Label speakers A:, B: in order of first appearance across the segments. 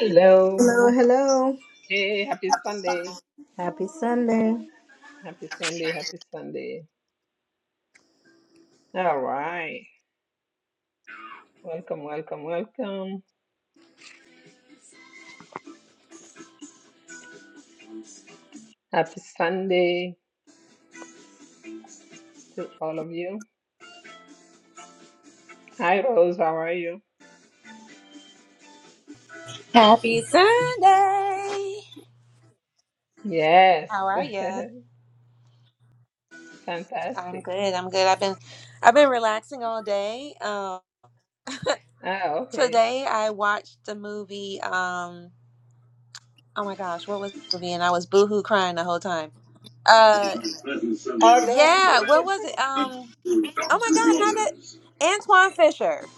A: Hello.
B: Hello, hello.
A: Hey, happy Sunday.
B: Happy Sunday.
A: Happy Sunday. Happy Sunday. All right. Welcome, welcome, welcome. Happy Sunday to all of you. Hi, Rose. How are you?
C: Happy Sunday.
A: Yes.
C: How are you? I'm
A: Fantastic.
C: good. I'm good. I've been I've been relaxing all day. Um
A: Ah, okay.
C: today I watched the movie um oh my gosh, what was the movie? And I was boohoo crying the whole time. Uh
B: present Sunday
A: Oh, no.
B: afternoon,
C: yeah, what
B: friends,
C: was it?
B: subject
C: Um
B: to
C: oh my
B: doctor's
C: gosh, how
B: orders.
C: did Antoine Fisher.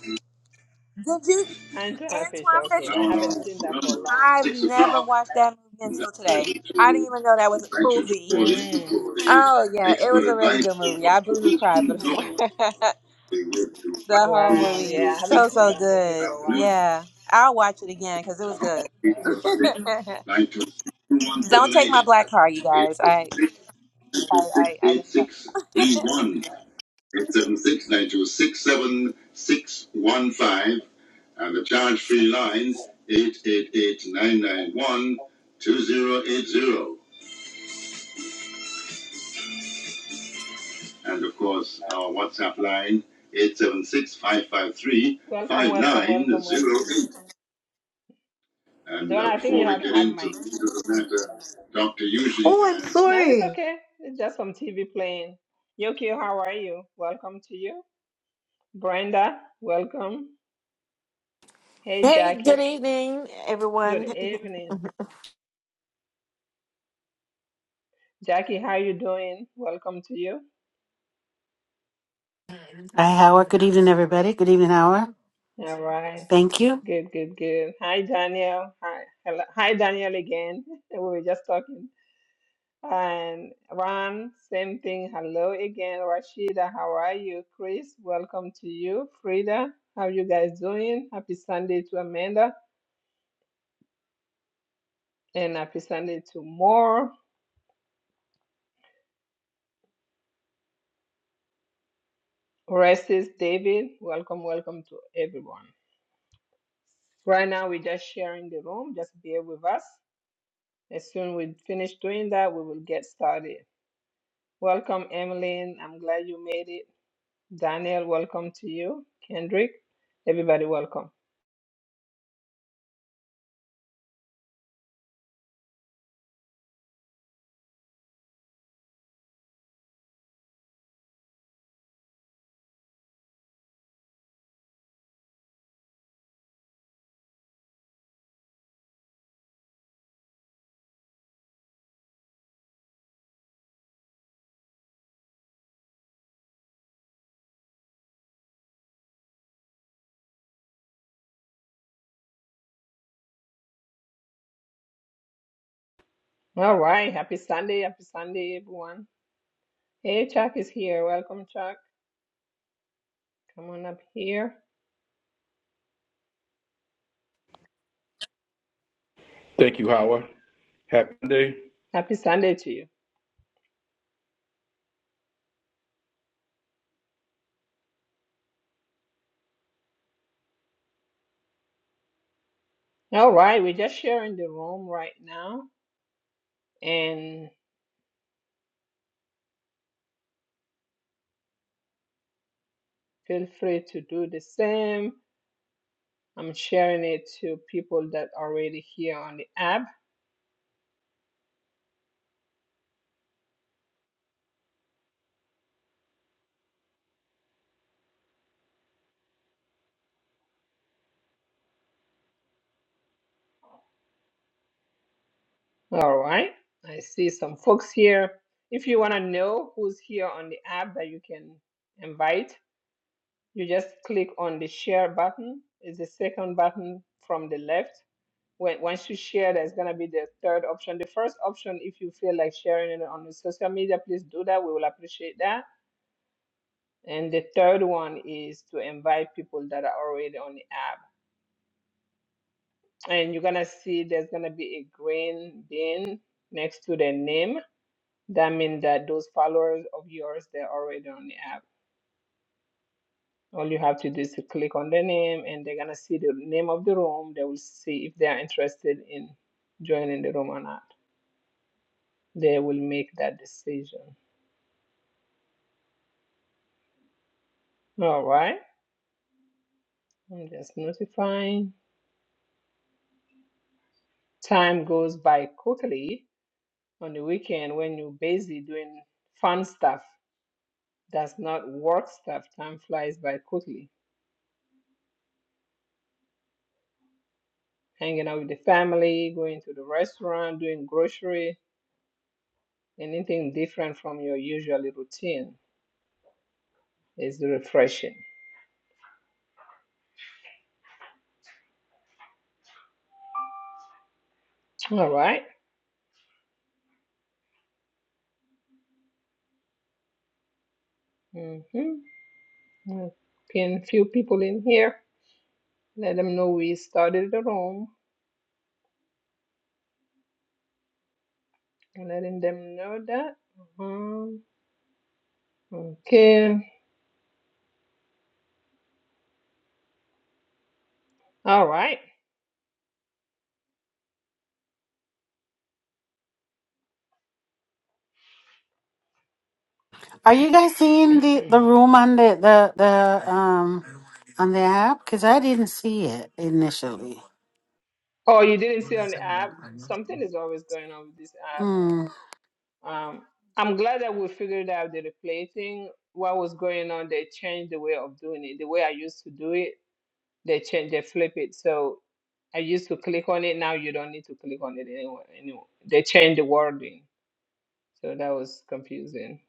C: Did you
A: Angela Fisher.
C: Antoine
A: Okay.
B: An
C: Fisher?
B: hour
A: I haven't
B: long
A: seen that for a
B: program,
A: long
C: I've
B: six
A: time.
C: never
B: o'clock.
C: watched that movie
B: Now
C: until today.
B: present
C: I
B: to
C: didn't even know that was a
B: invite you to
C: movie.
B: call in
A: Mm,
B: for the
C: Oh yeah, it
B: expert
C: was a really
B: advice
C: good
B: of
C: movie. I
B: Dr.
C: boohoo cried for
B: Winston
C: the
B: They will to invite
C: The whole
A: wow.
C: movie,
A: Yeah,
B: to
A: I haven't
C: so
B: six
A: seen
C: so
A: that movie
C: good.
A: for a
B: afternoon,
A: while.
C: Yeah, I'll watch it again because it was good.
B: eight seven six, nine two six, two one
C: Don't
B: seven
C: take
B: eight,
C: my black car, you
B: eight
C: guys.
B: seven
C: I
B: six, nine
C: I
B: two six,
C: I, I
B: eight
C: don't
B: six
C: know.
B: three one. Eight seven six nine two six seven six one five, and the charge free line eight eight eight nine nine one two zero eight zero, and of course our WhatsApp line 876
A: Welcome, welcome, welcome, welcome.
B: and
A: Donna,
B: uh,
A: I think you
B: before we
A: have a
B: get
A: hard
B: into
A: mic.
B: the matter Dr. Usually Oh, I'm
A: No, it's
B: sorry.
A: okay. It's just some TV playing. Yoki, how are you? Welcome to you. Brenda, welcome. Hey,
D: Hey, good
A: Jackie.
D: evening,
A: Good
D: everyone.
A: evening. Jackie, how you doing? Welcome to you.
E: Hi, Howard. Good evening, everybody. Good evening, Howard.
A: All right.
E: Thank you.
A: Good, good, good. Hi, Daniel. Hi, hello. Hi, Daniel again. We were just talking. And Ron, same thing. Hello again. Rashida, how are you? Chris, welcome to you. Frida, how you guys doing? Happy Sunday to Amanda. and I presented to more Orestes, David. Welcome, welcome to everyone. Right now, we're just sharing the room. Just bear with us. As soon we finish doing that, we will get started. Welcome, Emmeline. I'm glad you made it. Daniel, welcome to you. Kendrick, everybody, welcome. All right. Happy Sunday. Happy Sunday, everyone. Hey, Chuck is here. Welcome, Chuck. Come on up here.
F: Thank you, Howard. Happy Monday.
A: Happy Sunday to you. All right. We're just sharing the room right now. and Feel free to do the same. I'm sharing it to people that are already here on the app. All right. I see some folks here. If you want to know who's here on the app that you can invite, you just click on the share button. It's the second button from the left. When, once you share, there's going to be the third option. The first option, if you feel like sharing it on the social media, please do that. We will appreciate that. And the third one is to invite people that are already on the app and you're gonna see there's gonna be a green bin next to the name. That means that those followers of yours they're already on the app. All you have to do is to click on the name, and they're gonna see the name of the room. They will see if they are interested in joining the room or not. They will make that decision. All right. I'm just notifying. Time goes by quickly on the weekend when you're busy doing fun stuff. That's not work stuff. Time flies by quickly. hanging out with the family, going to the restaurant, doing grocery, anything different from your usual routine is refreshing. All right. Mm-hmm. We'll Pin few people in here. Let them know we started the room. Letting them know that. Uh-huh. Okay. All right.
E: Are you guys seeing the, the room on the, the, the um on the app? Because I didn't see it initially.
A: Oh, you didn't see on the app? Something is always going on with this app.
E: Hmm.
A: Um, I'm glad that we figured out the replacing what was going on. They changed the way of doing it. The way I used to do it, they changed, they flip it. So I used to click on it. Now you don't need to click on it anymore. anymore. They changed the wording. So that was confusing.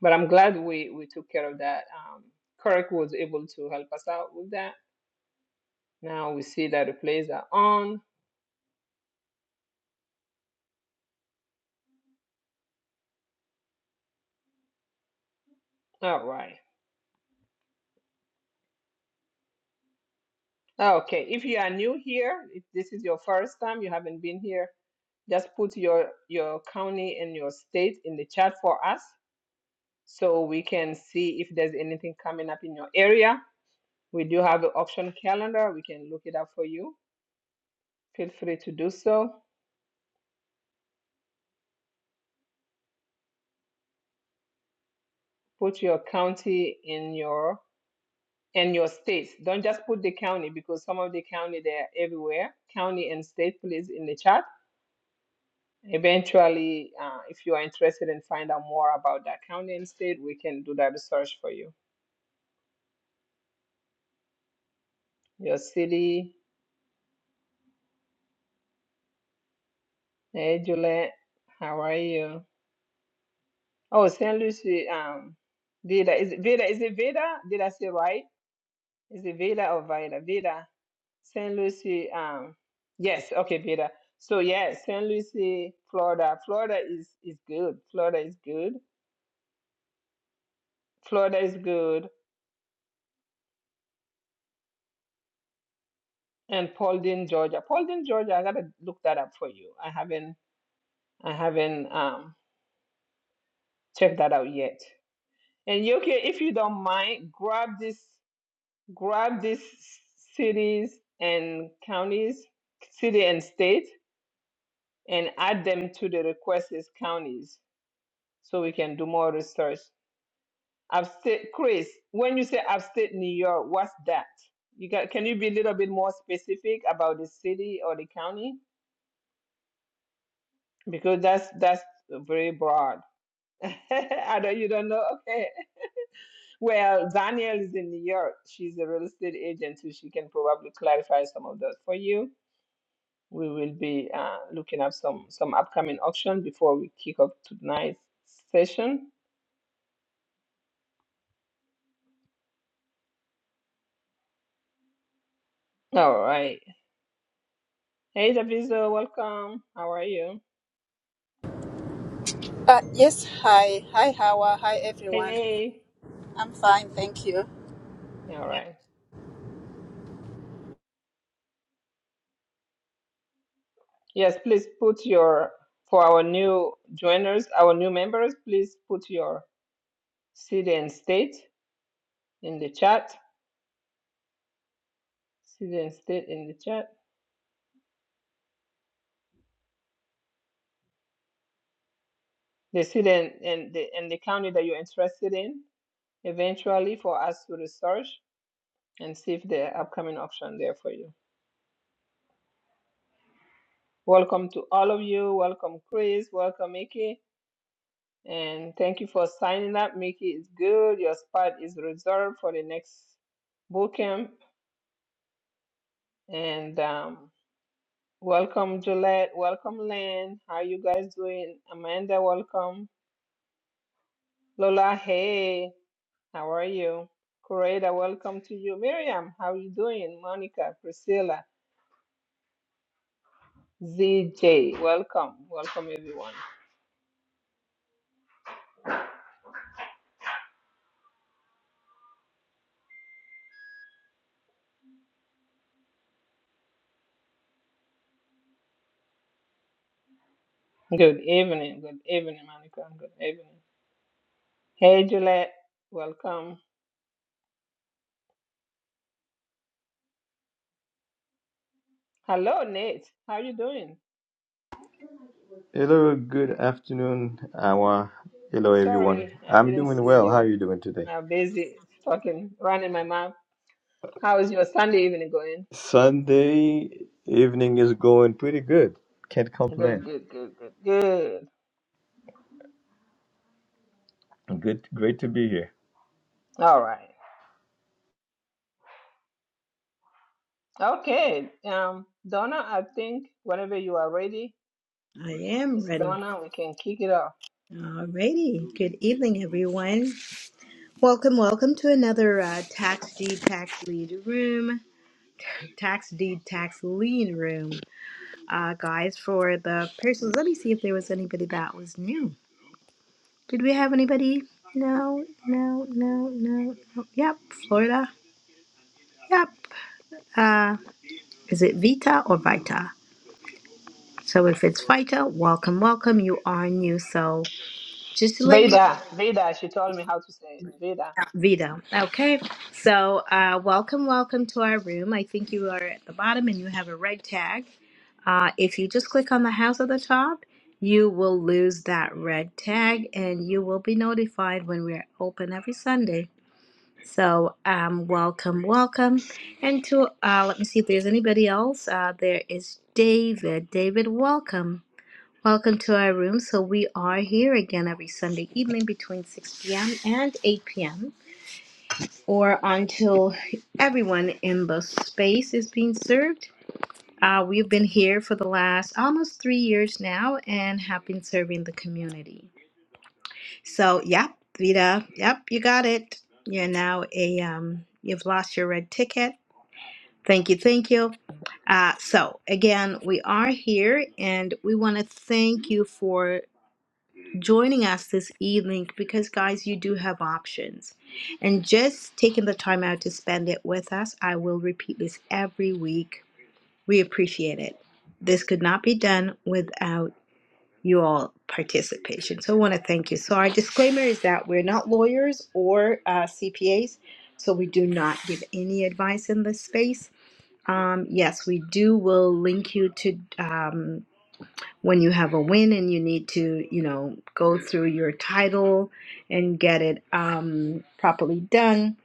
A: But I'm glad we, we took care of that. Um, Kirk was able to help us out with that. Now we see that replays are on. All right. Okay, if you are new here, if this is your first time, you haven't been here, just put your your county and your state in the chat for us so we can see if there's anything coming up in your area. We do have an option calendar, we can look it up for you. Feel free to do so. Put your county in your and your states. Don't just put the county because some of the county they're everywhere. County and state, please, in the chat Eventually, uh, if you are interested in find out more about that county and state, we can do that research for you. Your city, hey Juliet, how are you? Oh, St. Lucie, um, Vida, is it Vida? Is it Vida? Did I say right? Is it Vida or Vida? Vida, St. Lucie, um, yes, okay, Vida. So yeah, St. Lucie, Florida. Florida is is good. Florida is good. Florida is good. And Paulding, Georgia. Paulding, Georgia, I gotta look that up for you. I haven't I haven't um, checked that out yet. And Yoke, if you don't mind, grab this, grab these cities and counties, city and state, and add them to the requested counties, so we can do more research. Upstate, Chris, when you say upstate New York, what's that? You got, can you be a little bit more specific about the city or the county? Because that's that's very broad. I know you don't know. Okay. Well, Danielle is in New York. She's a real estate agent, so she can probably clarify some of that for you. We will be uh, looking up some some upcoming auction before we kick off tonight's session. All right. Hey, Daviso, welcome. How are you?
G: Uh, yes, hi. Hi, Hawa. Hi,
A: Hey,
G: everyone. I'm fine, thank you.
A: hey. All right. Yes, please put your for our new joiners, our new members. Please put your city and state in the chat. City and state in the chat. the city and, and the and the county that you're interested in eventually for us to research and see if the upcoming option there for you. Welcome to all of you. Welcome Chris. Welcome Mickey. And thank you for signing up. Mickey is good. Your spot is reserved for the next boot camp. And um, welcome Gillette. Welcome Lynn. How you guys doing? Amanda, welcome. Lola, hey. How are you? Coretta, welcome to you. Miriam, how are you doing? Monica, Priscilla, ZJ, welcome. Welcome, everyone. Good evening. Good evening, Monica. Good evening. Hey, Juliet, welcome. Hello, Nate. How are you doing?
H: Hello, good afternoon, Awa. Hello, everyone.
A: Sorry, I
H: I'm
A: didn't
H: doing
A: see
H: well. How
A: you.
H: are you doing today?
A: I'm busy talking, running my mouth. How is your Sunday evening going?
H: Sunday evening is going pretty good. Can't complain.
A: Good, good, good, good, good.
H: Good, great to be here.
A: All right. Okay. Um, Donna, I think whenever you are ready,
B: I am
A: Miss
B: ready.
A: Donna, we can kick it off.
B: Alrighty. Good evening, everyone. Welcome, welcome to another uh, Tax D Tax Lead Room. tax deed tax lien room uh guys for the persons let me see if there was anybody that was new did we have anybody no no no no, no. yep florida yep uh is it vita or vita so if it's vita welcome welcome you are new so just to let you
A: Veda, Veda, she told me how to say it. Veda.
B: know, vita okay so uh welcome welcome to our room i think you are at the bottom and you have a red tag Uh, if you just click on the house at the top, you will lose that red tag and you will be notified when we're open every Sunday. So, um, welcome, welcome. And to, uh, let me see if there's anybody else. Uh, there is David. David, welcome. Welcome to our room. So, we are here again every Sunday evening between 6 p.m. and 8 p.m. or until everyone in the space is being served. Uh, we've been here for the last almost three years now and have been serving the community. So, yep, Vida, yep, you got it. You're now a, um, you've lost your red ticket. Thank you, thank you. Uh, so, again, we are here and we want to thank you for joining us this evening because, guys, you do have options. And just taking the time out to spend it with us, I will repeat this every week we appreciate it. This could not be done without you all participation. So I want to thank you. So our disclaimer is that we're not lawyers or uh, CPAs, so we do not give any advice in this space. Um, yes, we do. Will link you to um, when you have a win and you need to, you know, go through your title and get it um, properly done.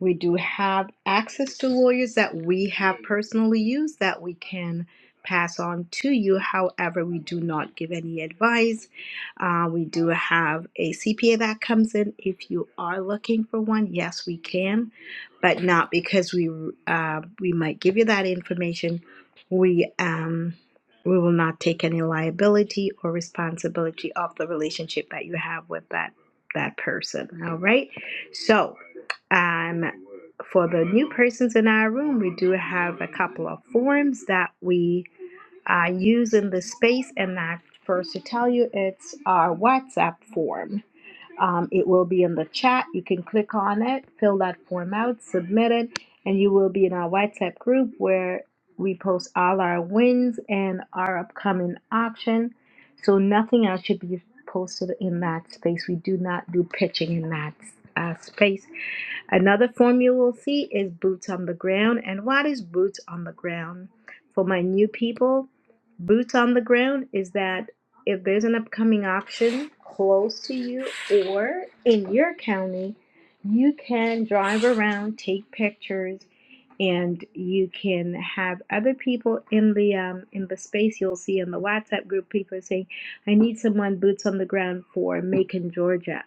B: We do have access to lawyers that we have personally used that we can pass on to you. However, we do not give any advice. Uh, we do have a CPA that comes in. If you are looking for one, yes, we can, but not because we uh, we might give you that information. We um, we will not take any liability or responsibility of the relationship that you have with that that person. All right. So, um, for the new persons in our room, we do have a couple of forms that we uh, use in the space, and that first to tell you, it's our WhatsApp form. Um, it will be in the chat. You can click on it, fill that form out, submit it, and you will be in our WhatsApp group where we post all our wins and our upcoming auction. So nothing else should be posted in that space. We do not do pitching in that uh, space Another form you will see is boots on the ground. And what is boots on the ground? For my new people, boots on the ground is that if there's an upcoming auction close to you or in your county, you can drive around, take pictures, and you can have other people in the um, in the space. You'll see in the WhatsApp group people saying, "I need someone boots on the ground for Macon, Georgia."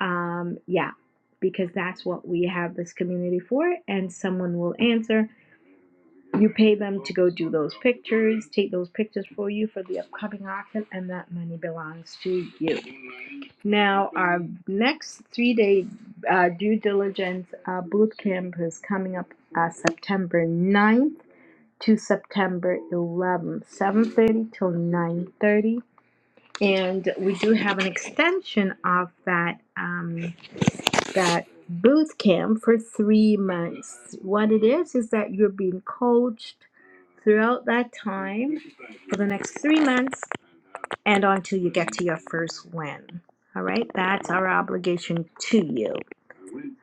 B: Um, yeah, because that's what we have this community for, and someone will answer. You pay them to go do those pictures, take those pictures for you for the upcoming auction, and that money belongs to you. Now, our next three day uh, due diligence uh, boot camp is coming up uh, September ninth to September 11th, 7.30 till 9.30. And we do have an extension of that. Um, that boot camp for three months. What it is is that you're being coached throughout that time for the next three months and until you get to your first win. All right, that's our obligation to you.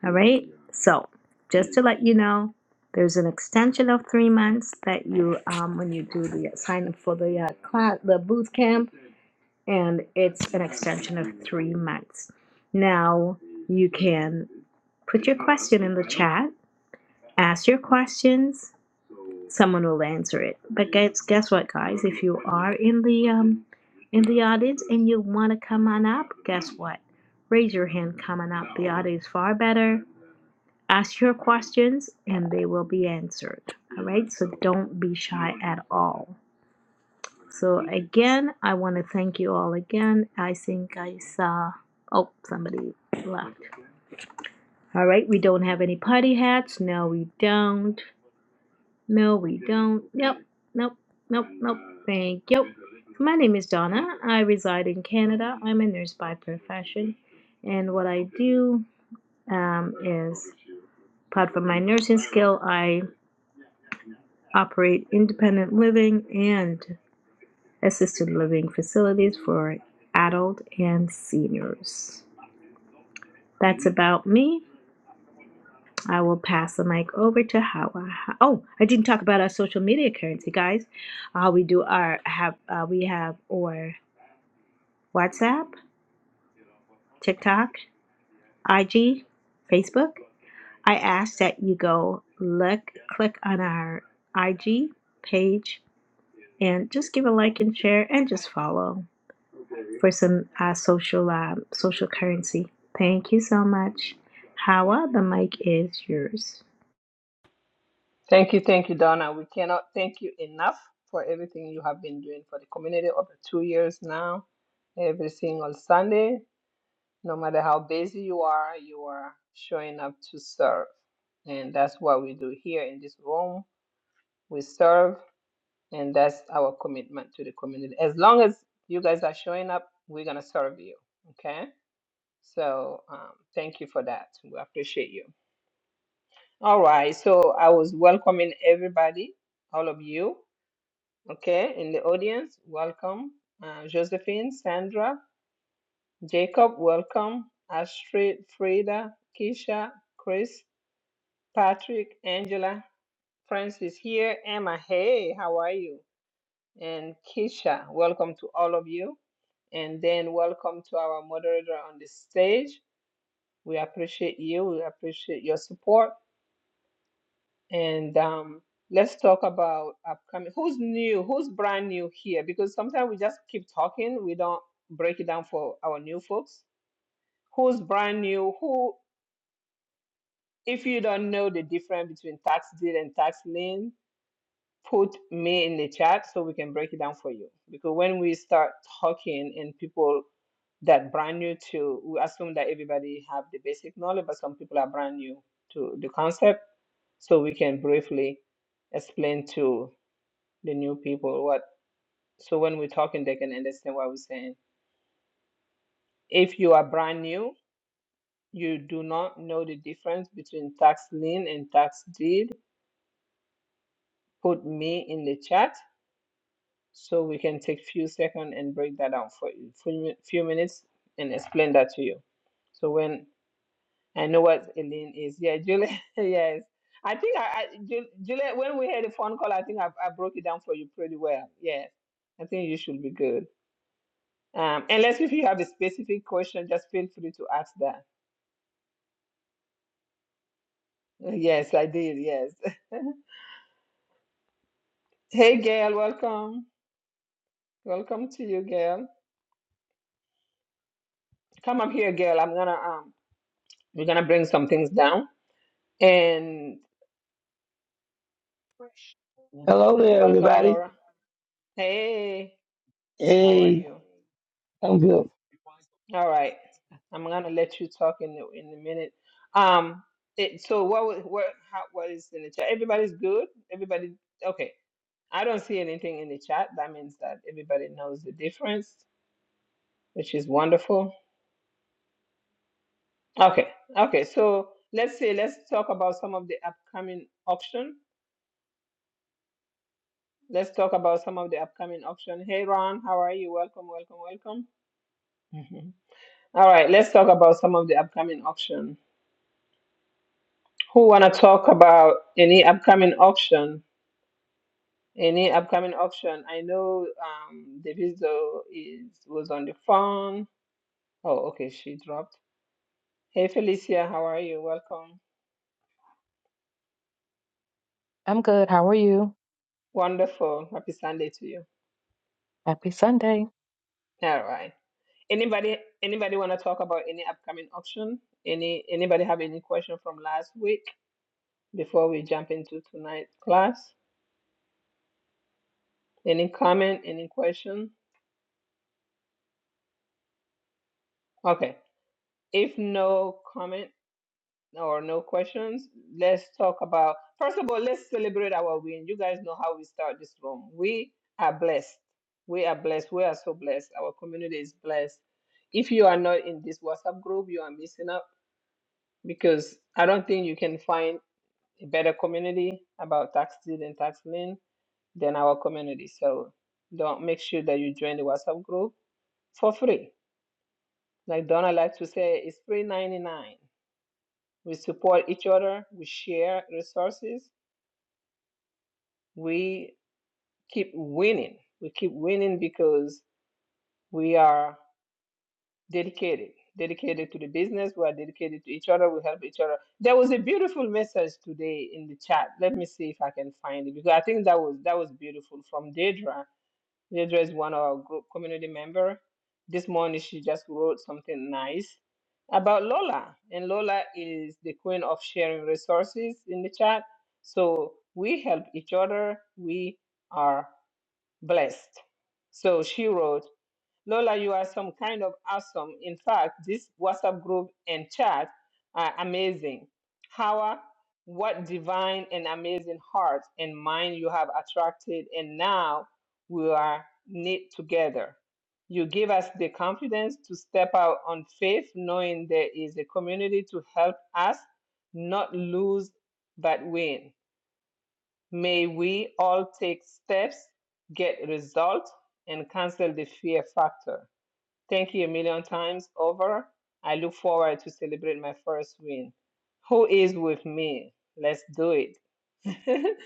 B: All right, so just to let you know, there's an extension of three months that you, um, when you do the sign up for the uh, class, the boot camp and it's an extension of three months. Now you can put your question in the chat, ask your questions, someone will answer it. But guess guess what, guys? If you are in the um in the audience and you want to come on up, guess what? Raise your hand come on up. The audio is far better. Ask your questions and they will be answered. All right, so don't be shy at all. So again, I want to thank you all again. I think I saw. Oh, somebody left. All right, we don't have any party hats. No, we don't. No, we don't. Nope, nope, nope, nope. Thank you. My name is Donna. I reside in Canada. I'm a nurse by profession, and what I do um, is, apart from my nursing skill, I operate independent living and. assisted living facilities for adult and seniors. That's about me. I will pass the mic over to Hawa. Oh, I didn't talk about our social media currency, guys. Uh, we do our have uh, we have our WhatsApp, TikTok, IG, Facebook. I ask that you go look, click on our IG page, and just give a like and share, and just follow. for some uh, social uh, social currency. Thank you so much. Hawa, the mic is yours.
A: Thank you, thank you, Donna. We cannot thank you enough for everything you have been doing for the community over two years now. Every single Sunday, no matter how busy you are, you are showing up to serve. And that's what we do here in this room. We serve, and that's our commitment to the community. As long as you guys are showing up, we're going to serve you. Okay? So um, thank you for that. We appreciate you. All right. So I was welcoming everybody, all of you. Okay, in the audience, welcome. Uh, Josephine, Sandra, Jacob, welcome. Astrid, Frida, Keisha, Chris, Patrick, Angela, Francis here. Emma, hey, how are you? And Keisha, welcome to all of you. And then welcome to our moderator on the stage. We appreciate you. We appreciate your support. And um, let's talk about upcoming. Who's new? Who's brand new here? Because sometimes we just keep talking, we don't break it down for our new folks. Who's brand new? Who, if you don't know the difference between tax deed and tax lien, put me in the chat so we can break it down for you. Because when we start talking and people that brand new to, we assume that everybody have the basic knowledge, but some people are brand new to the concept. So we can briefly explain to the new people what so when we're talking they can understand what we're saying if you are brand new you do not know the difference between tax lien and tax deed put me in the chat so we can take few seconds and break that down for you few, mi- few minutes and explain that to you so when i know what a lien is yeah julie yes i think i, I Ju- julie when we had a phone call i think I, I broke it down for you pretty well yes i think you should be good Um, unless if you have a specific question, just feel free to ask that. Yes, I did. Yes. Hey, Gail, welcome. Welcome to you, Gail. Come up here, Gail. I'm gonna um, we're gonna bring some things down. And
I: Hello there,
A: welcome,
I: everybody.
A: Laura. Hey, how are
I: Hey,
A: you?
I: I'm good.
A: All right. I'm gonna let you talk in in a minute. Um, it, so what wa- what how, what is in the chat? Everybody's good. Everybody okay. I don't see anything in the chat. That means that everybody knows the difference. which is wonderful. Okay, okay. So let's say let's talk about some of the upcoming auction. Let's talk about some of the upcoming auction. Hey Ron, how are you? Welcome, welcome, welcome. Mhm. All right, let's talk about some of the upcoming auction. Who wanna talk about any upcoming auction? Any upcoming auction? I know um, Daviso is was on the phone. Oh, okay, she dropped. Hey Felicia, how are you? Welcome.
J: I'm good. How are you?
A: Wonderful. Happy Sunday to you.
J: Happy Sunday.
A: All right. Anybody anybody want to talk about any upcoming auction? Any anybody have any question from last week before we jump into tonight's class? Any comment, any question? Okay. If no comment or no questions, let's talk about first of all, let's celebrate our win. You guys know how we start this room. We are blessed. We are blessed. We are so blessed. Our community is blessed. If you are not in this WhatsApp group, you are missing out because I don't think you can find a better community about tax deed and tax lien than our community. So don't make sure that you join the WhatsApp group for free. Like Donna likes to say, it's free ninety nine. We support each other, we share resources, we keep winning. We keep winning because we are dedicated, dedicated to the business, we are dedicated to each other, we help each other. There was a beautiful message today in the chat. Let me see if I can find it because I think that was that was beautiful from Deidre She addressed one of our group community member. This morning she just wrote something nice about Lola. And Lola is the queen of sharing resources in the chat. So we help each other. We are blessed. So she wrote, Lola, you are some kind of awesome. In fact, this WhatsApp group and chat are amazing. How, what divine and amazing heart and mind you have attracted, and now we are knit together. You give us the confidence to step out on faith, knowing there is a community to help us not lose but win. May we all take steps, get results, and cancel the fear factor. Thank you a million times over. I look forward to celebrate my first win. Who is with me? Let's do it.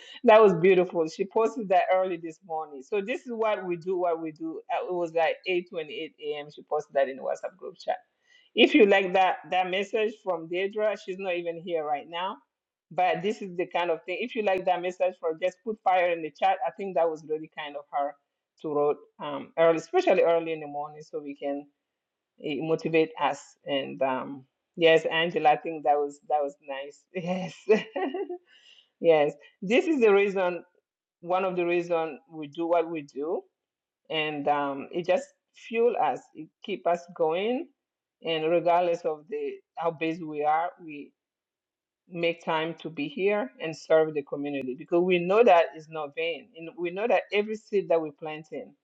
A: that was beautiful. She posted that early this morning. So this is what we do, what we do. Uh, It was like 8:28 a.m. She posted that in the WhatsApp group chat. If you like that that message from Deidra, she's not even here right now. But this is the kind of thing. If you like that message from just put fire in the chat. I think that was really kind of her to wrote um early, especially early in the morning, so we can it motivate us and um yes angela i think that was that was nice yes yes this is the reason one of the reason we do what we do and um it just fuel us it keep us going and regardless of the how busy we are we make time to be here and serve the community because we know that it's not vain and we know that every seed that we plant in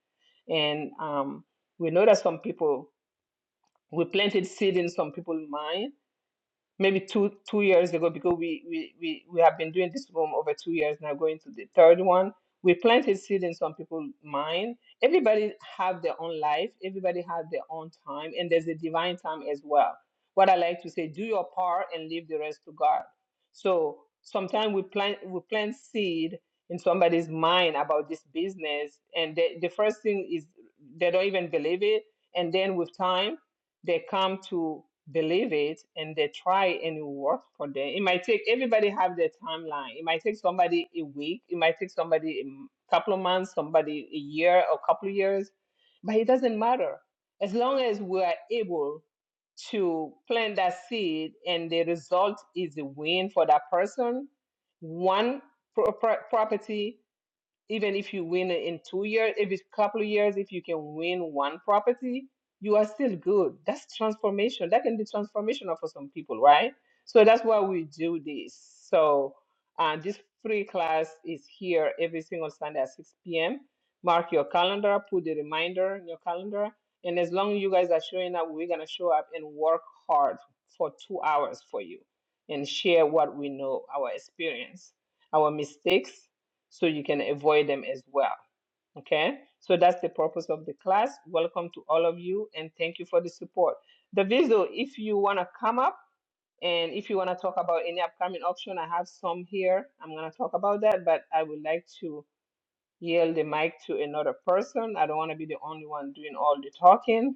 A: and um we know that some people we planted seed in some people's mind maybe two two years ago because we we we, we have been doing this room over two years now going to the third one we planted seed in some people's mind everybody have their own life everybody has their own time and there's a divine time as well what i like to say do your part and leave the rest to god so sometimes we plant we plant seed in somebody's mind about this business and the, the first thing is they don't even believe it and then with time they come to believe it and they try and it works for them it might take everybody have their timeline it might take somebody a week it might take somebody a m- couple of months somebody a year or couple of years but it doesn't matter as long as we are able to plant that seed and the result is a win for that person one pro- pro- property even if you win in two years, if it's couple of years, if you can win one property, you are still good. That's transformation. That can be transformational for some people, right? So that's why we do this. So uh, this free class is here every single Sunday at 6 p.m. Mark your calendar, put the reminder in your calendar. And as long as you guys are showing up, we're going to show up and work hard for two hours for you and share what we know, our experience, our mistakes, so you can avoid them as well. Okay, so that's the purpose of the class. Welcome to all of you and thank you for the support. Daviso, if you want to come up and if you want to talk about any upcoming auction, I have some here. I'm going to talk about that, but I would like to yield the mic to another person. I don't want to be the only one doing all the talking.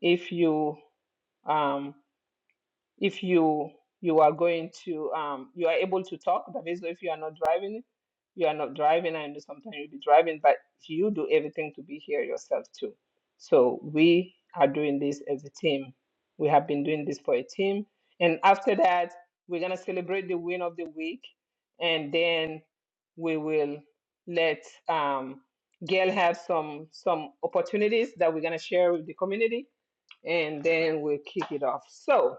A: If you um, if you you are going to um you are able to talk that means if you are not driving you are not driving i know sometimes you'll be driving but you do everything to be here yourself too so we are doing this as a team we have been doing this for a team and after that we're going to celebrate the win of the week and then we will let um gail have some some opportunities that we're going to share with the community and then we'll kick it off. So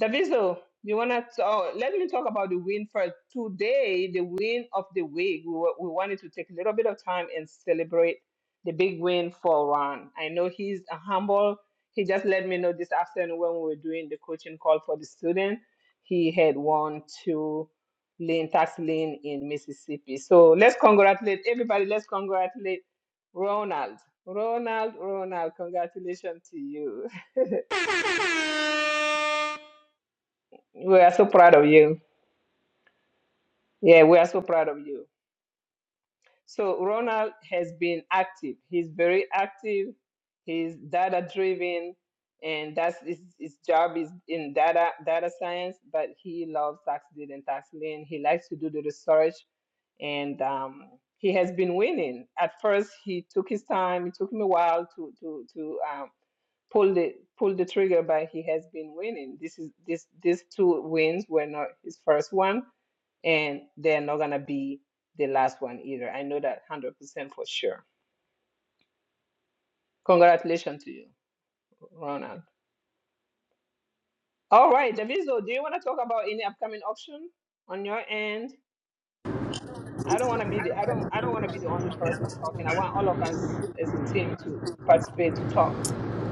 A: Daviso, you wanna? oh, let me talk about the win first. Today, the win of the week. We, wa- we wanted to take a little bit of time and celebrate the big win for Ron. I know he's a humble. He just let me know this afternoon when we were doing the coaching call for the student. He had won two lane tax lane in Mississippi. So let's congratulate everybody. Let's congratulate Ronald. Ronald, Ronald, congratulations to you. We are so proud of you. Yeah, we are so proud of you. So Ronald has been active. He's very active. He's data driven, and that's his, his job is in data data science. But he loves tax and tax He likes to do the research, and um, he has been winning. At first, he took his time. It took him a while to to to um, pull the pull the trigger, but he has been winning. This is this these two wins were not his first one and they're not gonna be the last one either. I know that one hundred percent for sure. Congratulations to you, Ronald. All right, Daviso, do you want to talk about any upcoming auction on your end? I don't want to be the I don't I don't want to be the only person talking. I want all of us as a team to participate to talk.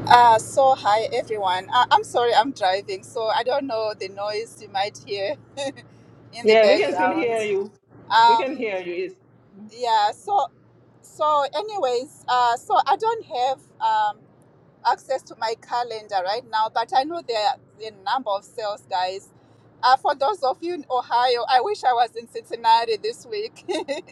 G: Uh, so, hi, everyone. I- I'm sorry, I'm driving, so I don't know the noise you might hear in the
A: Yeah, we can still
G: background.
A: hear you. We
G: Um,
A: can hear you. It's
G: yeah, so, so anyways, uh, so I don't have um, access to my calendar right now, but I know there are a number of sales guys. Uh, for those of you in Ohio, I wish I was in Cincinnati this week.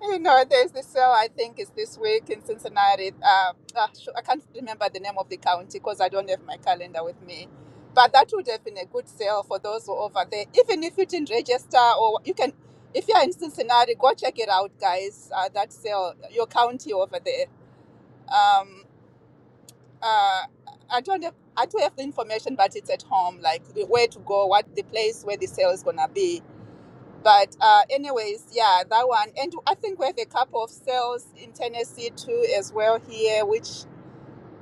G: You know, there's the sale, I think it's this week in Cincinnati. Uh, uh, sh- I can't remember the name of the county because I don't have my calendar with me. But that would have been a good sale for those who are over there. Even if you didn't register, or you can, if you're in Cincinnati, go check it out, guys. Uh, that sale, your county over there. Um, uh, I don't have, I do have the information, but it's at home, like the where to go, what the place where the sale is gonna be but uh, anyways, yeah, that one. And I think we have a couple of sales in Tennessee too, as well here, which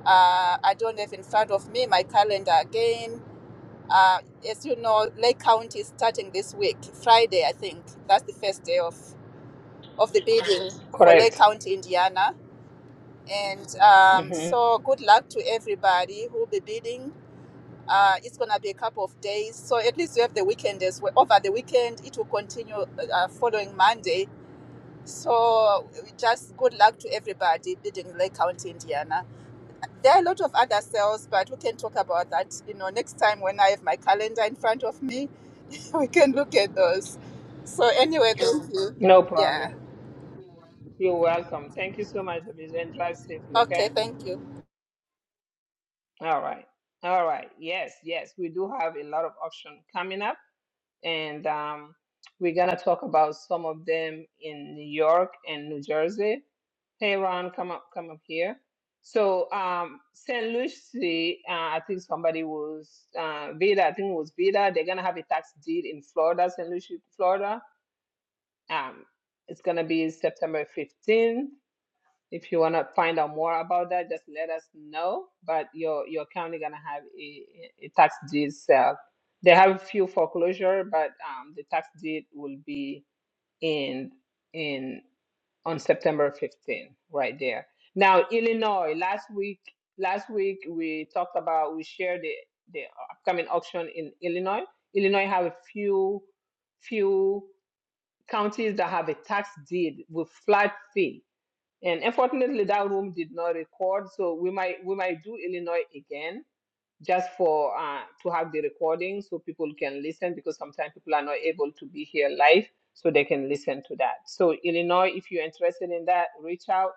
G: uh, I don't have in front of me my calendar again. Uh, as you know, Lake County is starting this week, Friday, I think. That's the first day of of the bidding for Lake
A: correct.
G: County, Indiana. And um,
A: hmm
G: so, good luck to everybody who will be bidding. Uh, it's gonna be a couple of days, so at least you have the weekend as well. Over the weekend, it will continue uh, following Monday So just good luck to everybody bidding Lake County, Indiana. There are a lot of other sales, but we can talk about that, you know, next time when I have my calendar in front of me, we can look at those. So anyway, thank you.
A: No problem.
G: Yeah.
A: You're welcome. Thank you so much, Daviso, and drive safely. Okay.
G: Okay, thank you.
A: All right. All right. Yes, yes. We do have a lot of options coming up, and um, we're going to talk about some of them in New York and New Jersey. Hey, Ron, come up, come up here. So, um, St. Lucie, uh, I think somebody was, uh, Vida, I think it was Vida. They're going to have a tax deed in Florida, St. Lucie, Florida. Um, it's going to be September 15th. If you want to find out more about that, just let us know. But your your county gonna have a, a tax deed sale. They have a few foreclosure, but um, the tax deed will be in in on September 15th, right there. Now, Illinois, last week last week we talked about we shared the the upcoming auction in Illinois. Illinois have a few few counties that have a tax deed with flat fee and unfortunately, that room did not record, so we might we might do Illinois again just for uh, to have the recording so people can listen because sometimes people are not able to be here live, so they can listen to that. So Illinois, if you're interested in that, reach out.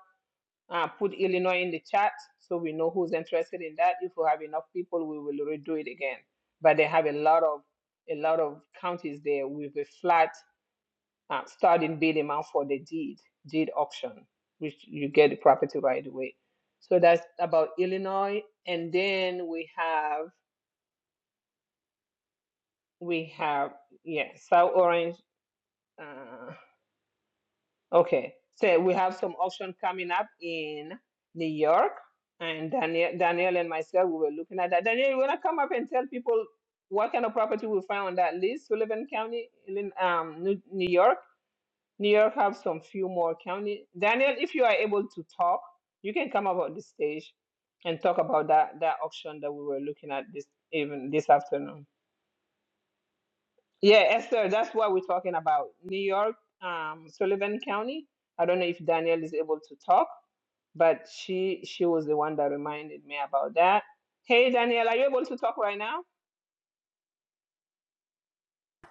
A: Uh, put Illinois in the chat so we know who's interested in that. If we have enough people, we will redo it again. But they have a lot of a lot of counties there with a flat uh, starting bid amount for the deed, deed auction, which you get the property right away. So that's about Illinois, and then we have we have yeah South Orange. Uh, okay, so we have some auction coming up in New York, and Daniel Daniel and myself we were looking at that. Daniel, you wanna come up and tell people what kind of property we find on that list, Sullivan County, Illin- um, New New York? New York have some few more county. Daniel, if you are able to talk, you can come up on the stage and talk about that that auction that we were looking at this even this afternoon. Yeah, Esther, that's what we're talking about. New York, um, Sullivan County. I don't know if Daniel is able to talk, but she she was the one that reminded me about that. Hey, Daniel, are you able to talk right now?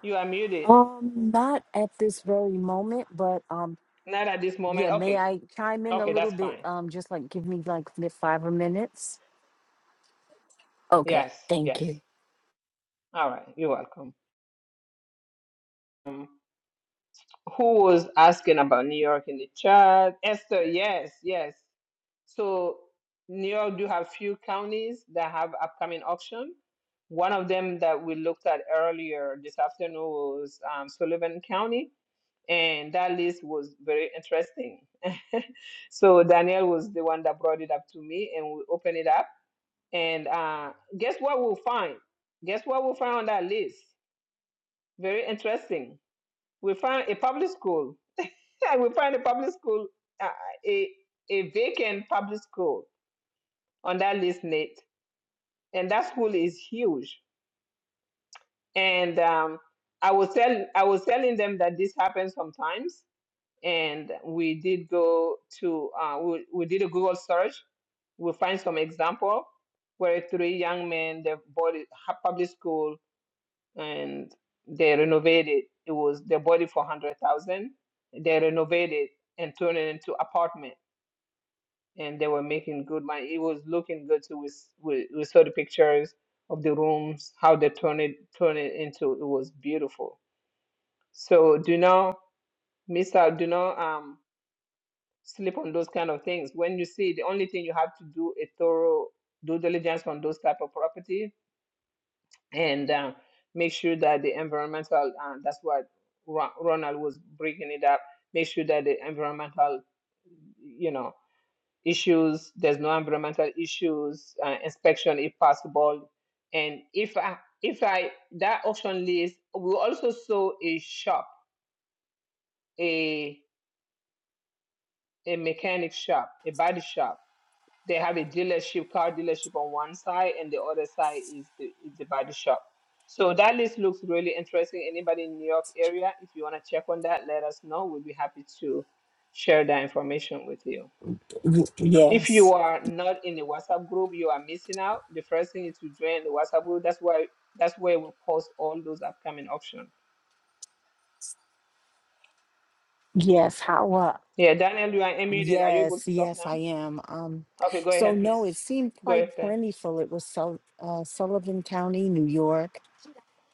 A: You are muted.
K: Um, not at this very moment, but um,
A: Not at this moment.
K: yeah, may
A: Okay,
K: I chime in a
A: okay,
K: little
A: that's
K: bit?
A: fine.
K: Um, just like give me like mi- five minutes. Okay,
A: Yes,
K: thank
A: yes.
K: you.
A: All right, you're welcome. Um, who was asking about New York in the chat. Esther, yes, yes. So New York do have few counties that have upcoming auction. One of them that we looked at earlier this afternoon was um, Sullivan County, and that list was very interesting. so Danielle was the one that brought it up to me, and we opened it up. And uh, guess what we'll find? Guess what we'll find on that list? Very interesting. We found a public school I will find a public school, uh, a, a vacant public school on that list, Nate. And that school is huge. And um, I was tell I was telling them that this happens sometimes. And we did go to uh, we, we did a Google search. We find some example where three young men they bought a ha- public school and they renovated. It was they bought it for hundred thousand. They renovated and turned it into apartment and they were making good money. It was looking good too. We, s- we, we saw the pictures of the rooms, how they turned it turned it into. It was beautiful. So do not miss out. Do not um sleep on those kind of things. When you see, the only thing you have to do a thorough due diligence on those type of property and um, make sure that the environmental. Uh, that's what Ro- Ronald was breaking it up. Make sure that the environmental, you know. issues, there's no environmental issues, uh, inspection if possible. And if I, if I, that auction list, we also saw a shop, a, a mechanic shop, a body shop. They have a dealership, car dealership on one side, and the other side is the, is the body shop. So that list looks really interesting. Anybody in New York area, if you want to check on that, let us know. We'll be happy to share that information with you.
K: Y-
A: If you
K: yes,
A: are not in the WhatsApp group, you are missing out. The first thing is to join the WhatsApp group. That's why that's where we post all those upcoming options.
K: yes, how up?
A: Yeah, Daniel, you are unmuted. Are you able
K: Yes,
A: to talk
K: yes, I
A: now?
K: am. Um,
A: Okay, go
K: so
A: ahead,
K: no,
A: please.
K: it seemed
A: Go
K: quite
A: ahead. Ben.
K: plentiful. It was Sul- uh, Sullivan County, New York.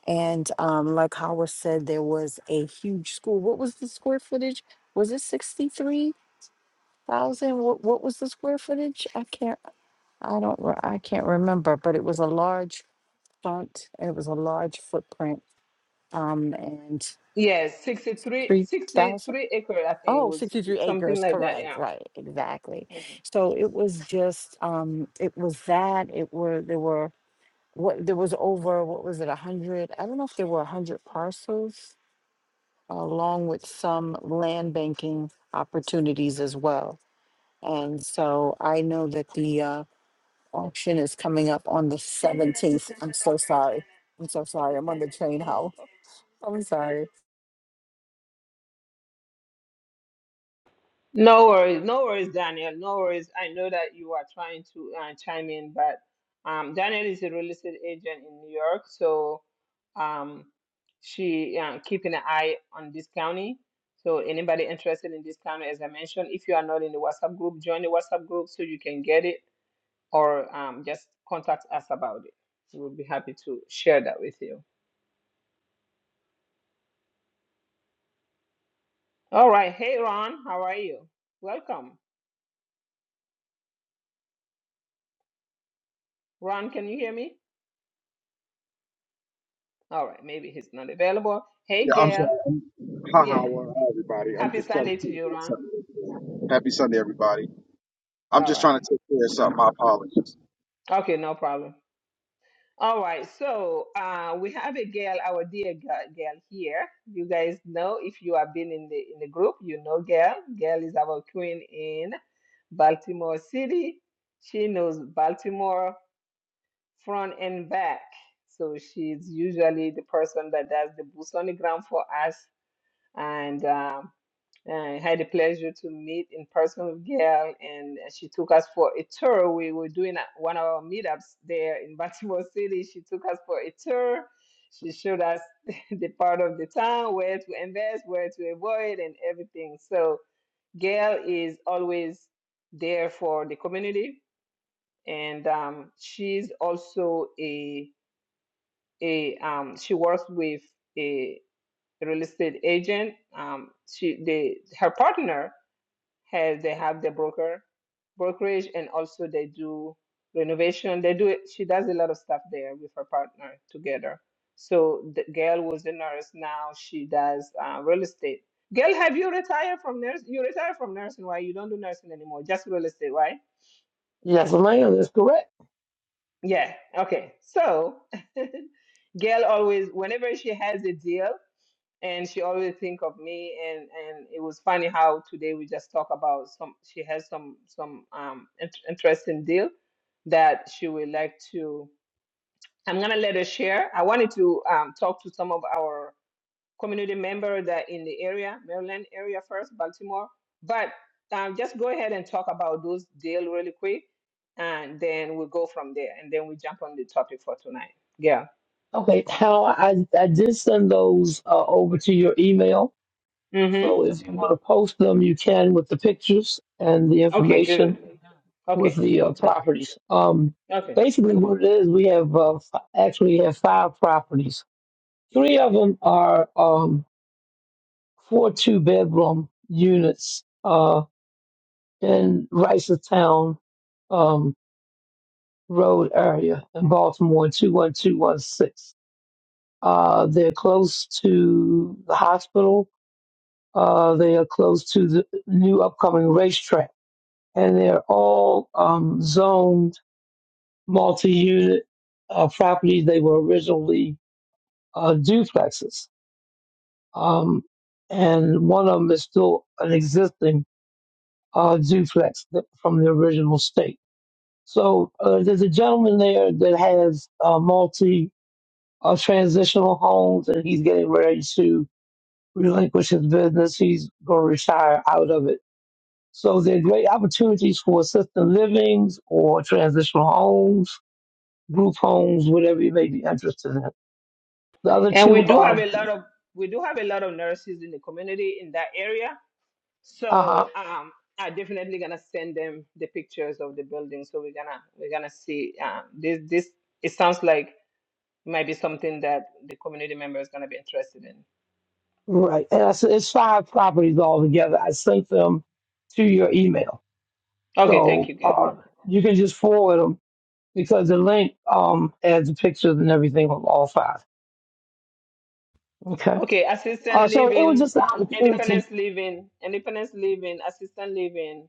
K: And um, like Howard said, there was a huge school. What was the square footage? Was it 63,000? What, what was the square footage? I can't. I don't, re- I can't remember, but it was a large font. It was a large footprint. Um, and
A: Yes, sixty-three,
K: 3,000?
A: sixty-three 63 acres, I think it
K: Oh,
A: was 60
K: 63
A: something
K: acres.
A: like that.
K: Correct.
A: Yeah.
K: Right. Exactly.
A: Mm-hmm.
K: So it was just, um, it was that. It were, there were, what, there was over, what was it, 100? I don't know if there were 100 parcels, along with some land banking opportunities as well. And so I know that the, uh, auction is coming up on the 17th. I'm so sorry. I'm so sorry. I'm on the train, How? I'm sorry.
A: No worries, no worries, Daniel. No worries. I know that you are trying to uh, chime in, but um, Daniel is a real estate agent in New York, so um, she uh, keeping an eye on this county. So anybody interested in this county, as I mentioned, if you are not in the WhatsApp group, join the WhatsApp group so you can get it, or um, just contact us about it. We'll be happy to share that with you. All right. Hey, Ron, how are you? Welcome. Ron, can you hear me? All right, maybe he's not available. Hey,
L: Yeah, I'm sorry.
A: Gail.
L: I'm, ha ha.
A: Yeah.
L: Well, hi, everybody. I'm
A: Happy
L: just trying to
A: Sunday to
L: take
A: you,
L: care of
A: Ron.
L: something. Happy Sunday, everybody. I'm
A: All
L: just trying
A: right.
L: to take care of something. My apologies.
A: Okay, no problem. All right. So uh, we have a girl, our dear girl, girl here. You guys know if you have been in the in the group, you know Gail. Gail is our queen in Baltimore City. She knows Baltimore front and back. So she's usually the person that does the boots on the ground for us. And um, I had the pleasure to meet in person with Gail, and she took us for a tour. We were doing a- one of our meetups there in Baltimore City. She took us for a tour. She showed us the part of the town, where to invest, where to avoid, and everything. So, Gail is always there for the community, and um, she's also a a um, she works with a real estate agent. Um, she the her partner have they have the broker brokerage and also they do renovation they do it she does a lot of stuff there with her partner together so the girl was a nurse now she does uh, real estate girl have you retired from nurse you retired from nursing right you don't do nursing anymore just real estate right
I: Yes, ma'am. That's correct.
A: yeah okay so girl always whenever she has a deal and she always think of me and and it was funny how today we just talk about some she has some some um int- interesting deal that she would like to i'm gonna let her share i wanted to um, talk to some of our community member that in the area maryland area first baltimore but um, just go ahead and talk about those deal really quick and then we'll go from there and then we jump on the topic for tonight yeah
I: Okay, how I, I did send those uh, over to your email.
A: mm-hmm.
I: So if you want to post them, you can with the pictures and the
A: okay good
I: information with
A: okay
I: the uh, properties. Um,
A: okay
I: basically, what it is, we have uh, f- actually have five properties. Three of them are. um, four two bedroom units uh, in Ricerstown um, Road area in Baltimore, 21216. Uh, they're close to the hospital. Uh, they are close to the new upcoming racetrack. And they're all um, zoned multi unit uh, properties. They were originally uh, duplexes. Um, and one of them is still an existing uh, duplex th- from the original state. So uh, there's a gentleman there that has uh, multi uh, transitional homes, and he's getting ready to relinquish his business. He's going to retire out of it. So there are great opportunities for assisted livings or transitional homes, group homes, whatever you may be interested in. The other
A: And we
I: two
A: do have
I: are
A: a lot of we do have a lot of nurses in the community in that area.
I: uh,
A: So um, I'm definitely gonna send them the pictures of the building. So we're gonna we're gonna see uh, this this. It sounds like it might be something that the community member is gonna be interested in.
I: right, and I said it's five properties altogether. I sent them to your email,
A: Okay, thank
I: so
A: you, Gail.
I: uh, you can just forward them because the link um has the pictures and everything of all five. Okay.
A: Okay, assistant
I: Uh, so it was
A: living,
I: just the opportunity.
A: independence living, independence living, assistant living,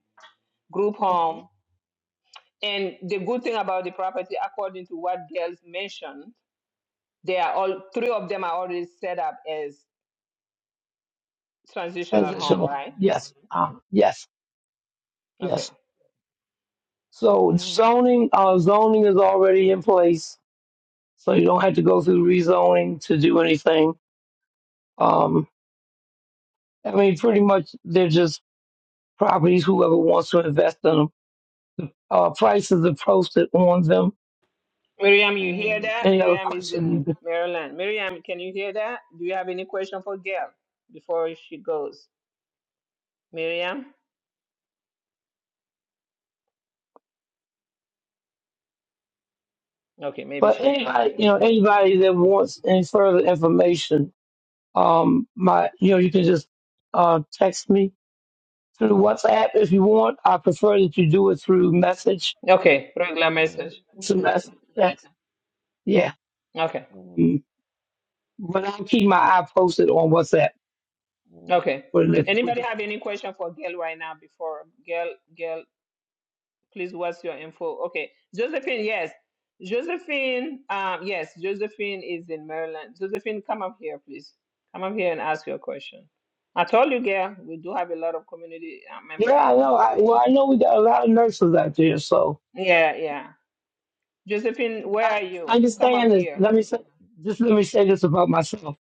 A: group home. And the good thing about the property, according to what Gail mentioned, They are all three of them are already set up as transitional home,
I: transitional.
A: right?
I: Yes. Um, yes.
A: Okay.
I: Yes. So zoning, uh, zoning is already in place, so you don't have to go through rezoning to do anything. Um, I mean, pretty much they're just properties. Whoever wants to invest in them, uh, prices are posted on them.
A: Miriam, you hear
I: And
A: that?
I: any other
A: Miriam is in
I: questions?
A: Maryland. Miriam, can you hear that? Do you have any question for Gail before she goes? Miriam? Okay, maybe
I: But
A: she's not
I: anybody, you know,
A: available.
I: anybody that wants any further information Um, my, you know, you can just uh, text me through WhatsApp if you want. I prefer that you do it through message
A: Okay, regular message.
I: to message. Text. Yeah.
A: Okay.
I: Um, but I'll keep my eye posted on WhatsApp
A: Okay.
I: for the next week
A: Anybody
I: or so.
A: have any question for Gail right now before Gail? Gail please what's your info okay josephine yes josephine um yes josephine is in maryland josephine come up here please come up here and ask your question i told you girl we do have a lot of community uh,
I: Yeah,
A: member
I: I
A: in
I: know. I, well, I know we got a lot of nurses out there, so
A: yeah yeah josephine where
I: I
A: are you come up
I: understand this.
A: here
I: Let me say, just let me say this about myself.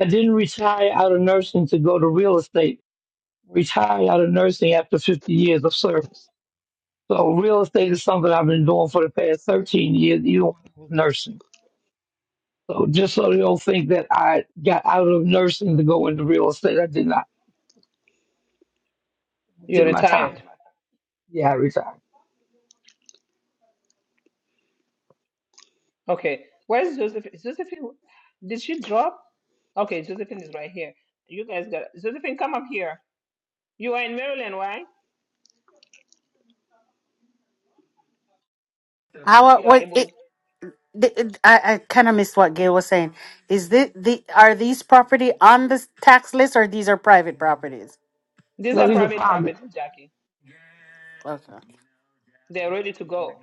I: I didn't retire out of nursing to go to real estate. Retired out of nursing after 50 years of service. So real estate is something I've been doing for the past 13 years, even when I was nursing. So just so you don't think that I got out of nursing to go into real estate, I did not. I
A: you're
I: did my time.
A: retired
I: Yeah, I retired.
A: okay where's josephine josephine did she drop okay josephine is right here you guys got josephine come up here you are in maryland right if
E: Howard,
A: you are
E: what
A: able
E: it, the- it I, I kind of missed what Gail was saying. Is this the are these property on the tax list or these are private properties?
A: these
I: No,
A: are
I: these are
A: private
I: private.
A: property jackie
E: Okay.
A: They're ready to go.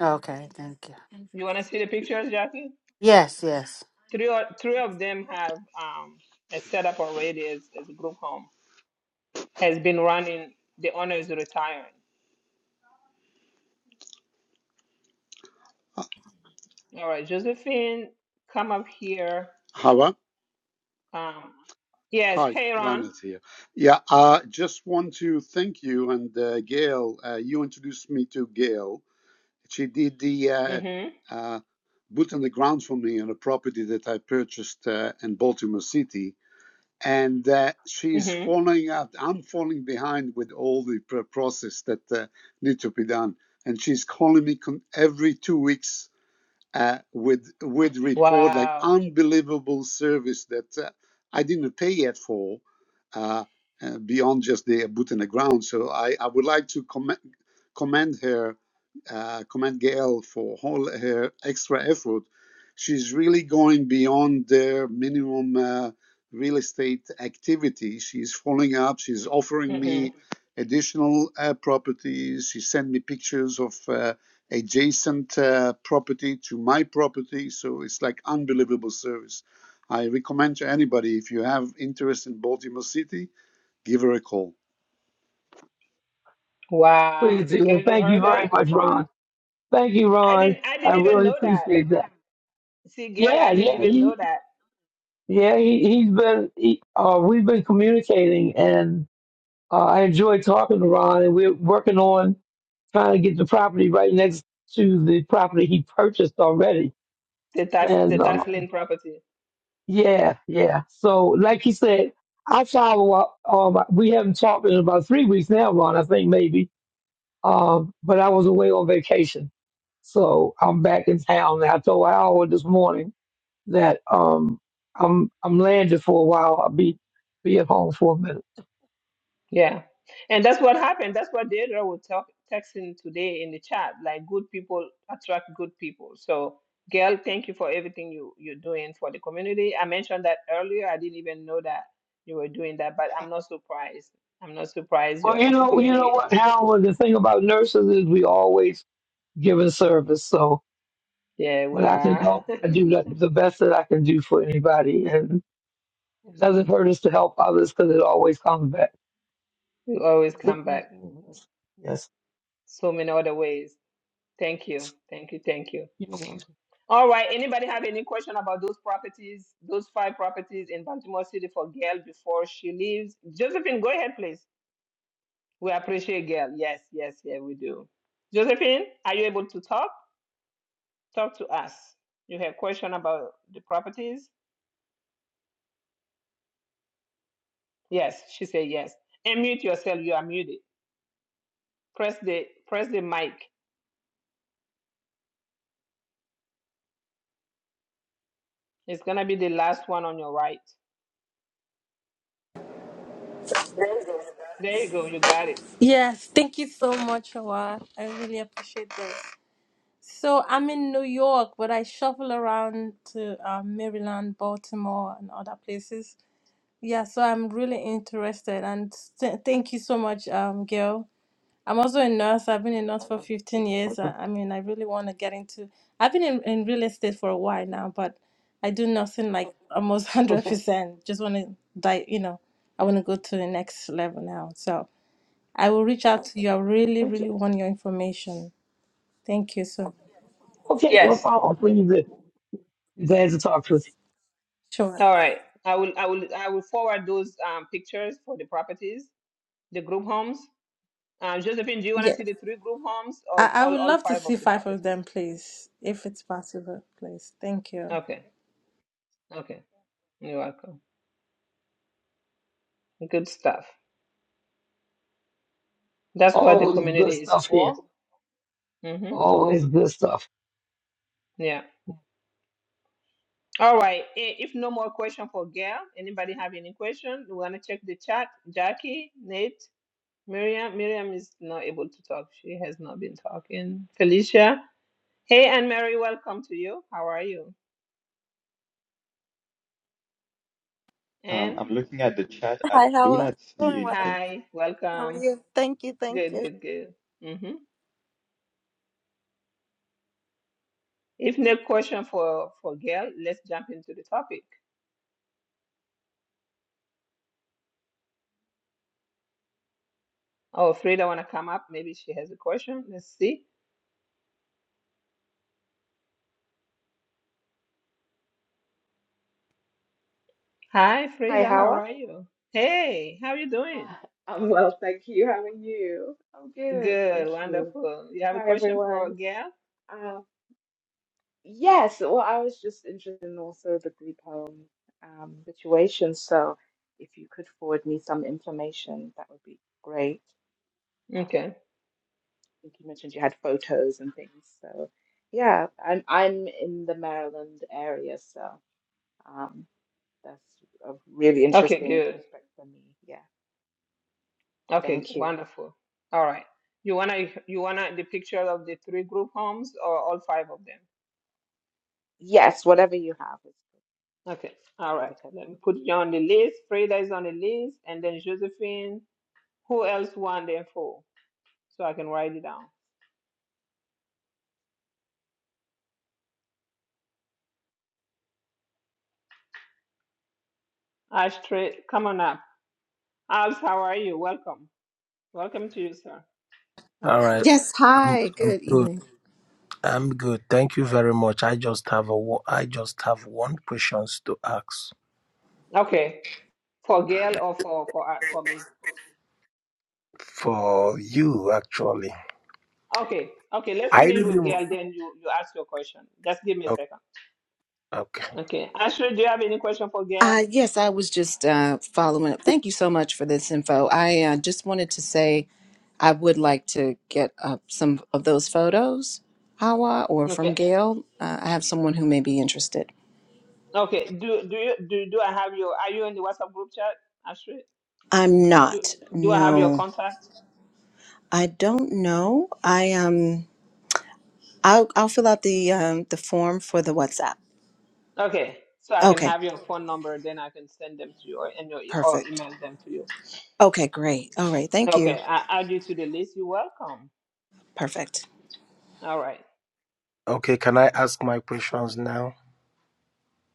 E: Okay. Thank you.
A: You want to see the pictures, Jackie?
E: Yes. Yes.
A: Three or, three of them have um, a setup already as, as a group home. Has been running. The owner is retiring. All right, Josephine, come up here.
M: Hava?
A: Um, yes,
M: Hi,
A: hey Ron.
M: Ranat here. Yeah, I just want to thank you and uh, Gail. Uh, you introduced me to Gail. She did the uh,
A: Mm-hmm.
M: uh, boot on the ground for me on a property that I purchased uh, in Baltimore City. And uh, she's
A: Mm-hmm.
M: falling out. I'm falling behind with all the pr- process that uh, need to be done. And she's calling me con- every two weeks uh, with with report like
A: Wow.
M: unbelievable service that uh, I didn't pay yet for uh, uh, beyond just the boot in the ground. So I, I would like to commend commend her, uh, commend Gail for all her extra effort. She's really going beyond their minimum uh, real estate activity. She's following up. She's offering
A: Mm-hmm.
M: me additional uh, properties. She sent me pictures of. Uh, adjacent uh, property to my property. So it's like unbelievable service. I recommend to anybody if you have interest in Baltimore City, give her a call.
A: Wow.
I: Please do.
A: Gail,
I: And
A: you
I: thank you
A: heard that?
I: very much, Ron. Thank you,
A: I
I: Ron.
A: didn't. I
I: I
A: didn't even
I: really
A: know that.
I: appreciate that.
A: See, Gail,
I: Yeah,
A: I didn't
I: yeah,
A: even know
I: he,
A: that
I: yeah, he, he's been, he, uh, we've been communicating and uh, I enjoy talking to Ron and we're working on trying to get the property right next to the property he purchased already
A: the tax
I: And
A: the
I: um,
A: tax lien property.
I: yeah, yeah. So, like you said, I travel. Um, we haven't talked in about three weeks now, Ron. I think maybe. Um, but I was away on vacation, so I'm back in town. And I told Howard this morning that um I'm I'm landed for a while. I'll be be at home for a minute.
A: Yeah. And that's what happened. That's what Deirdre was talk, texting today in the chat. Like good people attract good people. So Gail, thank you for everything you, you're doing for the community. I mentioned that earlier. I didn't even know that you were doing that, but I'm not surprised. I'm not surprised
I: Well,
A: you're
I: you know, you know
A: integrated.
I: what, Howard. The thing about nurses is we always giving service. So
A: Yeah,
I: when
A: we
I: I can
A: are.
I: help, I do that- the best that I can do for anybody, and it doesn't hurt us to help others because it always comes back.
A: You always come back
I: Yes, yes.
A: so many other ways. Thank you. Thank you. Thank you.
I: You're
A: All right. Anybody have any question about those properties, those five properties in Baltimore City for Gail before she leaves? Josephine, go ahead, please. We appreciate Gail. Yes, yes, yeah, we do. Josephine, are you able to talk? Talk to us. You have question about the properties? Yes, she said yes. Unmute yourself. You are muted. Press the press the mic. It's gonna be the last one on your right. There you go. You got it.
N: Yes, thank you so much, Awad. I really appreciate this. So I'm in New York, but I shuffle around to uh, Maryland, Baltimore, and other places. Yeah, so I'm really interested, and st- thank you so much, um, Gail. I'm also a nurse. I've been a nurse for 15 years. I, I mean, I really want to get into. I've been in, in real estate for a while now, but I do nursing like almost
I: welcome.
N: 100%. Just want to die, you know. I want to go to the next level now. So. I will reach out to you. I really,
I: Okay, okay,
N: really want your information. Thank you so much.
I: okay. No
A: Yes.
I: problem. Please, uh, glad to talk to you.
N: Sure.
A: All right. I will I will I will forward those um, pictures for the properties the group homes. Uh, Josephine, do you want to
N: Yeah.
A: see the three group homes or
N: I, I
A: all,
N: would
A: all
N: love to
A: five
N: see
A: of the
N: five of
A: properties?
N: them, please, if it's possible, please. Thank you.
A: Okay, okay. You're welcome. Good stuff. That's what the
I: Always good
A: community is
I: stuff here.
A: for. Mm-hmm.
I: Always good stuff.
A: Yeah. All right. I- If no more question for Gail, anybody have any question? We want to check the chat. Jackie, Nate, Miriam. Miriam is not able to talk. She has not been talking. Felicia. Hey, Anne Mary, welcome to you. How are you?
H: Um, I'm
A: Anne,
H: looking at the chat. I
O: Hi, how
H: do
O: are
H: not see
O: doing well.
H: anything yet.
A: hi,
O: How are
A: welcome.
O: you? Thank you, thank
A: Good,
O: you.
A: good, good. Mm-hmm. If no question for for Gail, let's jump into the topic. Oh, Frida wanna come up? Maybe she has a question. Let's see. Hi,
P: Hi,
A: Frida. How
P: Hawa.
A: are you? Hey, how you
P: Hi,
A: doing?
P: I'm well, thank you. How are you? I'm good, thank
A: Good,
P: you.
A: wonderful. You have a
P: Hi,
A: question for
P: everyone.
A: Gail?
P: Um, yes, well, I was just interested in also the group home um, situation. So, if you could forward me some information, that would be great. Um,
A: Okay.
P: I think you mentioned you had photos and things. So, yeah, I'm I'm in the Maryland area, so um, that's a really
A: Okay,
P: interesting
A: good.
P: prospect for me. Yeah,
A: Okay,
P: thank you.
A: wonderful. All right. You wanna you wanna the picture of the three group homes or all five of them?
P: Yes, whatever you have is good.
A: Okay. All
P: I'll
A: right.
P: look at all
A: Let me
P: of
A: put
P: them.
A: you on the list. Frida is on the list, and then Josephine. Who else won them for? So I can write it down. Ashtray, come on up. As, how are you? Welcome. Welcome to you, sir.
Q: All right,
R: Yes,
Q: I'm,
R: hi,
Q: I'm
R: good
Q: good.
R: evening.
Q: I'm good. Thank you very much. I just have a wo- I just have one questions to ask
A: Okay. For Gail or for for uh, for me?
Q: for you actually.
A: Okay. Okay. Let's
Q: I
A: finish
Q: really
A: with
Q: wa-
A: Gail. Then you you ask your question. Just give me a
Q: oh,
A: second.
Q: okay.
A: Okay. Ashtray, do you have any question for Gail?
R: Uh, yes, I was just uh, following up. Thank you so much for this info. I uh, just wanted to say I would like to get uh, some of those photos, Hawa, or from
A: Okay.
R: Gail. Uh, I have someone who may be interested.
A: Okay. Do do you do do I have your? Are you in the WhatsApp group chat, Ashtray?
R: I'm
A: Do
R: not.
A: do I have your
R: No,
A: contact?
R: I don't know. I um, I'll I'll fill out the um the form for the WhatsApp.
A: Okay. So I can
R: Okay,
A: have your phone number. Then I can send them to you or and your e- or
R: perfect.
A: email them to you.
R: Okay, great. All right, thank you.
A: Okay. I add you to the list. You're welcome.
R: Perfect.
A: All right.
Q: Okay, can I ask my questions now?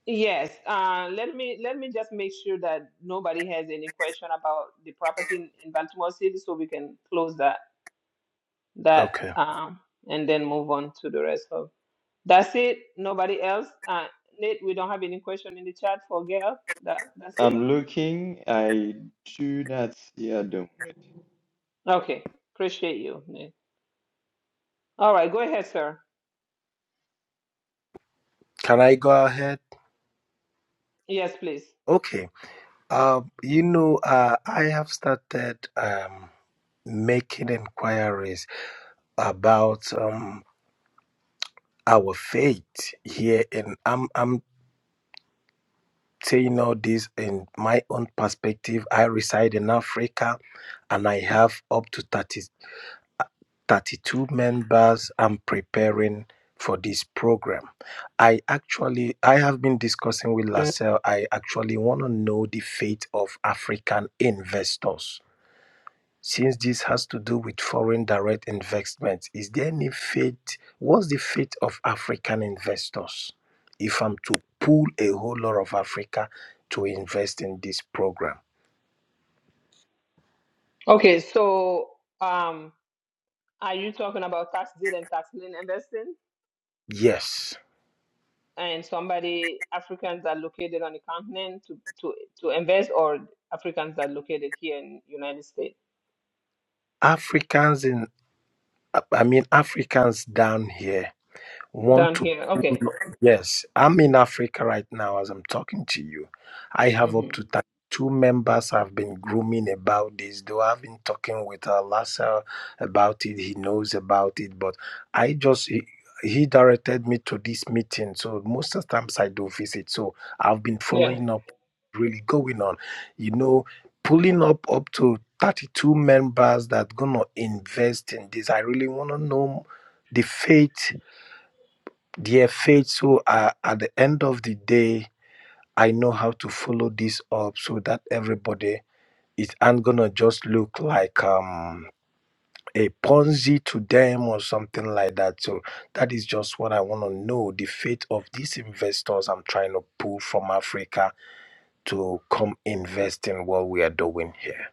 A: Yes, uh, let me let me just make sure that nobody has any question about the property in, in Baltimore City, so we can close that that
Q: Okay.
A: um, and then move on to the rest of. That's it. Nobody else. Uh, Nate, we don't have any question in the chat for Gail. That that's it.
H: I'm looking. I do not see at the moment.
A: Okay, appreciate you, Nate. All right, go ahead, sir.
Q: Can I go ahead?
A: Yes, please.
Q: Okay. Uh, you know, uh, I have started um making inquiries about um our faith here in I'm I'm saying all this in my own perspective. I reside in Africa and I have up to 30 32 members I'm preparing for this program. I actually I have been discussing with Lassell. I actually want to know the fate of African investors since this has to do with foreign direct investment, is there any fate? What's the fate of African investors? If I'm to pull a whole lot of Africa to invest in this program,
A: Okay, so um, are you talking about tax deed and tax lien investing?
Q: yes,
A: and somebody Africans are located on the continent to to to invest, or Africans are located here in United States
Q: Africans in I mean Africans down here want
A: down
Q: to
A: here. Okay.
Q: Yes, I'm in Africa right now as I'm talking to you. I have
A: hmm
Q: up to 32 members I've been grooming about this, though I've been talking with uh, Lassa about it. He knows about it, but I just. He, he directed me to this meeting, so most of the times I do visit. So I've been
A: Yeah.
Q: following up, really going on, you know, pulling up up to 32 members that gonna invest in this. I really wanna know the faith Dear faith, so uh, at the end of the day, I know how to follow this up so that everybody is i gonna just look like um a Ponzi to them or something like that. So that is just what I want to know. The fate of these investors I'm trying to pull from Africa to come invest in what we are doing here.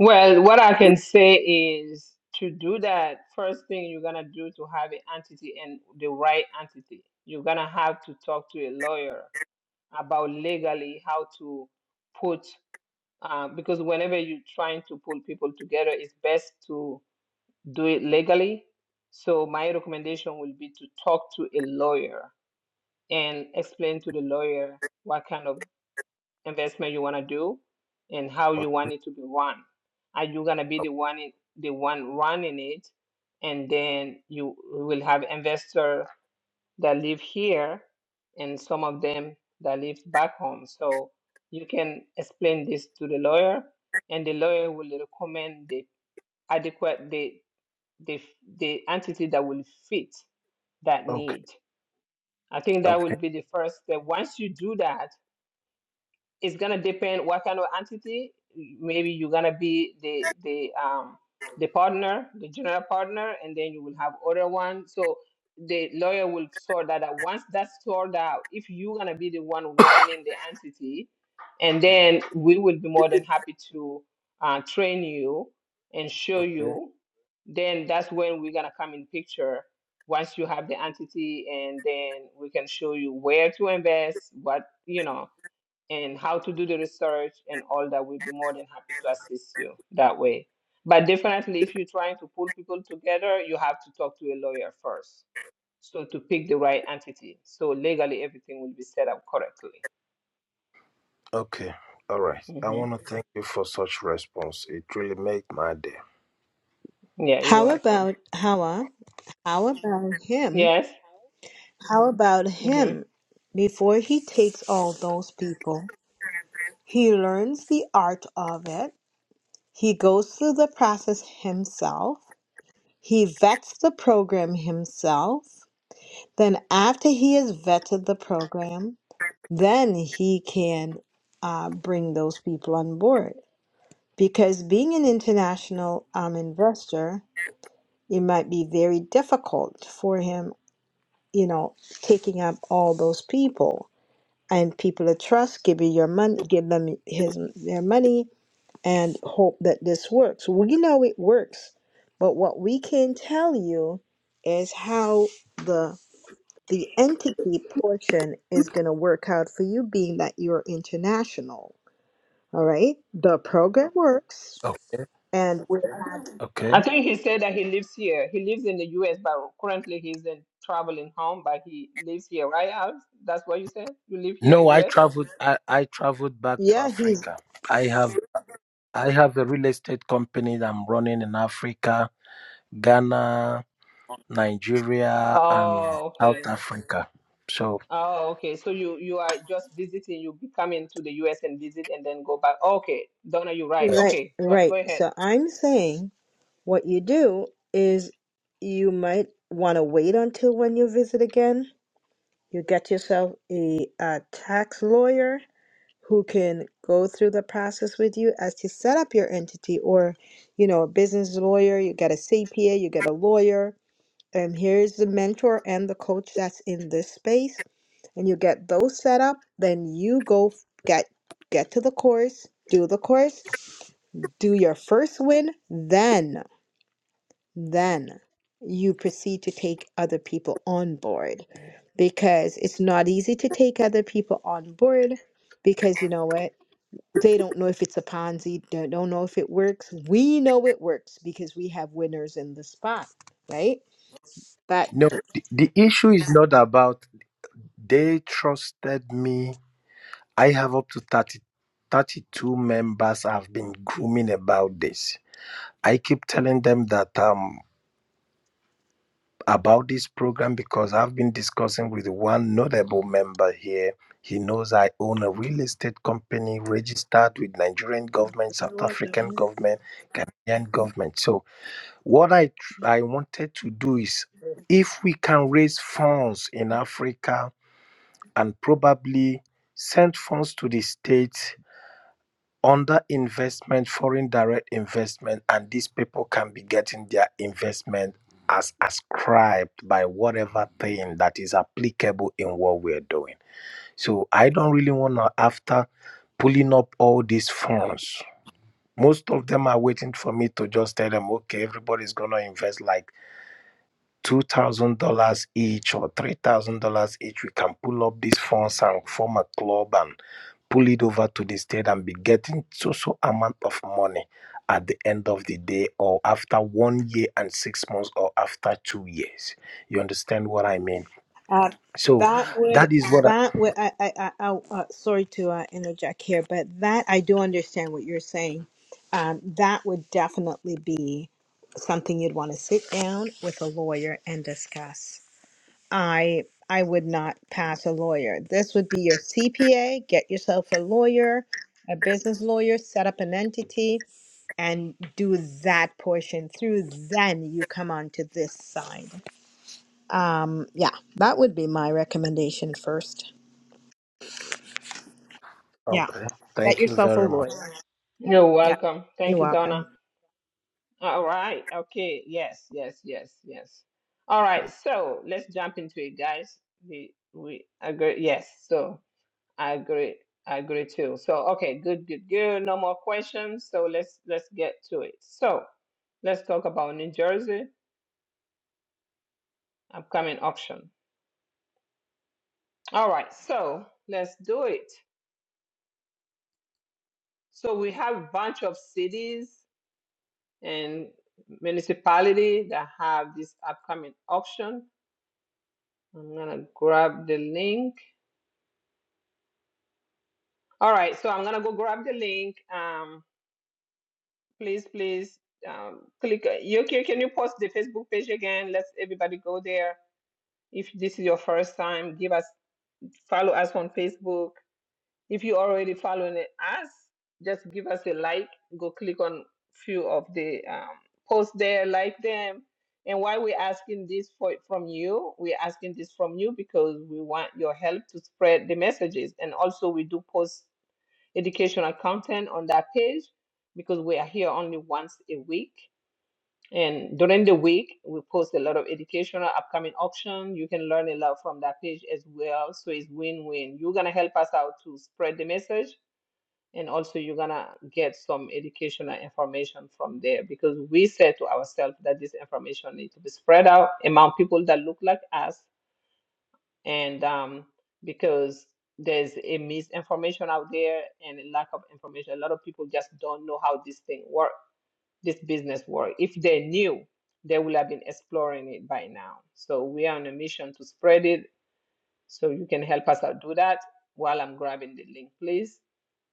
A: Well, what I can say is to do that. First thing you're gonna do to have an entity and the right entity, you're gonna have to talk to a lawyer about legally how to put. Uh, because whenever you're trying to pull people together, it's best to do it legally. So my recommendation will be to talk to a lawyer and explain to the lawyer what kind of investment you want to do and how you want it to be run. Are you gonna be the one in, the one running it, and then you will have investor that live here and some of them that live back home. So you can explain this to the lawyer, and the lawyer will recommend the adequate the the the entity that will fit that
Q: Okay.
A: need. I think that
Q: Okay.
A: will be the first step. Once you do that, it's gonna depend what kind of entity. Maybe you're gonna be the the um the partner, the general partner, and then you will have other one. So the lawyer will sort that out. Once that's sorted out, if you're gonna be the one running the entity, and then we will be more than happy to uh, train you and show
Q: Okay.
A: you. Then that's when we're gonna come in picture. Once you have the entity, and then we can show you where to invest, what you know and how to do the research and all that, we'll be more than happy to assist you that way. But definitely, if you're trying to pull people together, you have to talk to a lawyer first. So to pick the right entity, so legally everything will be set up correctly.
Q: Okay. All right. I want
A: hmm
Q: to thank you for such response. It really made my day.
A: Yeah, you're
B: How
A: welcome.
B: about Hawa? How about him?
A: Yes.
B: How about
A: hmm
B: him? Before he takes all those people, he learns the art of it. He goes through the process himself. He vets the program himself. Then, after he has vetted the program, then he can uh, bring those people on board. Because being an international um, investor, it might be very difficult for him, you know, taking up all those people and people of trust, giving your money, give them his their money, and hope that this works. We know it works, but what we can tell you is how the the entity portion is going to work out for you, being that you're international. All right, the program works,
Q: Okay.
B: and we're
Q: Okay.
A: I think he said that he lives here. He lives in the U.S., but currently he's in traveling home, but he lives here, right, Alex? That's what you said. You live here in
Q: No, I
A: U.S.
Q: traveled. I, I traveled back to
B: yeah, he's
Q: Africa. I have I have a real estate company that I'm running in Africa, Ghana, Nigeria, and
A: Oh,
Q: South
A: okay.
Q: Africa. So
A: Oh, okay. So you you are just visiting. You be coming to the U.S. and visit, and then go back. Oh, Okay, Donna, you're right.
Q: uh,
B: Right,
A: Okay, go go
B: right.
A: ahead.
B: So I'm saying what you do is you might want to wait until when you visit again. You get yourself a, uh tax lawyer who can go through the process with you as to set up your entity or, you know, a business lawyer, you get a CPA, you get a lawyer, and here's the mentor and the coach that's in this space, and you get those set up, then you go f- get get to the course, do the course, do your first win, then, then you proceed to take other people on board because it's not easy to take other people on board because you know what? They don't know if it's a Ponzi, they don't know if it works. We know it works because we have winners in the spot, right? But
Q: no, the, the issue is not about they trusted me. I have up to 30, 32 members I've been grooming about this. I keep telling them that um. about this program because I've been discussing with one notable member here. He knows I own a real estate company registered with Nigerian government, South African government, Canadian government. So what I tr- I wanted to do is if we can raise funds in Africa and probably send funds to the states under investment, foreign direct investment, and these people can be getting their investment as ascribed by whatever thing that is applicable in what we're doing. So I don't really want to, after pulling up all these funds, most of them are waiting for me to just tell them, okay, everybody's going to invest like $2,000 each or $3,000 each. We can pull up these funds and form a club and pull it over to the state and be getting so so amount of money at the end of the day or after one year and six months or after two years. You understand what I mean?
B: Uh,
Q: So
B: that would
Q: that is what I
B: that would I I, I, I uh, sorry to uh, interject here, but that I do understand what you're saying. Um, that would definitely be something you'd want to sit down with a lawyer and discuss. I I would not pass a lawyer. This would be your CPA. Get yourself a lawyer, a business lawyer. Set up an entity and do that portion. Through then you come on to this side. Um, yeah, that would be my recommendation first. Yeah,
Q: okay.
B: get
Q: Thank you
B: yourself a
Q: very much.
B: lawyer.
A: You're
B: Yeah,
A: welcome. Thank
B: you're
A: you, Donna.
B: welcome.
A: All right. Okay. Yes. Yes. Yes. Yes. All right. So let's jump into it, guys. We we agree. Yes. So I agree. I agree too. So okay. Good. Good. Good. No more questions. So let's let's get to it. So let's talk about New Jersey upcoming auction. All right. So let's do it. So we have a bunch of cities and municipality that have this upcoming auction. I'm gonna grab the link. All right, so I'm gonna go grab the link. Um, please, please, um, click. Yoki, can you post the Facebook page again? Let's everybody go there. If this is your first time, give us follow us on Facebook If you're already following us, just give us a like. Go click on few of the um, posts there, like them. And why we're asking this for, from you, we're asking this from you because we want your help to spread the messages. And also, we do post educational content on that page because we are here only once a week. And during the week, we post a lot of educational upcoming auction. You can learn a lot from that page as well. So it's win-win. You're gonna help us out to spread the message, and also you're gonna get some educational information from there because we said to ourselves that this information needs to be spread out among people that look like us and um, because there's a misinformation out there and a lack of information a lot of people just don't know how this thing work this business work if they knew they would have been exploring it by now so we are on a mission to spread it so you can help us out do that while i'm grabbing the link please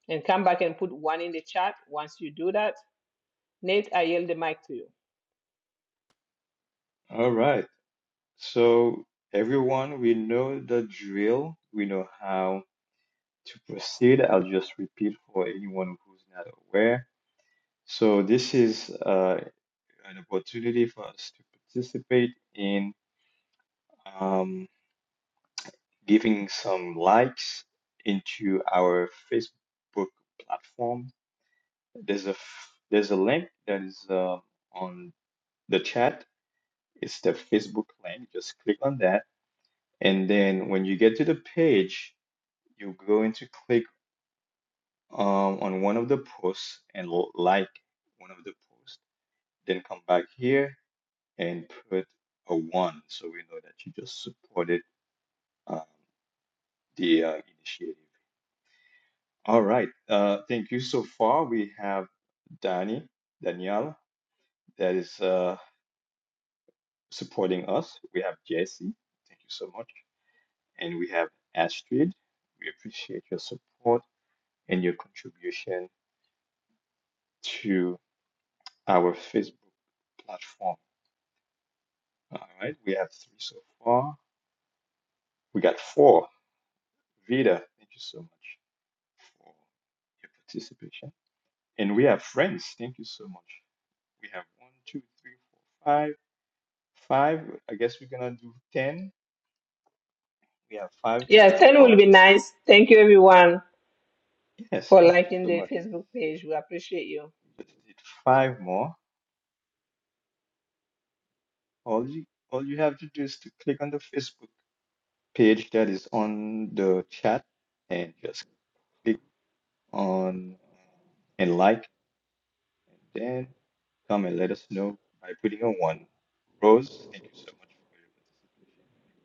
A: and come back and put one in the chat once you do that. Nate, I yield the mic to you.
H: All right. So, everyone, we know the drill. We know how to proceed. I'll just repeat for anyone who's not aware. So, this is uh, an opportunity for us to participate in um, giving some likes into our Facebook platform. There's a f- there's a link that is uh, on the chat. It's the Facebook link. Just click on that, and then when you get to the page, you're going to click um, on one of the posts and l- like one of the posts. Then come back here and put a one, so we know that you just supported um, the uh, initiative. All right. Uh, thank you. So far, we have Danny, Danielle, that is uh, supporting us. We have Jesse. Thank you so much. And we have Astrid. We appreciate your support and your contribution to our Facebook platform. All right. We have three so far. We got four. Vida, thank you so much for your participation. And we have friends. Thank you so much. We have one, two, three, four, five. Five, I guess we're gonna do ten. We have five
A: Yeah,
H: so
A: 10 will
H: far.
A: be nice. Thank you, everyone,
H: Yes,
A: for
H: thank you
A: liking
H: so
A: the
H: much.
A: Facebook page. We appreciate you.
H: We just did five more. All you all you have to do is to click on the Facebook page that is on the chat and just click on and like and then come and let us know by putting a one. Rose, thank you so much for your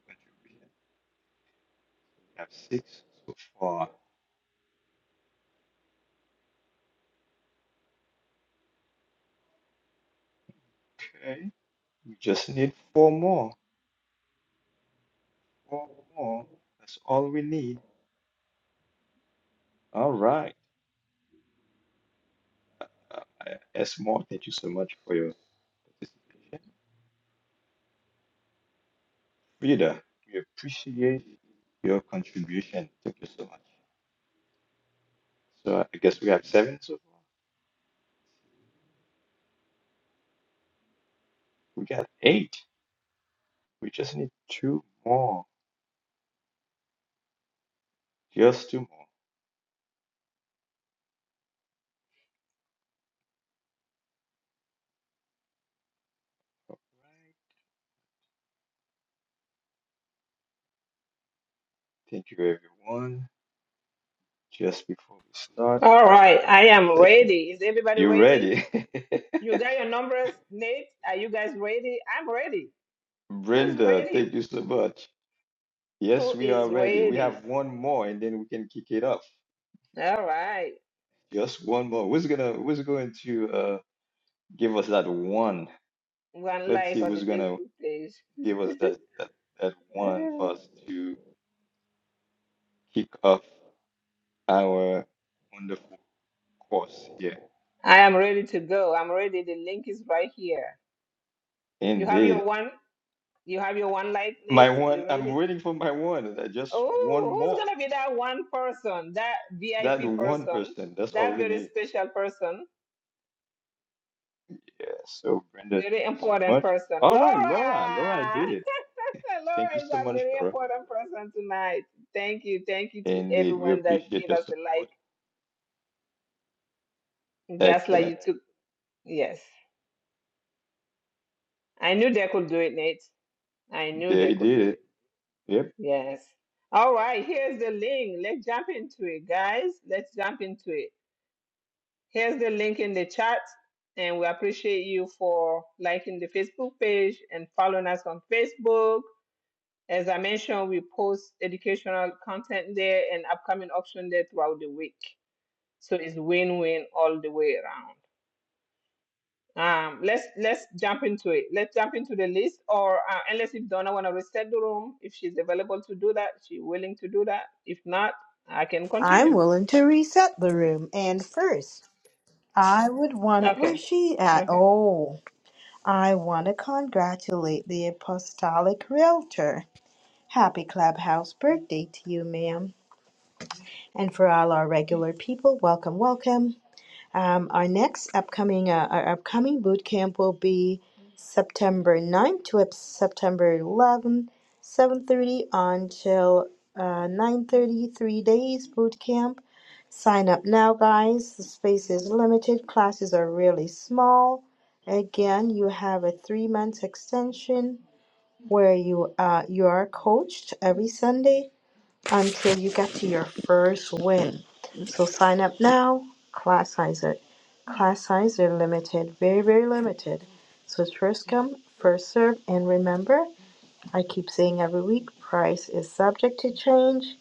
H: participation and your contribution. So we have six so far. Okay, we just need four more. One more. That's all we need. All right. Uh, I- Esmore, thank you so much for your participation. Frida, we appreciate your contribution. Thank you so much. So I guess we have seven so far. We got eight. We just need two more. Just two more. Right. Thank you, everyone. Just before we start
A: All right,
H: our
A: I am
H: session,
A: ready. Is everybody
H: you
A: ready?
H: ready?
A: You got your numbers, Nate? Are you guys ready? I'm ready. Who's
H: Brenda,
A: ready?
H: thank you so much. Yes,
A: Who
H: we are
A: is
H: ready. We have
A: ready?
H: one more and then we can kick it off.
A: All right,
H: Just one more. Who's gonna who's going to uh give us that one?
A: one
H: Let's
A: like
H: see
A: on the
H: who's gonna
A: Facebook page.
H: give us that that, that one for us to kick off our wonderful course here.
A: Uh, I am ready to go. I'm ready. The link is right here. You have your
H: Indeed.
A: one. You have your one like, Nate.
H: My
A: You
H: one, I'm
A: ready?
H: waiting for my one. uh, Just one
A: Oh, who's
H: more.
A: gonna be that one person, that
H: That
A: VIP
H: one
A: person,
H: person. That's all
A: that
H: we
A: very
H: need.
A: special person,
H: Yeah. So Brenda,
A: very
H: thank you so
A: important
H: much.
A: person?
H: All right, Laura. Laura, I
A: Laura!
H: did it. Thank
A: Laura
H: you
A: is
H: so
A: a
H: much,
A: very
H: Laura.
A: important person tonight. Thank you. Thank you to
H: Indeed, we
A: everyone that
H: appreciate
A: gave
H: your
A: us a
H: support.
A: like. Just like
H: Excellent.
A: you took. Yes. I knew they could do it, Nate. I knew they
H: They
A: could do
H: did it.
A: it.
H: Yep.
A: Yes. All right. Here's the link. Let's jump into it, guys. Let's jump into it. Here's the link in the chat, and we appreciate you for liking the Facebook page and following us on Facebook. As I mentioned, we post educational content there and upcoming auction there throughout the week. So it's win-win all the way around. Um, let's let's jump into it. Let's jump into the list, or uh, unless if Donna want to reset the room, if she's available to do that, she's willing to do that. If not, I can
B: I'm
A: continue.
B: willing to reset the room. And first, I would want to,
A: Okay.
B: where's she at?
A: Okay.
B: Oh, I want to congratulate the Apostolic Realtor. Happy Clubhouse birthday to you, ma'am. And for all our regular people, welcome, welcome. Um, our next upcoming uh, our upcoming boot camp will be September 9th to September 11th, 7:30 until uh, 9:30. Three days boot camp. Sign up now, guys. The space is limited. Classes are really small. Again, you have a three month extension where you uh, you are coached every Sunday until you get to your first win. So sign up now, class size it. Class size are limited, very, very limited. So it's first come, first serve, and remember, I keep saying every week, price is subject to change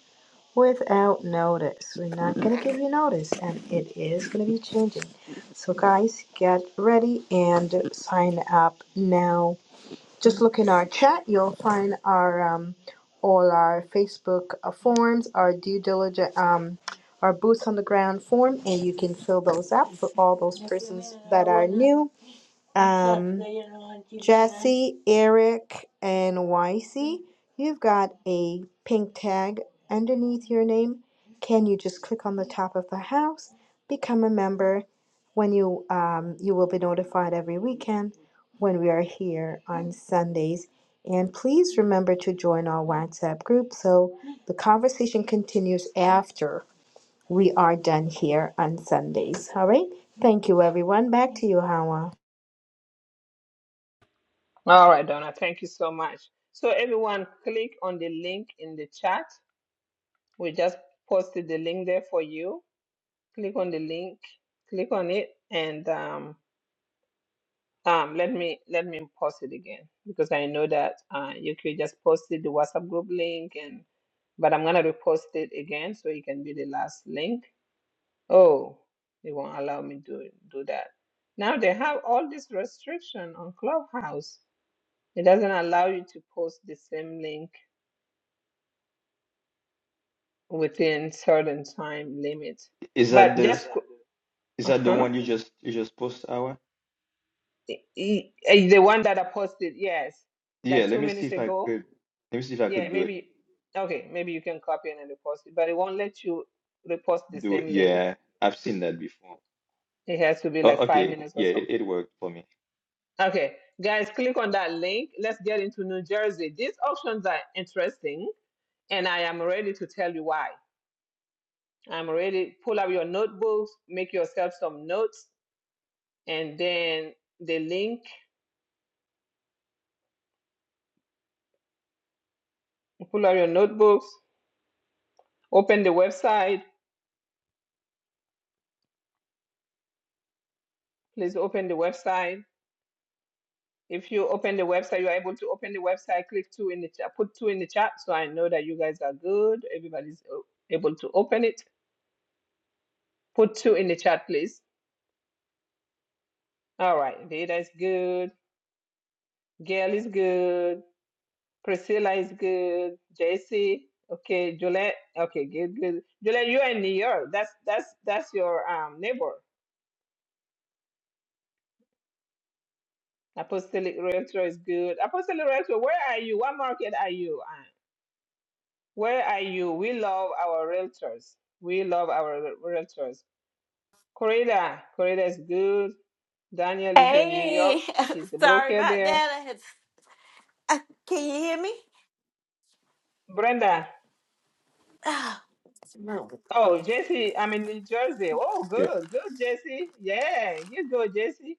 B: without notice. We're not gonna give you notice, and it is gonna be changing. So guys, get ready and sign up now. Just look in our chat, you'll find our um, all our Facebook uh, forms, our due diligence, um, our boots on the ground form, and you can fill those up for all those persons that are new. Um, Jesse, Eric, and YC, you've got a pink tag underneath your name. Can you just click on the top of the house, become a member? When you um, you will be notified every weekend when we are here on Sundays. And please remember to join our WhatsApp group so the conversation continues after we are done here on Sundays. All right. Thank you, everyone. Back to you, Hawa.
A: All right, Donna, thank you so much. So, everyone, click on the link in the chat. We just posted the link there for you. Click on the link, click on it, and um, um, let me let me post it again because I know that uh, you could just posted the WhatsApp group link, and but I'm gonna repost it again so it can be the last link. Oh, they won't allow me to do that. Now they have all this restriction on Clubhouse. It doesn't allow you to post the same link within certain time limits.
H: Is that
A: But
H: the
A: just
H: is
A: uh
H: that the
A: huh,
H: one you just you just post Awa?
A: the one that I posted, yes,
H: Yeah,
A: like
H: let
A: two
H: me see
A: minutes
H: if I
A: ago.
H: could let me see if I
A: Yeah,
H: could do it.
A: maybe. Okay, maybe you can copy and then repost it, but it won't let you repost the
H: Do it.
A: same link.
H: Yeah, I've seen that before.
A: It has to be
H: Oh,
A: like five
H: okay.
A: minutes or
H: Yeah, it,
A: something.
H: it worked for me.
A: Okay, guys, click on that link. Let's get into New Jersey. These options are interesting, and I am ready to tell you why. I'm ready. Pull out your notebooks, make yourself some notes, and then the link pull out your notebooks, open the website. Please open the website. If you open the website, you're able to open the website, click two in the chat, put two in the chat so I know that you guys are good. Everybody's o- able to open it. Put two in the chat, please. All right. Data is good. Gail is good. Priscilla is good. JC. Okay. Juliet. Okay, good, good. Juliet, you're in New York. That's that's that's your um neighbor. Apostolic Realtor is good. Apostolic Realtor, where are you? What market are you um? Where are you? We love our realtors. We love our re- realtors. Corrida, Corrida is good. Daniel is in New York.
D: Hey,
A: She's a
D: sorry
A: broker
D: about
A: there.
D: that. I had, uh, can you hear me?
A: Brenda.
D: Ah, What's wrong? with-
A: Oh, Jesse, I'm in New Jersey. Oh,
H: Yeah.
A: good, good, Jesse. Yeah, you go, Jesse.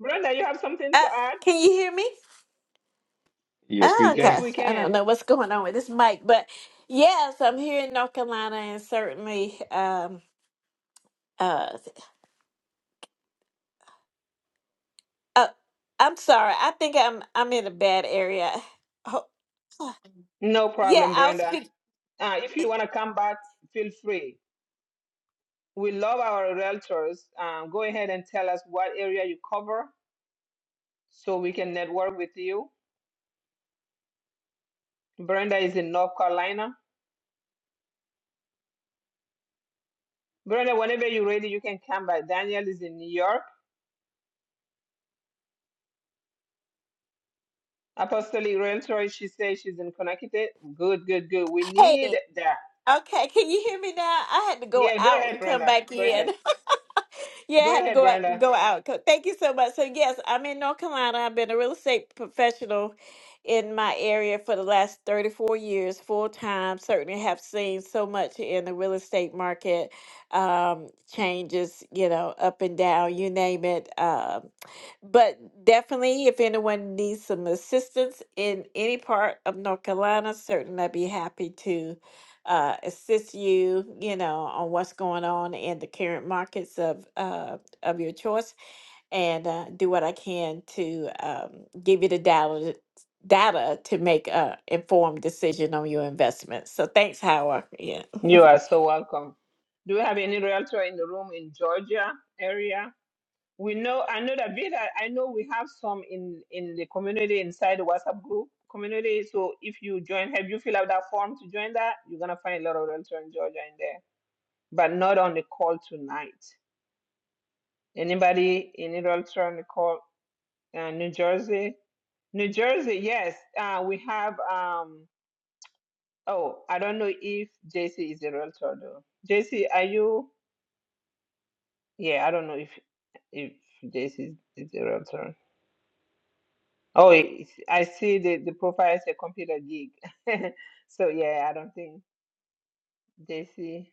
A: Brenda, you have something
D: Uh,
A: to add?
D: can you hear me?
H: Yes,
D: Oh,
H: we
A: Yes,
D: okay.
H: can.
A: we
D: I don't
A: can.
D: know what's going on with this mic, but yes, I'm here in North Carolina, and certainly, um, uh, uh I'm sorry. I think I'm I'm in a bad area. Oh,
A: No
D: yeah,
A: problem,
D: I'll
A: Brenda.
D: speak.
A: Uh, if you want to come back, feel free. We love our realtors. Um, go ahead and tell us what area you cover so we can network with you Brenda is in North Carolina. Brenda, whenever you're ready, you can come by. Daniel is in New York. Apostolic Realtor, she says she's in Connecticut. Good, good, good. We
D: Hey,
A: need that.
D: okay. Can you hear me now? I had to go
A: Yeah, go
D: out
A: ahead,
D: and come
A: Brenda.
D: back
A: Go
D: in.
A: ahead.
D: Yeah, I
A: Go
D: had to
A: ahead,
D: go out,
A: Brenda.
D: go out. Co- Thank you so much. So yes, I'm in North Carolina. I've been a real estate professional in my area for the last 34 years, full time. Certainly have seen so much in the real estate market, um, changes, you know, up and down, you name it. Um, but definitely, if anyone needs some assistance in any part of North Carolina, certainly I'd be happy to uh, assist you, you know, on what's going on in the current markets of uh, of your choice and uh, do what I can to um, give you the data data to make a informed decision on your investments. So thanks, Howard. Yeah.
A: You are so welcome. Do we have any realtor in the room in Georgia area? We know, I know that Vida, I know we have some in in the community inside the WhatsApp group community. So if you join, have you fill out that form to join that? You're gonna find a lot of realtor in Georgia in there. but not on the call tonight. Anybody in New Idolatry on the call? Uh, New Jersey? New Jersey, yes. Uh, we have, um, oh, I don't know if JC is a realtor though. JC, are you? Yeah, I don't know if if JC is, is a realtor. Oh, it's, I see the, the profile is a computer geek. so yeah, I don't think JC,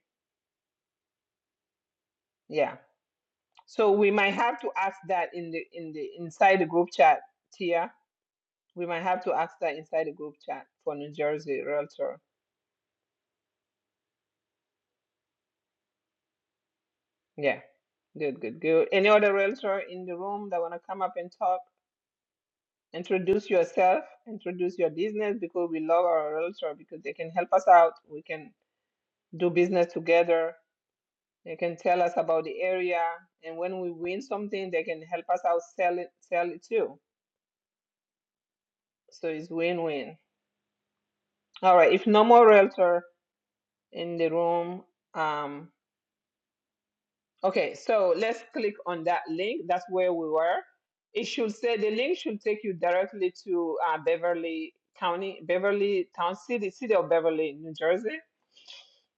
A: yeah. So we might have to ask that in the in the inside the group chat, Tia We might have to ask that inside the group chat for New Jersey Realtor. Yeah. Good, good, good. Any other realtor in the room that want to come up and talk? Introduce yourself, introduce your business because we love our realtor because they can help us out. We can do business together. They can tell us about the area. And when we win something, they can help us out sell it, sell it too. So it's win-win. All right. If no more realtor in the room, um. Okay, so let's click on that link. That's where we were. It should say the link should take you directly to uh, Beverly County, Beverly Town City, City of Beverly, New Jersey.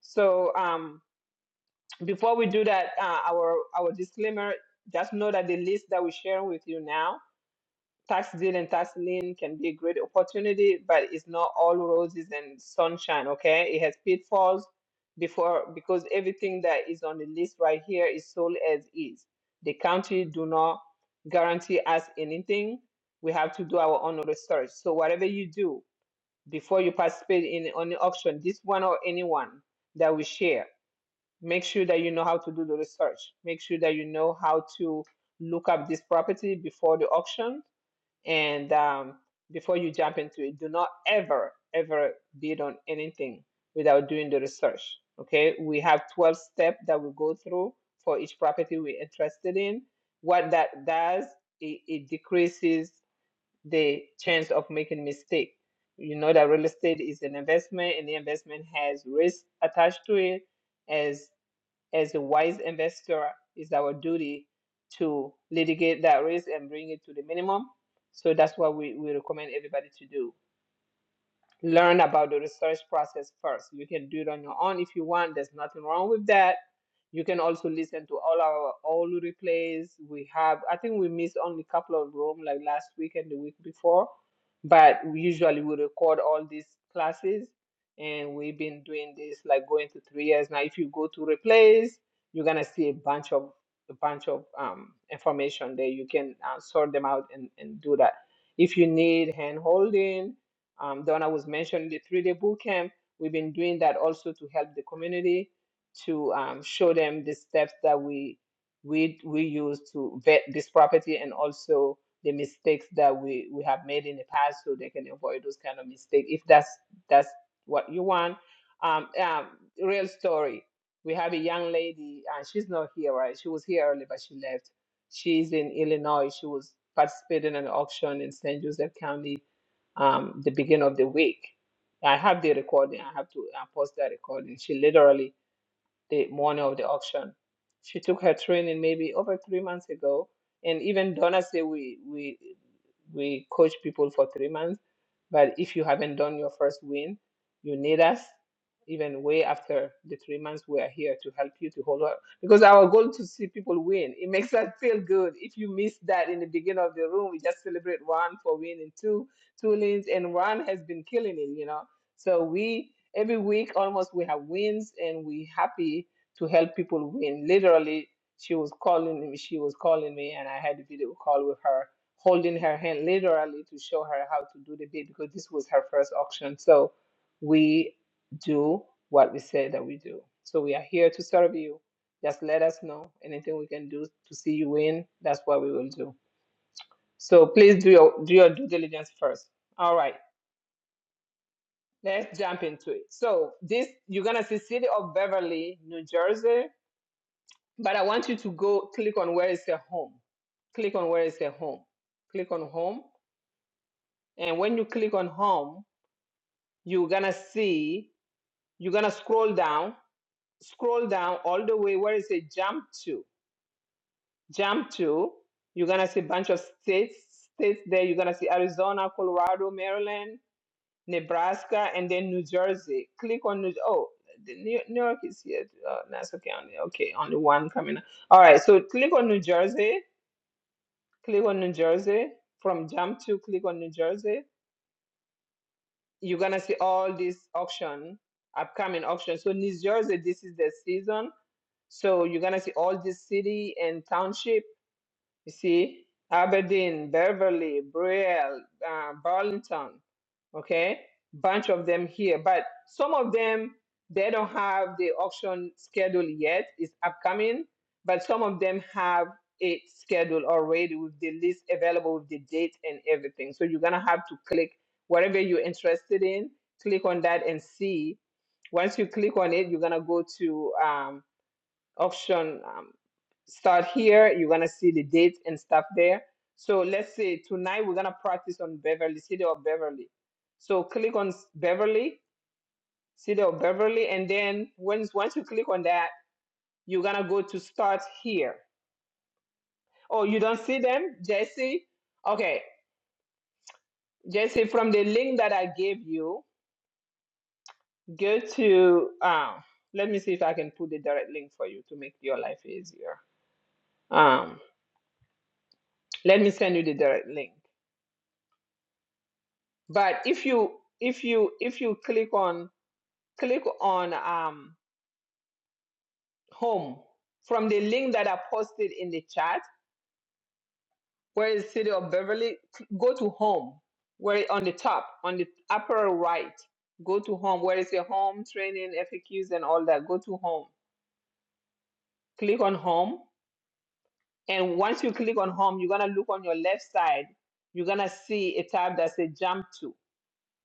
A: So um, before we do that, uh, our our disclaimer. Just know that the list that we share with you now tax deal and tax lien can be a great opportunity, but it's not all roses and sunshine, okay? It has pitfalls before because everything that is on the list right here is sold as is. The county do not guarantee us anything. We have to do our own research. So whatever you do before you participate in on the auction, this one or anyone that we share, make sure that you know how to do the research. Make sure that you know how to look up this property before the auction and um, before you jump into it, do not ever, ever bid on anything without doing the research. Okay, we have 12 steps that we go through for each property we're interested in. What that does, it, it decreases the chance of making mistake. You know that real estate is an investment, and the investment has risk attached to it, As as a wise investor, it's our duty to litigate that risk and bring it to the minimum. So that's what we, we recommend everybody to do learn about the research process first. You can do it on your own if you want. There's nothing wrong with that. You can also listen to all our all replays. We have, I think we missed only a couple of room like last week and the week before, but we usually we record all these classes and we've been doing this like going to three years now. If you go to replays, you're gonna see a bunch of a bunch of um, information there. You can uh, sort them out and, and do that. If you need hand holding, um, Donna was mentioning the three day boot camp. We've been doing that also to help the community to um, show them the steps that we we we use to vet this property and also the mistakes that we we have made in the past so they can avoid those kind of mistakes if that's that's what you want um, um real story we have a young lady and she's not here right she was here early but she left she's in illinois she was participating in an auction in st joseph county um, the beginning of the week. I have the recording. I have to uh, post that recording. She literally the morning of the auction. She took her training maybe over three months ago, and even Donna said we we we coach people for three months, but if you haven't done your first win, you need us even way after the three months we are here to help you to hold up because our goal to see people win it makes us feel good if you miss that in the beginning of the room we just celebrate one for winning two two lanes and one has been killing it you know so we every week almost we have wins and we happy to help people win literally she was calling me she was calling me and i had a video call with her holding her hand literally to show her how to do the bid because this was her first auction so we do what we say that we do so we are here to serve you just let us know anything we can do to see you win that's what we will do so please do your do your due diligence first all right Let's jump into it. So this you're gonna see city of Beverly, New Jersey, but I want you to go click on where is the home. Click on where is the home. Click on home. And when you click on home, you're gonna see you're gonna scroll down, scroll down all the way. Where is it jump to? Jump to, you're gonna see a bunch of states, states there. You're gonna see Arizona, Colorado, Maryland, Nebraska, and then New Jersey. Click on New. Oh, the New, New York is here. Uh, Nassau County. Okay, on the one coming. up. All right. So click on New Jersey. Click on New Jersey. From jump to click on New Jersey. You're gonna see all these auction, upcoming auction. So New Jersey, this is the season. So you're gonna see all this city and township You see, Aberdeen, Beverly, Brielle, uh, Burlington, okay, bunch of them here. But some of them they don't have the auction schedule yet. It's upcoming, but some of them have it scheduled already with the list available with the date and everything. So you're gonna have to click whatever you're interested in. Click on that and see. Once you click on it, you're gonna go to um, auction. um, start here. You're gonna see the dates and stuff there. So let's say tonight we're gonna practice on Beverly, City of Beverly. So click on s- Beverly, City of Beverly, and then once once you click on that, you're gonna go to start here. Oh, you don't see them, Jesse? Okay, Jesse, from the link that I gave you, go to um. Let me see if I can put the direct link for you to make your life easier. Um, let me send you the direct link. But if you if you if you click on click on um, home from the link that I posted in the chat, where is City of Beverly? Go to home, where on the top on the upper right. Go to home. Where is the home training FAQs and all that? Go to home. Click on home, and once you click on home, you're gonna look on your left side. You're gonna see a tab that says jump to.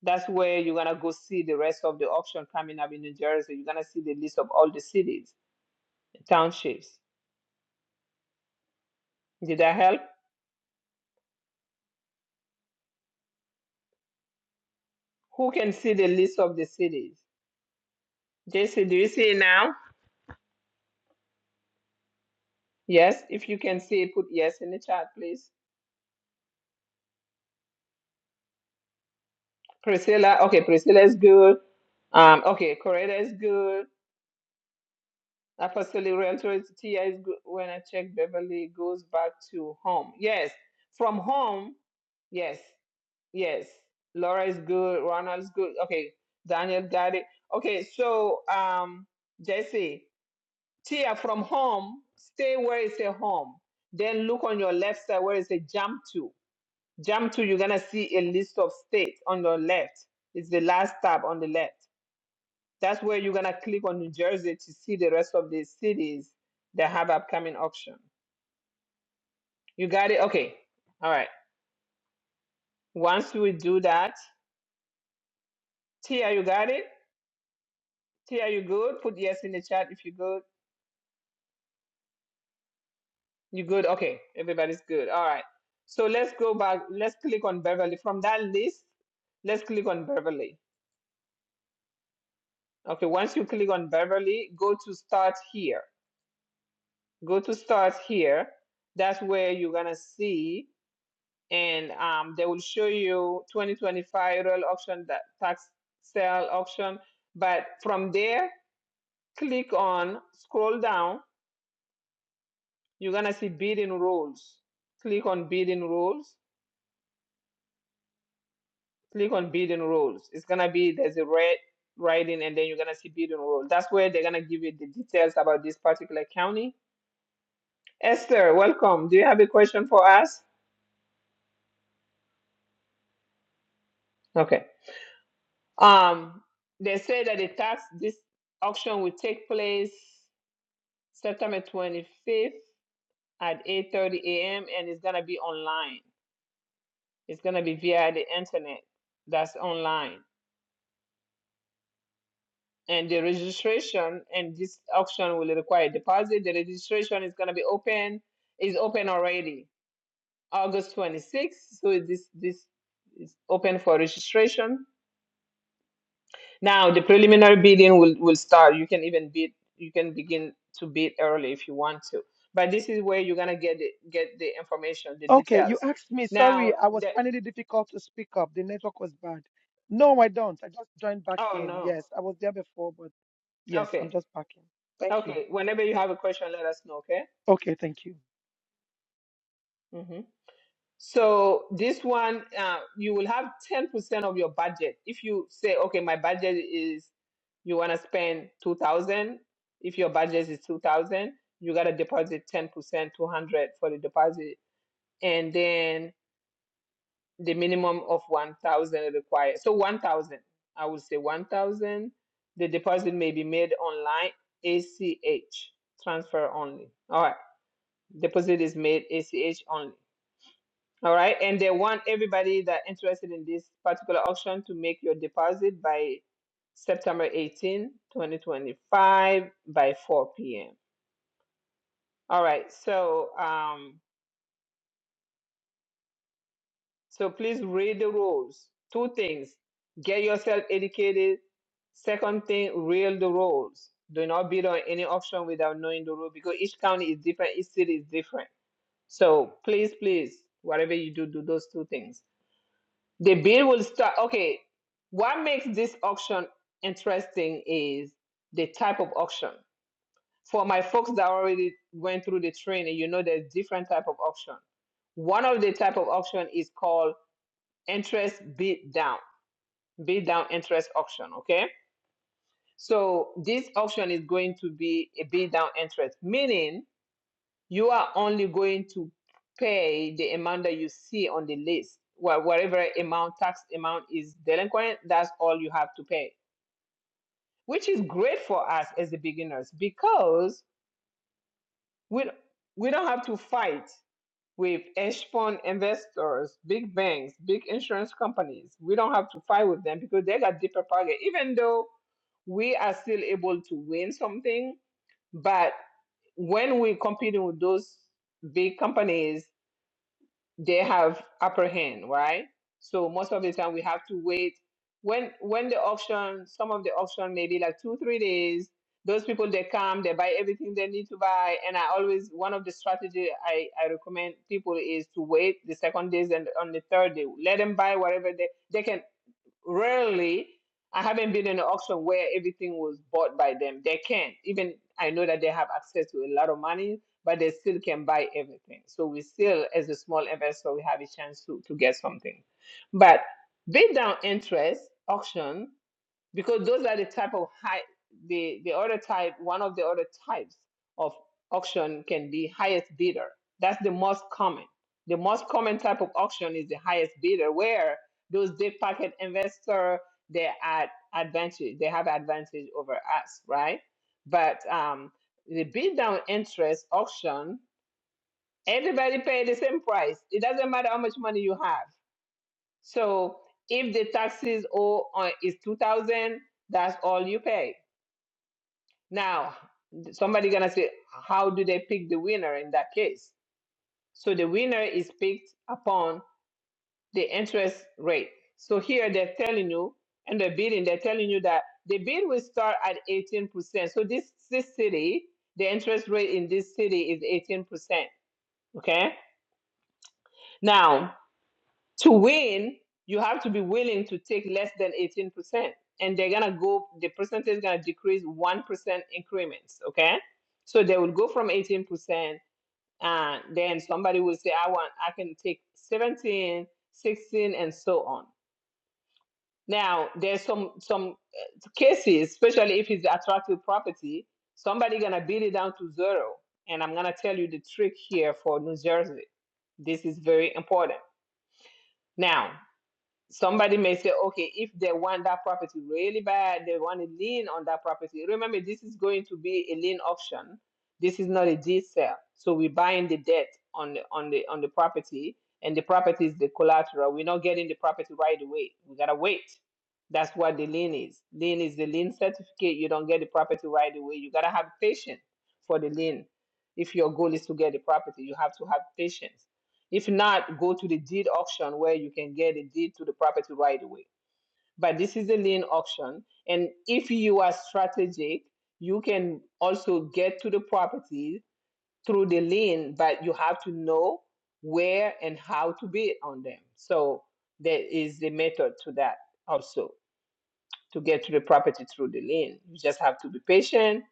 A: That's where you're gonna go see the rest of the auction coming up in New Jersey. You're gonna see the list of all the cities, townships. Did that help? Who can see the list of the cities? JC, do you see it now? Yes, if you can see it, put yes in the chat, please. Priscilla, okay, Priscilla is good. Um, okay, Coretta is good. Apostolic Realtor is Tia is good. When I check Beverly, it goes back to home. Yes, from home, yes. Yes, Laura is good. Ronald's good. Okay, Daniel got it. Okay, so um, Jesse, Tia from home, stay where it's a home. Then look on your left side where it's a jump to. Jump to, you're gonna see a list of states on your left. It's the last tab on the left. That's where you're gonna click on New Jersey to see the rest of the cities that have upcoming auction. You got it? Okay. All right. Once we do that, Tia, you got it? T, you good? Put yes in the chat if you're good. You good? Okay, everybody's good. All right. So let's go back. Let's click on Beverly. From that list, let's click on Beverly. Okay, once you click on Beverly, go to start here. Go to start here. That's where you're gonna see, and um, they will show you 2025 real auction, that tax sale auction. But from there, click on scroll down. You're gonna see bidding rules. Click on bidding rules click on building rules. It's gonna be there's a red writing, and then you're gonna see building rules. That's where they're gonna give you the details about this particular county. Esther, welcome. Do you have a question for us? Okay. Um, they say that the tax this auction will take place September 25th at 8:30 a.m. and it's gonna be online. It's gonna be via the internet. That's online. and the registration and this auction will require deposit. The registration is going to be open is open already August 26th. So this this is open for registration. Now the preliminary bidding will will start. You can even bid. You can begin to bid early if you want to. But this is where you're going to get the, get the information, the
S: Okay,
A: details.
S: you asked me. Sorry,
A: Now
S: I was
A: the
S: finding it difficult to speak up. The network was bad. No, I don't. I just joined back
A: oh
S: in.
A: no.
S: Yes, I was there before, but yes, I'm
A: Okay.
S: just back in. Thank you.
A: Okay. Whenever you have a question, let us know. Okay.
S: Okay, thank you.
A: Mm-hmm. So this one, uh, you will have 10% of your budget. If you say, okay, my budget is, you want to spend 2000. If your budget is 2000, you got to deposit 10%, 200 for the deposit. And then the minimum of 1000 required. So 1000, I would say 1000. The deposit may be made online, ACH, transfer only. All right. Deposit is made ACH only. All right. And they want everybody that interested in this particular auction to make your deposit by September 18, 2025 by 4 p.m. All right. So, um, so please read the rules. Two things. Get yourself educated. Second thing, read the rules. Do not bid on any auction without knowing the rule because each county is different, each city is different. So please, please, whatever you do, do those two things. The bid will start. Okay, what makes this auction interesting is the type of auction. For my folks that already went through the training, you know there's different type of auction. One of the type of auction is called interest bid down, bid down interest auction. Okay, so this auction is going to be a bid down interest, meaning you are only going to pay the amount that you see on the list. Well, Whatever amount, tax amount is delinquent, that's all you have to pay, which is great for us as the beginners because we, we don't have to fight with hedge fund investors, big banks, big insurance companies. We don't have to fight with them because they got deeper pocket, even though we are still able to win something but when we're competing with those big companies, they have upper hand, right? So most of the time we have to wait. When when the auction, some of the auction maybe like two, three days, those people they come, they buy everything they need to buy. And I always one of the strategy I, I recommend people is to wait the second days and on the third day. Let them buy whatever they they can rarely i haven't been in an auction where everything was bought by them they can't even i know that they have access to a lot of money but they still can buy everything so we still as a small investor we have a chance to, to get something but bid down interest auction because those are the type of high the the other type one of the other types of auction can be highest bidder that's the most common the most common type of auction is the highest bidder where those deep pocket investor they're at advantage they have advantage over us right but um the bid down interest auction everybody pay the same price it doesn't matter how much money you have so if the taxes owe on is two thousand, that's all you pay. Now somebody gonna say, how do they pick the winner in that case? So the winner is picked upon the interest rate. So here they're telling you, and the bidding, they're telling you that the bid will start at eighteen percent. So this this city, the interest rate in this city is eighteen percent. Okay. Now To win, you have to be willing to take less than 18%. And they're going to go, the percentage is going to decrease 1% increments. Okay. So they will go from 18%. And then somebody will say, I want, I can take 17, 16, and so on. Now, there's some, some uh, cases, especially if it's attractive property, somebody going to beat it down to zero. And I'm going to tell you the trick here for New Jersey. This is very important. Now, somebody may say, okay, if they want that property really bad, they want a lien on that property. Remember, this is going to be a lien option. This is not a deed sale. So we're buying the debt on the on the on the property, and the property is the collateral. We're not getting the property right away. We gotta wait. That's what the lien is. Lien is the lien certificate. You don't get the property right away. You gotta have patience for the lien. If your goal is to get the property, you have to have patience if not, go to the deed auction where you can get a deed to the property right away. But this is a lien auction. And if you are strategic, you can also get to the property through the lien, but you have to know where and how to bid on them. So there is a method to that also to get to the property through the lien. You just have to be patient.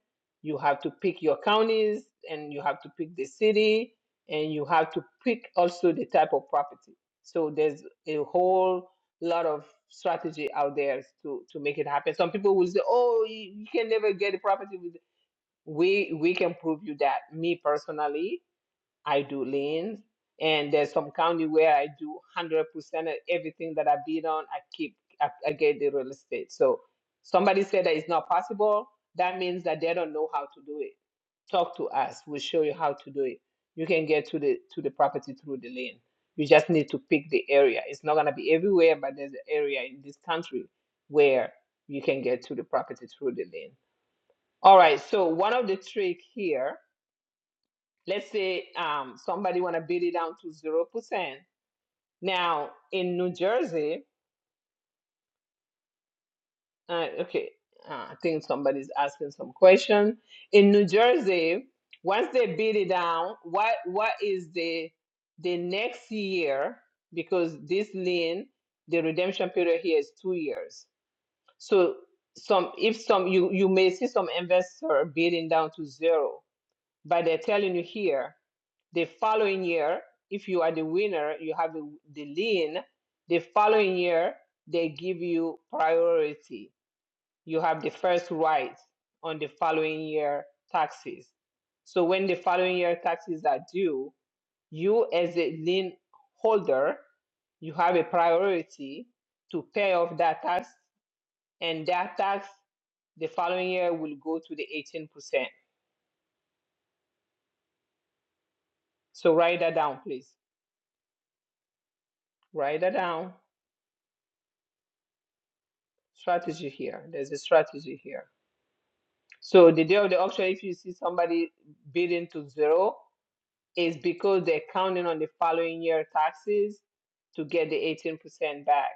A: You have to pick your counties and you have to pick the city and you have to pick also the type of property. So there's a whole lot of strategy out there to, to make it happen. Some people will say, oh, you, you can never get a property. with-" We, we can prove you that. Me personally, I do liens, and there's some county where I do hundred percent of everything that I bid on. I keep I, I get the real estate. So somebody said that it's not possible. That means that they don't know how to do it. Talk to us. We'll show you how to do it. You can get to the to the property through the lien. You just need to pick the area. It's not gonna be everywhere, but there's an area in this country where you can get to the property through the lien. All right. So one of the trick here let's say um, somebody want to beat it down to zero percent. Now in New Jersey, uh, okay, uh, I think somebody's asking some question. In New Jersey, once they beat it down, what what is the the next year? Because this lien, the redemption period here is two years. So some if some you you may see some investor bidding down to zero But they're telling you here the following year, if you are the winner, you have the the lien. The following year, they give you priority. You have the first right on the following year taxes. So when the following year taxes are due, you as a lien holder, you have a priority to pay off that tax, and that tax the following year will go to the 18%. So write that down, please. Write that down strategy here. There's a strategy here. So the day of the auction, if you see somebody bidding to zero, is because they're counting on the following year taxes to get the 18% back.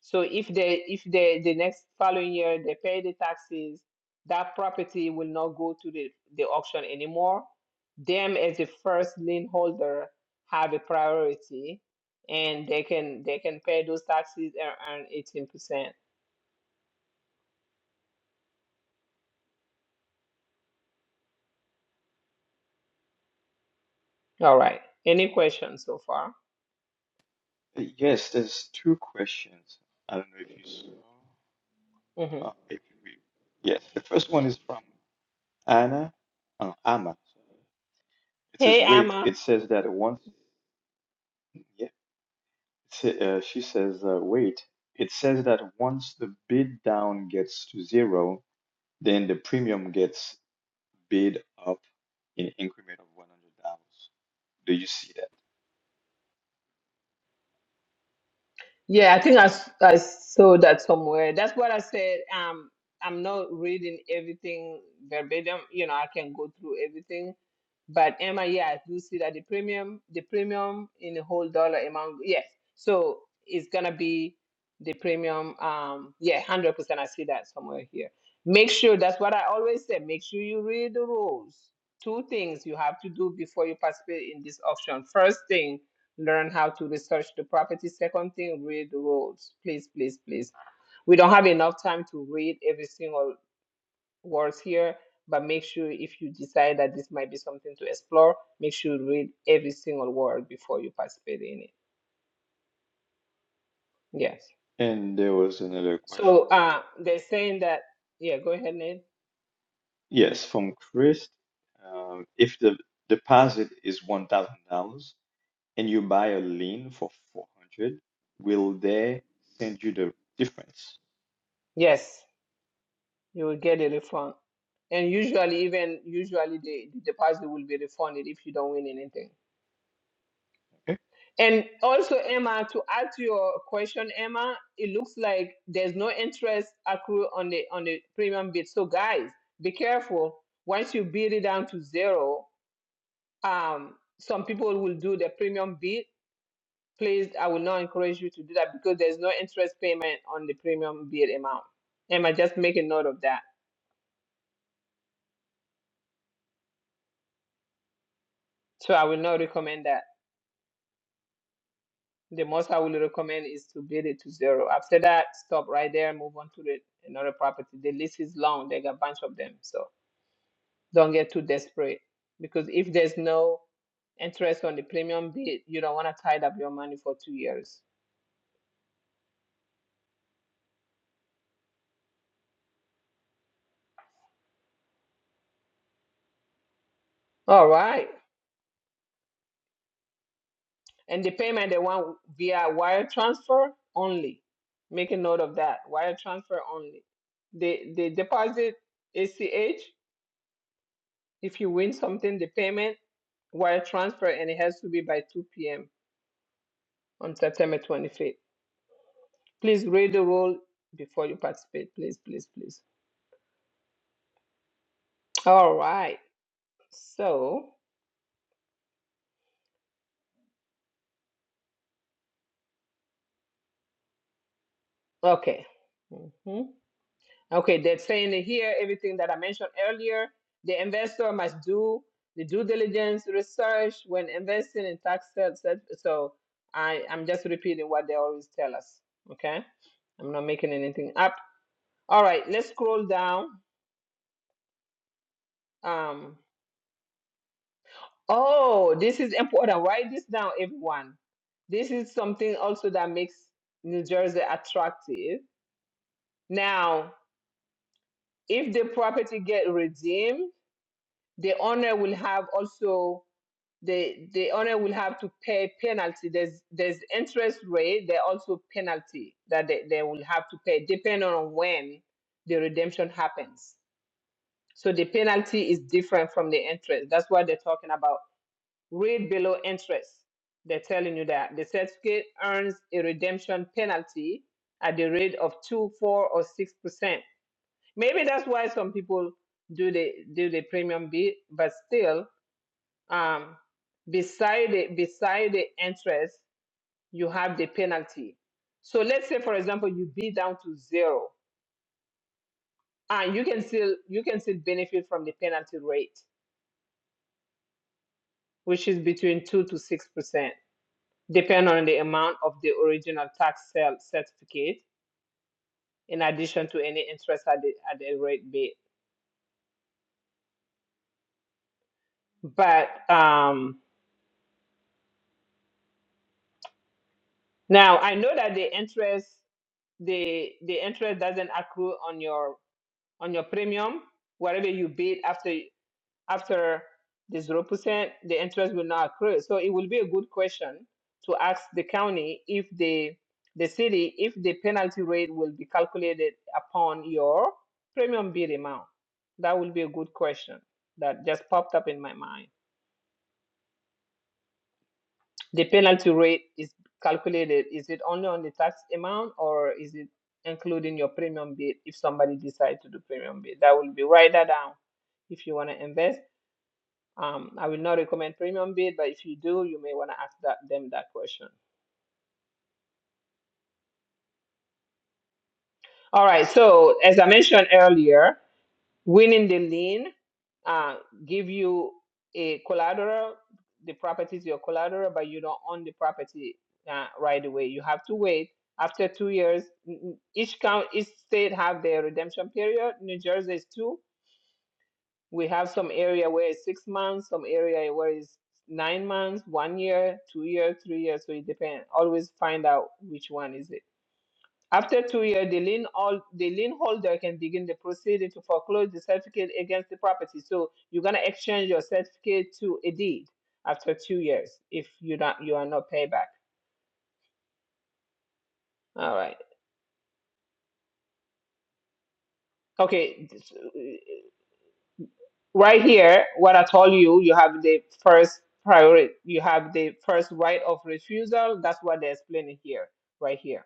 A: So if they if they the next following year they pay the taxes, that property will not go to the, the auction anymore. Them as the first lien holder have a priority and they can they can pay those taxes and earn 18%. All right. Any questions so far?
H: Yes, there's two questions. I don't know if you saw.
A: hmm
H: Uh, if we, yes, the first one is from Anna. Uh, Amma. It says,
A: Hey,
H: wait,
A: Emma.
H: it says that once, yeah, it's, uh, she says, uh, wait, it says that once the bid down gets to zero, Then the premium gets bid up in increment of one hundred dollars. Do you see that?
A: Yeah, I think I, s- I saw that somewhere. That's what I said. Um, I'm not reading everything verbatim. You know, I can go through everything. But Emma, yeah, I do see that the premium, the premium in the whole dollar amount, yes. So it's gonna be the premium. Um, yeah, hundred percent. I see that somewhere here. Make sure that's what I always say. Make sure you read the rules. Two things you have to do before you participate in this auction. First thing, learn how to research the property. Second thing, read the rules. Please, please, please. We don't have enough time to read every single word here, but make sure if you decide that this might be something to explore, make sure you read every single word before you participate in it. Yes.
H: And there was another question.
A: So uh, they're saying that, yeah, go ahead, Nate.
H: Yes, from Chris. Um, if the deposit is one thousand dollars and you buy a lien for four hundred, will they send you the difference?
A: Yes, you will get a refund. And usually, even usually, the, the deposit will be refunded if you don't win anything.
H: Okay.
A: And also, Emma, to add to your question, Emma, it looks like there's no interest accrue on the on the premium bid. So guys, be careful. Once you bid it down to zero, um, some people will do the premium bid. Please, I will not encourage you to do that because there's no interest payment on the premium bid amount. Emma, just make a note of that. So I will not recommend that. The most I will recommend is to bid it to zero. After that, stop right there, move on to the another property. The list is long; they got a bunch of them, so don't get too desperate. Because if there's no interest on the premium bid, you don't want to tie up your money for two years. All right, and the payment they want via wire transfer only. Make a note of that: wire transfer only. The the deposit ACH. If you win something, the payment wire transfer, and it has to be by 2 p.m. on September 25th. Please read the rule before you participate. Please, please, please. All right. So, okay. Mhm. Okay, they're saying it here everything that I mentioned earlier. The investor must do the due diligence research when investing in tax sales. So, I, I'm just repeating what they always tell us. Okay, I'm not making anything up. All right, let's scroll down. Um, Oh, this is important. Write this down, everyone. This is something also that makes New Jersey attractive. Now, if the property get redeemed, the owner will have also the the owner will have to pay penalty. There's there's interest rate. There also penalty that they, they will have to pay depending on when the redemption happens. So the penalty is different from the interest. That's what they're talking about Read below interest. They're telling you that the certificate earns a redemption penalty at the rate of two, four, or six percent. Maybe that's why some people do the do the premium bid, but still, um, beside the beside the interest, you have the penalty. So let's say, for example, you bid down to zero, and you can still you can still benefit from the penalty rate, which is between two to six percent. depend on the amount of the original tax sale certificate in addition to any interest at the, at the rate bid. But um, now I know that the interest the the interest doesn't accrue on your on your premium whatever you bid after after the 0%, the interest will not accrue. So it will be a good question to ask the county if the the city if the penalty rate will be calculated upon your premium bid amount. That will be a good question that just popped up in my mind. The penalty rate is calculated. Is it only on the tax amount or is it including your premium bid if somebody decides to do premium bid? That will be write that down if you want to invest Um, I will not recommend premium bid, but if you do, you may want to ask that, them that question. All right. So as I mentioned earlier, winning the lien uh, give you a collateral. The property is your collateral, but you don't own the property uh, right away. You have to wait. After two years, n- n- each count, each state have their redemption period. New Jersey is two. we have some area where it's six months, some area where it's nine months, one year, two year, three years. So it depends. Always find out which one is it. After two years, the lien all the lien holder can begin the proceeding to foreclose the certificate against the property. So you're gonna exchange your certificate to a deed after two years if you not you are not paid back. All right. Okay. right here what i told you you have the first priority you have the first right of refusal that's what they're explaining here right here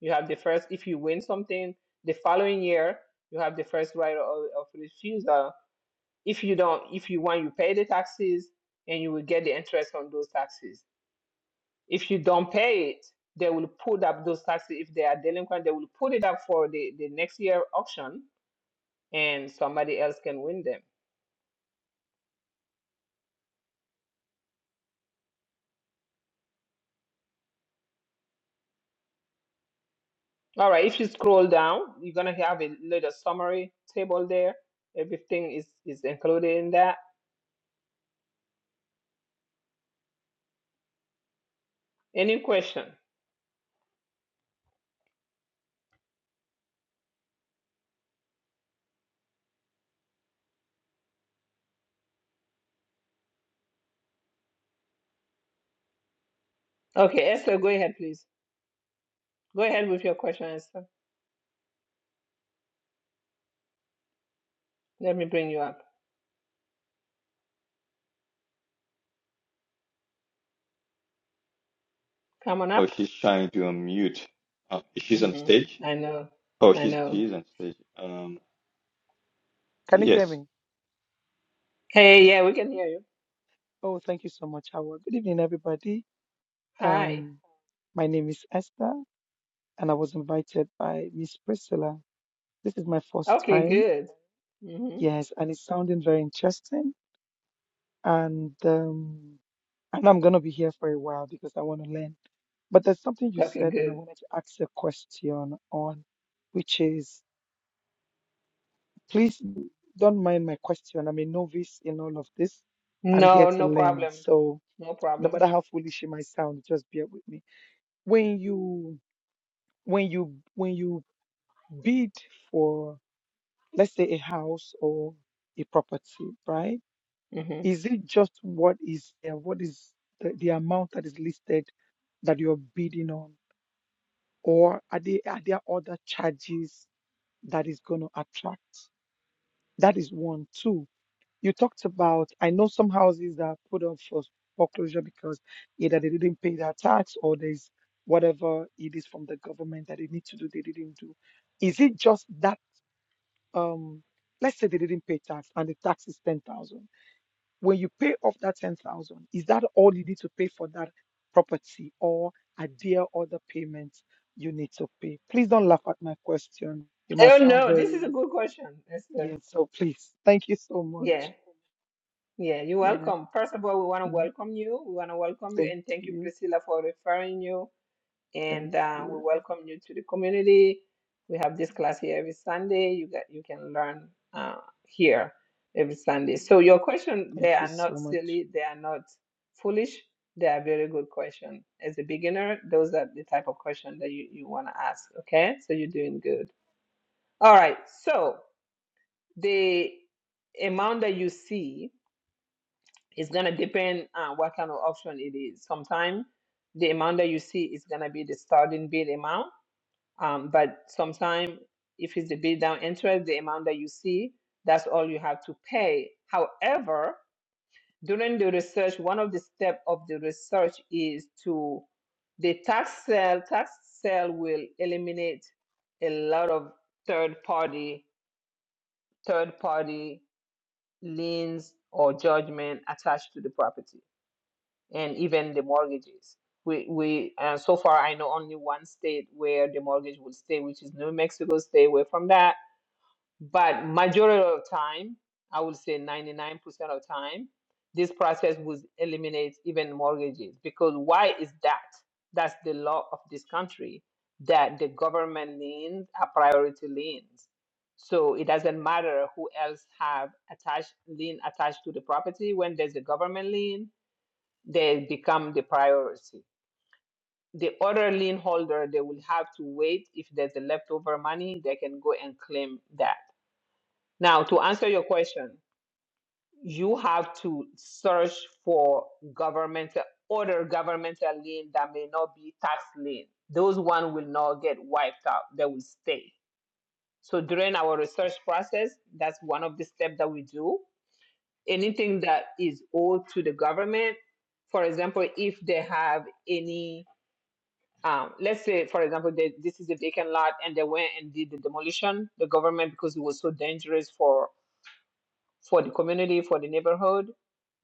A: you have the first if you win something the following year you have the first right of, of refusal if you don't if you want you pay the taxes and you will get the interest on those taxes if you don't pay it they will put up those taxes if they are delinquent they will put it up for the, the next year auction and somebody else can win them All right, if you scroll down, you're gonna have a little summary table there. Everything is, is included in that. Any question? Okay, Esther, go ahead, please. Go ahead with your question, Esther. Let me bring you up. Come on
H: Oh,
A: up.
H: she's trying to unmute. Uh, she's on
A: hmm
H: stage.
A: I know.
H: Oh,
A: I
H: she's
A: know.
H: she's on stage. Um,
S: Can you hear
H: yes.
S: me?
A: Hey, yeah, we can hear you.
S: Oh, thank you so much, Howard. Good evening, everybody.
A: Hi.
S: Um, my name is Esther, and I was invited by Miss Priscilla. This is my first
A: Okay,
S: time.
A: good. hmm
S: Yes, and it's sounding very interesting. And um, and I'm gonna be here for a while because I want to learn. But there's something you
A: Okay,
S: said, and I
A: good.
S: wanted to ask a question on, which is please don't mind my question. I'm a novice in all of this. I'm here
A: No,
S: to
A: no
S: learn.
A: problem.
S: So
A: No
S: no
A: problem.
S: matter how foolish it might sound, just bear with me. When you when you when you bid for let's say a house or a property, right?
A: hmm
S: Is it just what is there, what is the, the amount that is listed that you're bidding on? Or are there are there other charges that is going to attract. That is one. Two, you talked about, I know some houses that are put up for foreclosure because either they didn't pay their tax or there's whatever it is from the government that they need to do, they didn't do. Is it just that, um, let's say they didn't pay tax and the tax is 10,000. When you pay off that 10,000, is that all you need to pay for that property or are there other payments you need to pay? Please don't laugh at my question. It
A: Oh,
S: must sound
A: no, this is
S: very
A: a good question,
S: yeah,
A: Esther.
S: so please, thank you so much.
A: Yeah. Yeah, you're
S: Yeah,
A: welcome. First of all, we want to
S: mm,
A: welcome you. We want to welcome you
S: thank
A: and thank you,
S: you,
A: Priscilla, for referring you.
S: thank
A: And uh, we
S: you,
A: welcome you to the community. We have this class here every Sunday. You got you can learn uh, here every Sunday. So your question,
S: thank
A: they
S: you
A: are not
S: so much.
A: silly. They are not foolish. They are very good question. As a beginner, those are the type of question that you, you want to ask. Okay, so you're doing good. All right. So the amount that you see it's gonna depend on what kind of option it is. Sometimes the amount that you see is gonna be the starting bid amount, um, but sometimes if it's the bid down interest, the amount that you see, that's all you have to pay. However, during the research, one of the steps of the research is to the tax sale. Tax sale will eliminate a lot of third party third party liens or judgment attached to the property and even the mortgages. We we and so far I know only one state where the mortgage would stay, which is New Mexico. Stay away from that. But majority of time, I would say 99% of time, this process would eliminate even mortgages because why is that? That's the law of this country that the government liens are priority liens. So it doesn't matter who else have attached lien attached to the property when there's a government lien they become the priority. The other lien holder, they will have to wait. If there's a leftover money, they can go and claim that. Now, to answer your question, you have to search for governmental other governmental lien that may not be tax lien. Those one will not get wiped out. They will stay. So during our research process, that's one of the steps that we do. Anything that is owed to the government, for example, if they have any Um, let's say, for example, that this is a vacant lot and they went and did the demolition. The government, because it was so dangerous for for the community, for the neighborhood,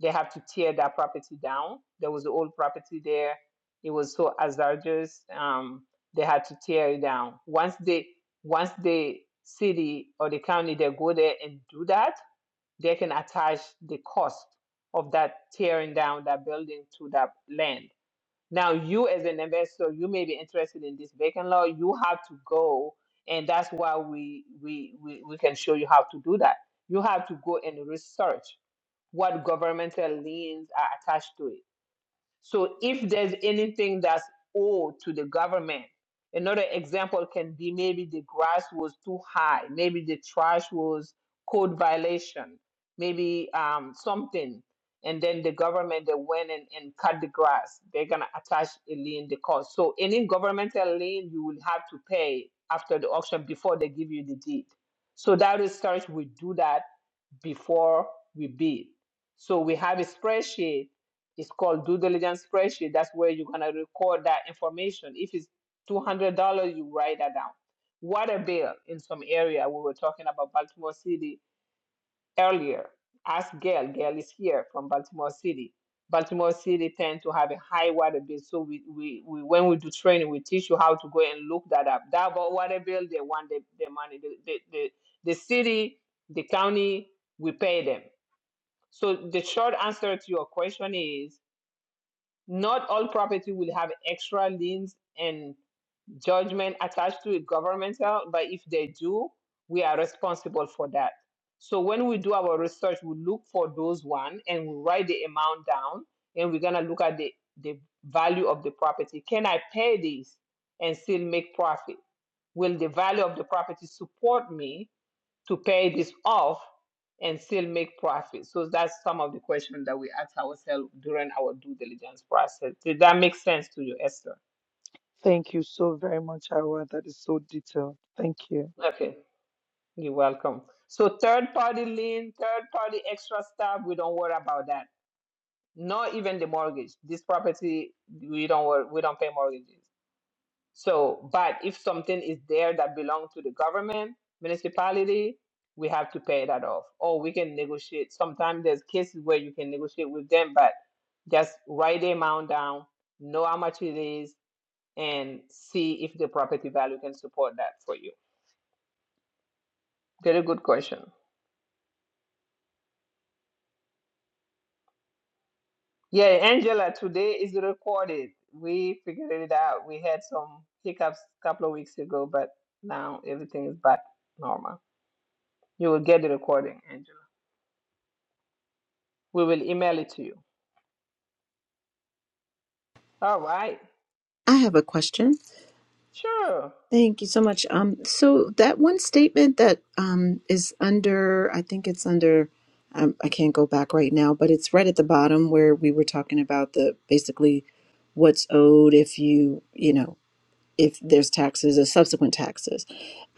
A: they have to tear that property down. There was an old property there. It was so hazardous. Um, they had to tear it down. Once they once the city or the county they go there and do that, they can attach the cost of that tearing down that building to that land now, you as an investor, you may be interested in this vacant lot. You have to go, and that's why we we we, we can show you how to do that. You have to go and research what governmental liens are attached to it so if there's anything that's owed to the government, another example can be maybe the grass was too high, maybe the trash was code violation, maybe um, something, and then the government they went and, and cut the grass. They're gonna attach a lien the cost. So any governmental lien you will have to pay after the auction before they give you the deed. So that research we do that before we bid. So we have a spreadsheet it's called due diligence spreadsheet. That's where you're gonna record that information. If it's two hundred dollars, you write that down. Water bill in some area. We were talking about Baltimore City earlier. Ask Gail. Gail is here from Baltimore City. Baltimore City tend to have a high water bill, so we, we, we when we do training, we teach you how to go and look that up. That about water bill, they want the, the money. The, the, the, the city, the county, we pay them. So the short answer to your question is not all property will have extra liens and judgment attached to it governmental, but if they do, we are responsible for that. So when we do our research, we look for those one and we write the amount down and we're gonna look at the, the value of the property. Can I pay this and still make profit? Will the value of the property support me to pay this off and still make profit? So that's some of the questions that we ask ourselves during our due diligence process. Did that make sense to you, Esther?
S: Thank you so very much, Howard. That is so detailed. Thank you.
A: Okay, you're welcome. So third party lien, third party extra stuff, we don't worry about that. Not even the mortgage. This property, we don't worry, we don't pay mortgages. So, but if something is there that belongs to the government, municipality, we have to pay that off. Or we can negotiate. Sometimes there's cases where you can negotiate with them, but just write the amount down, know how much it is, and see if the property value can support that for you. Very good question. Yeah, Angela, today is recorded. We figured it out. We had some hiccups a couple of weeks ago, but now everything is back normal. You will get the recording, We will email it to you. All right.
R: I have a question.
A: Sure.
R: Thank you so much. Um, so that one statement that um, is under, I think it's under, um, I can't go back right now, but it's right at the bottom where we were talking about the basically what's owed if you, you know, if there's taxes or subsequent taxes.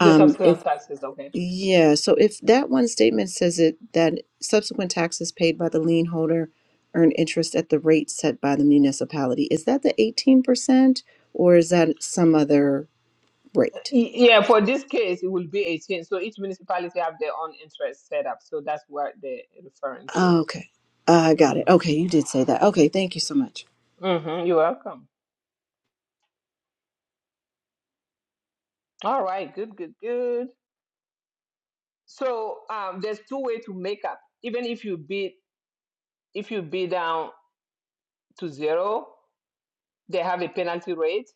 A: The subsequent
R: if
A: taxes, okay.
R: yeah, so if that one statement says it that subsequent taxes paid by the lien holder earn interest at the rate set by the municipality, is that the eighteen percent or is that some other rate?
A: Y- Yeah, for this case, it will be 18. So each municipality have their own interest set up. So that's what they're referring
R: Oh,
A: to.
R: Okay. I got it. Okay,
A: Mm-hmm.
R: you did say that. Okay, thank you so much.
A: Mm-hmm. You're welcome. All right. Good, good, good. So um, there's two way to make up. Even if you bid, if you bid down to zero, they have a penalty rate.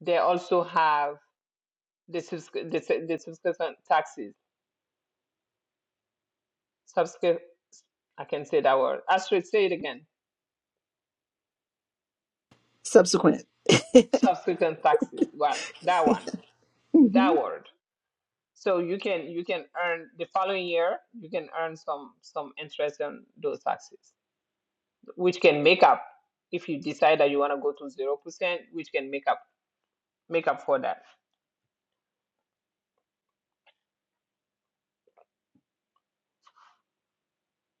A: They also have the subs- the, the subscription taxes. Subsequent, I can say that word. I say it again.
R: Subsequent.
A: Subsequent taxes. What that one?
R: Mhm.
A: That word. So you can you can earn the following year. You can earn some some interest on those taxes, which can make up if you decide that you want to go to zero percent, which can make up make up for that.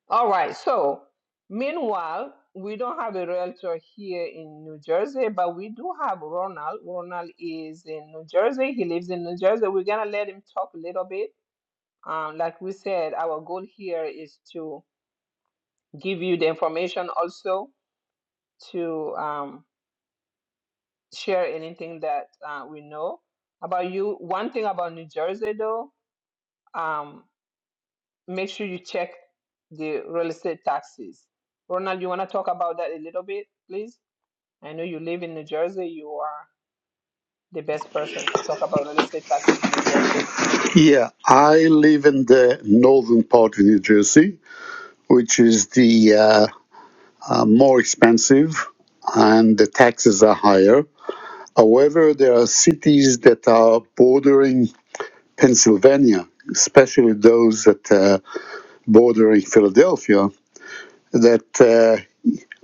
A: All right. So meanwhile, we don't have a realtor here in New Jersey, but we do have Ronald. Ronald is in New Jersey. He lives in New Jersey. We're gonna let him talk a little bit Um, like we said, our goal here is to give you the information also to um, share anything that uh, we know about you. One thing about New Jersey, though, um, make sure you check the real estate taxes. Ronald, you want to talk about that a little bit, please? I know you live in New Jersey. You are the best person to talk about real estate taxes in New Jersey.
M: Yeah, I live in the northern part of New Jersey, which is the uh, uh, more expensive and the taxes are higher. However, there are cities that are bordering Pennsylvania, especially those that uh, bordering Philadelphia, that uh,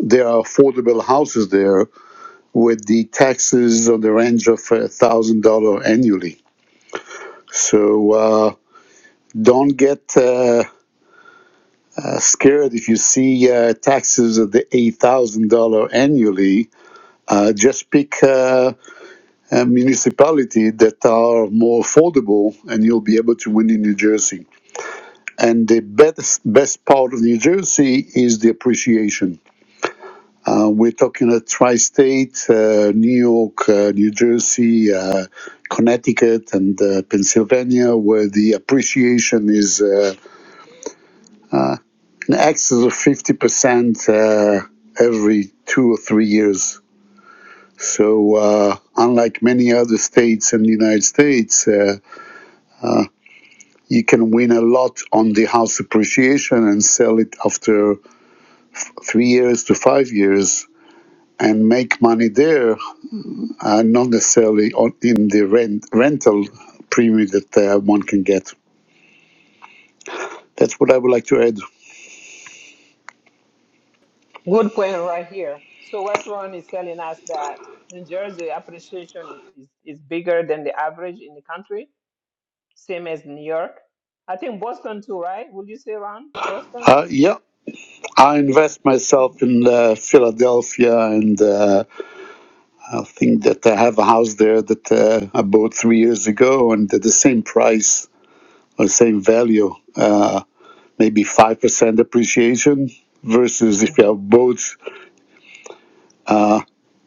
M: there are affordable houses there with the taxes on the range of one thousand dollar annually. So uh, don't get uh, uh, scared if you see uh, taxes of the eight thousand dollar annually. Uh, just pick uh, a municipality that are more affordable, and you'll be able to win in New Jersey. And the best best part of New Jersey is the appreciation Uh, we're talking a tri-state, uh, New York, uh, New Jersey, uh, Connecticut, and uh, Pennsylvania, where the appreciation is uh, in excess of 50% uh, every two or three years. So, uh, unlike many other states in the United States, uh, you can win a lot on the house appreciation and sell it after three years to five years and make money there uh, not necessarily on, in the rent, rental premium that uh, one can get. That's what I would like to add.
A: Good point right here. So what Ron is telling us that New Jersey appreciation is, is bigger than the average in the country, same as New York. I think Boston too, right? Would you say, Ron? Boston?
M: Uh, yeah, I invest myself
A: hmm
M: in uh, Philadelphia, and uh, I think that I have a house there that uh, I bought three years ago, and at the same price or same value, uh, maybe five percent appreciation. Versus if you
A: hmm
M: have both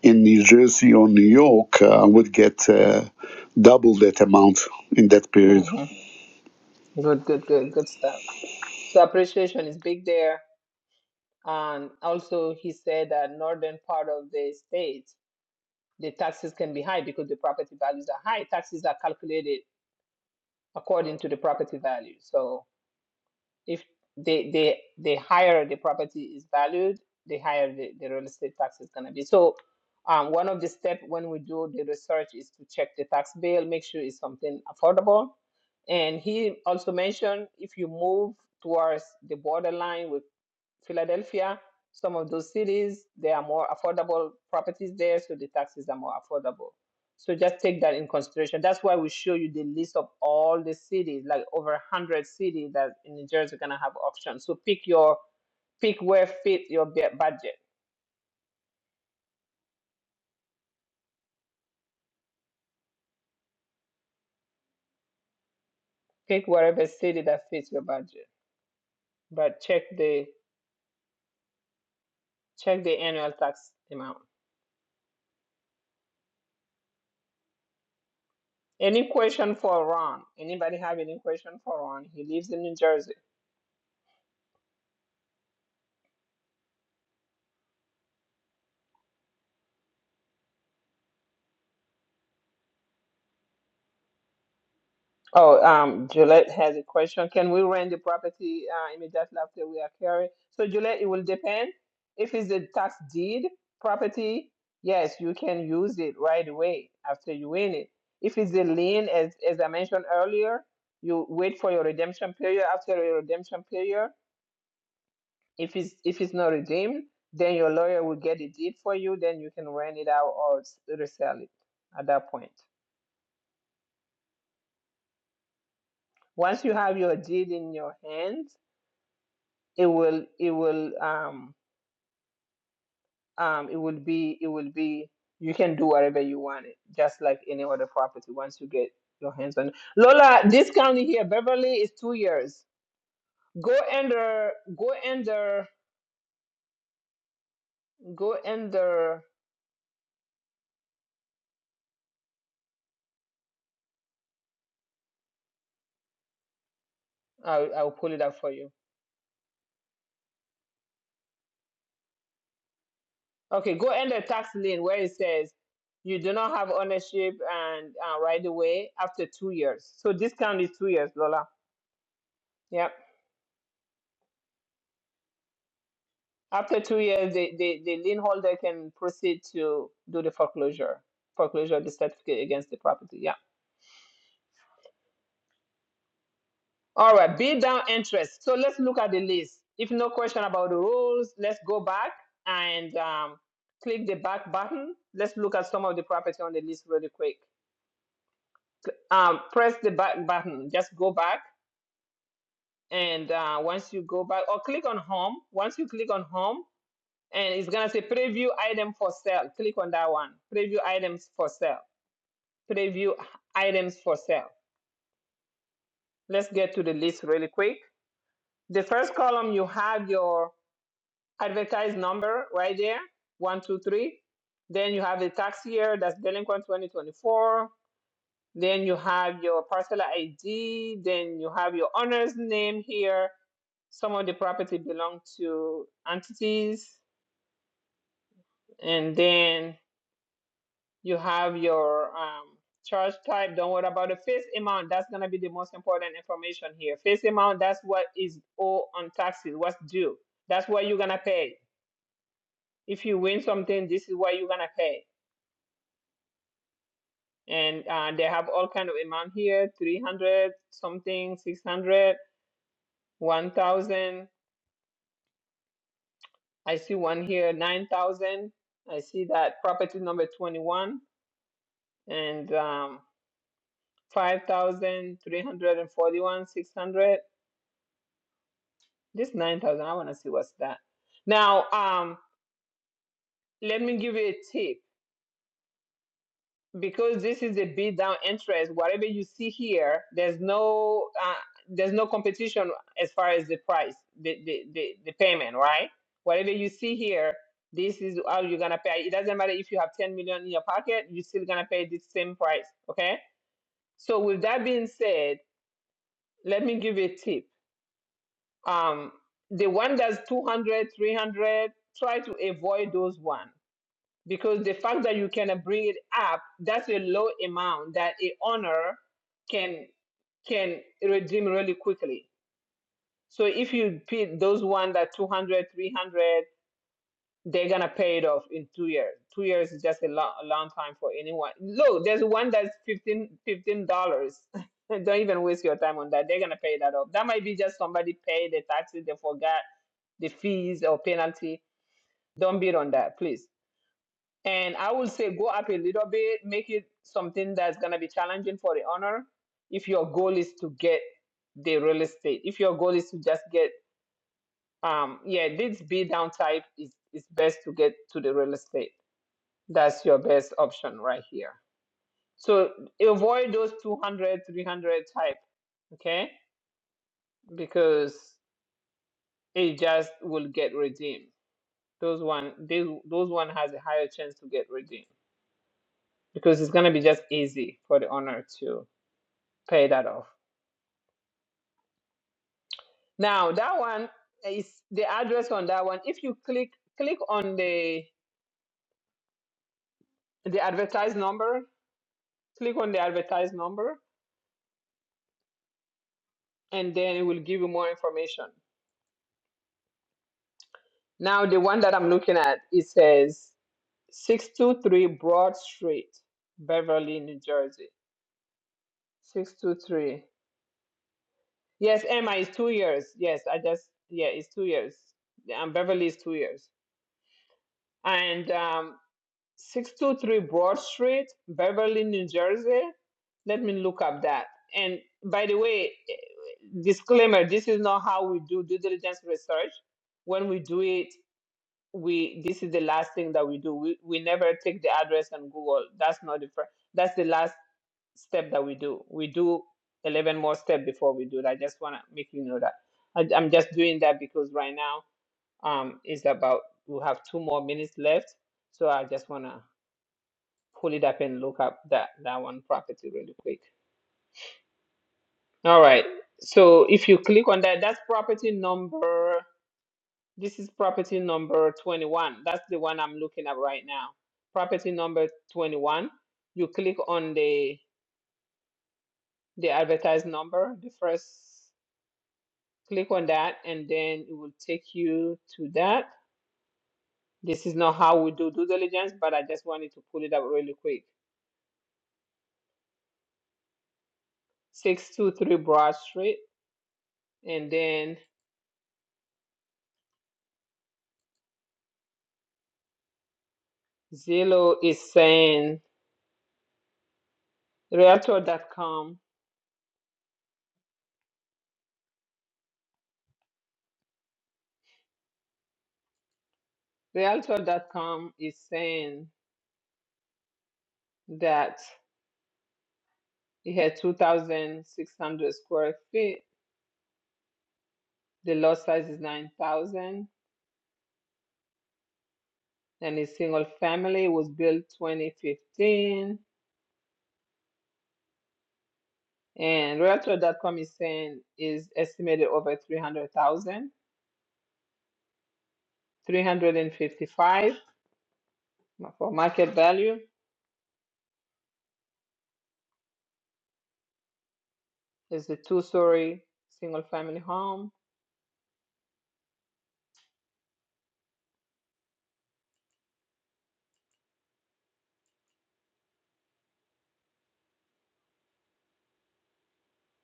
M: in New Jersey or New York, uh, I would get uh, double that amount in that period.
A: hmm Good, good, good, good stuff. So appreciation is big there. And also he said that northern part of the state, the taxes can be high because the property values are high. Taxes are calculated according to the property value. So. if they they the higher the property is valued, the higher the, the real estate tax is gonna be. So um, one of the steps when we do the research is to check the tax bill, make sure it's something affordable. And he also mentioned if you move towards the borderline with Philadelphia, some of those cities, there are more affordable properties there, so the taxes are more affordable. So just take that in consideration. That's why we show you the list of all the cities, like over 100 cities that in New Jersey are going to have auctions. So pick your pick where fit your bu- budget. Pick whatever city that fits your budget. But check the check the annual tax amount. Any question for Ron? Anybody have any question for Ron? He lives in New Jersey. Oh, um, Juliet has a question. Can we rent the property uh, immediately after we acquire it? So, Juliet, it will depend. If it's a tax deed property, yes, you can use it right away after you win it. If it's a lien, as as I mentioned earlier, you wait for your redemption period. After your redemption period, if it's if it's not redeemed, then your lawyer will get the deed for you. Then you can rent it out or s- resell it at that point. Once you have your deed in your hands it will it will um um it will be it will be you can do whatever you want it just like any other property once you get your hands on it. Lola, this county here, Beverly is two years. Go under go under go under I'll I'll pull it up for you. Okay, go under tax lien where it says you do not have ownership and uh, right away after two years. So this county is two years, Lola. Yep. After two years, the, the, the lien holder can proceed to do the foreclosure, foreclosure of the certificate against the property. Yeah. All right. Bid down interest. So let's look at the list. If no question about the rules, let's go back and um, click the back button. Let's look at some of the property on the list really quick. Um, press the back button. Just go back. And uh, once you go back, or click on home. Once you click on home, and it's gonna say preview item for sale. Click on that one. Preview items for sale. preview items for sale. Let's get to the list really quick. The first column, you have your advertised number right there, one, two, three. Then you have the tax year, that's delinquent 2024. Then you have your parcel ID. Then you have your owner's name here. Some of the property belong to entities. And then You have your um, charge type. Don't worry about the face amount. That's going to be the most important information here. Face amount, that's what is owed on taxes, what's due. That's what you're going to pay. If you win something, this is what you're going to pay. And uh, they have all kind of amount here, 300 something, 600, 1,000. I see one here, 9,000. I see that property number 21 and um, 5,341, 600. This 9,000, I want to see what's that. Now, um, let me give you a tip. Because this is a bid down interest, whatever you see here, there's no uh, there's no competition as far as the price, the, the, the, the payment, right? Whatever you see here, this is how you're gonna pay. It doesn't matter if you have 10 million in your pocket, you're still gonna pay the same price, okay? So with that being said, let me give you a tip. Um, the one that's 200, 300. try to avoid those one because the fact that you can bring it up that's a low amount that a owner can can redeem really quickly so if you pay those one that two hundred, three hundred, they're gonna pay it off in two years two years is just a long, a long time for anyone look there's one that's 15 dollars don't even waste your time on that they're gonna pay that off that might be just somebody paid the taxes they forgot the fees or penalty don't bid on that please And I will say go up a little bit, make it something that's going to be challenging for the owner if your goal is to get the real estate. If your goal is to just get, um, yeah, this B down type is, is best to get to the real estate. That's your best option right here. So avoid those 200, 300 type, okay? Because it just will get redeemed. Those one, they, those one has a higher chance to get redeemed because it's gonna be just easy for the owner to pay that off. Now that one is the address on that one. If you click click on the the advertised number, click on the advertised number, and then it will give you more information. Now the one that I'm looking at it says six two three Broad Street, Beverly, New Jersey. Six two three. Yes, Emma is two years. Yes, I just yeah, it's two years. Yeah, And Beverly is two years. And um, 623 Broad Street, Beverly, New Jersey. Let me look up that. And by the way, eh, disclaimer, this is not how we do due diligence research. When we do it, we this is the last thing that we do. We, we never take the address and Google. That's not the first, that's the last step that we do. We do 11 more steps before we do that. I just want to make you know that. I, I'm just doing that because right now um, it's about, we have two more minutes left. So I just want to pull it up and look up that that one property really quick. All right. So if you click on that, that's property number. This is property number 21. That's the one I'm looking at right now. Property number 21. You click on the the advertised number, the first click on that, and then it will take you to that. This is not how we do due diligence, but I just wanted to pull it up really quick. 623 Broad Street, and then Zillow is saying Realtor.com. Realtor.com is saying that it had 2,600 square feet. The lot size is 9,000 and it's single family It was built 2015. And Realtor.com is saying is estimated over 300,000, 355 for market value. It's a two-story single family home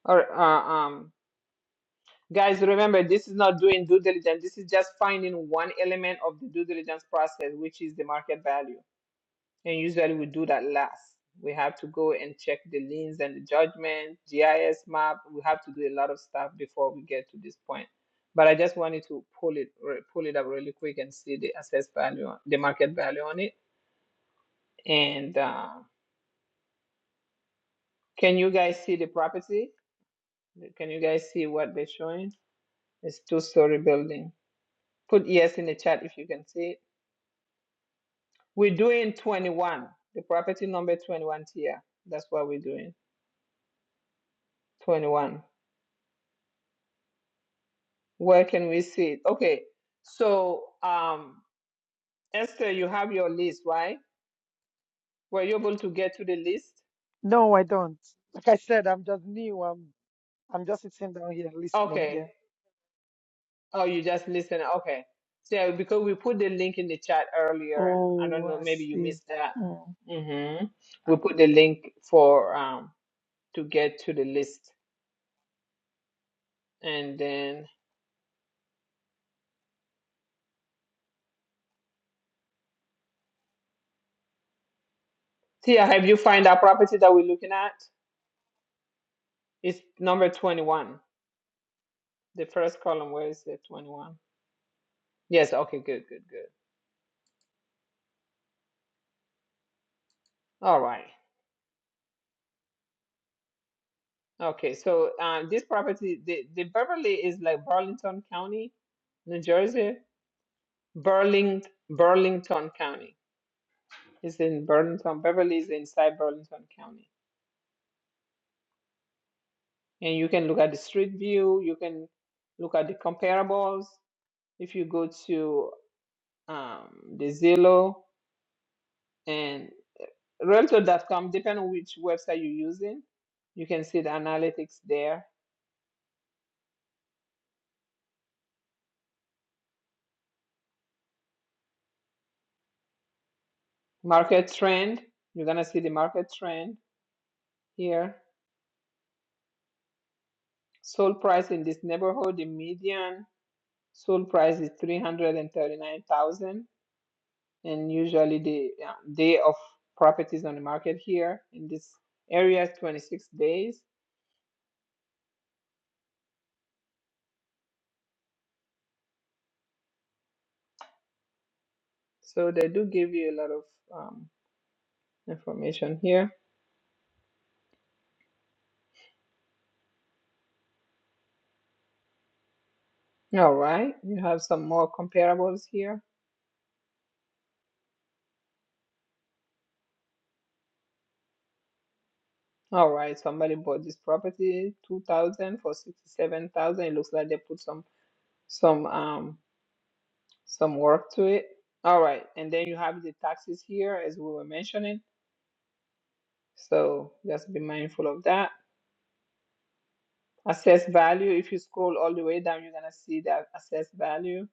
A: or uh, um Guys, remember, this is not doing due diligence. This is just finding one element of the due diligence process, which is the market value. And usually we do that last. We have to go and check the liens and the judgment, GIS map. We have to do a lot of stuff before we get to this point. But I just wanted to pull it re- pull it up really quick and see the assessed value, on- the market value on it. And uh, can you guys see the property? Can you guys see what they're showing? It's two story building. Put yes in the chat if you can see it. We're doing 21, the property number 21 here. That's what we're doing. 21. Where can we see it? Okay. So, um, Esther, you have your list, right? Were you able to get to the list?
S: No, I don't. Like I said, I'm just new. I'm I'm just sitting down here listening.
A: Okay.
S: Yeah.
A: Oh, you just listen. Okay. So, because we put the link in the chat earlier, I don't
S: Oh,
A: know,
S: I
A: maybe you
S: see.
A: missed that.
S: Mm,
A: Mm-hmm. We put the link for um to get to the list. And then, Tia, have you find that property that we're looking at? It's number 21. The first column, where is the 21? Yes, okay, good, good, good. All right. Okay, so um, this property, the, the Beverly is like Burlington County, New Jersey. Burling, Burlington County. It's in Burlington. Beverly is inside Burlington County. And you can look at the street view. You can look at the comparables. If you go to um, the Zillow and Realtor dot com, depending on which website you're using, you can see the analytics there Market trend, you're gonna see the market trend here. Sold price in this neighborhood, the median sold price is 339,000 and usually the uh, day of properties on the market here in this area is 26 days. So they do give you a lot of um, information here. All right, you have some more comparables here. All right, somebody bought this property 2000 for 67,000. It looks like they put some some um some work to it. All right, and then you have the taxes here as we were mentioning. So just be mindful of that. Assess value. If you scroll all the way down, you're gonna see that assess value.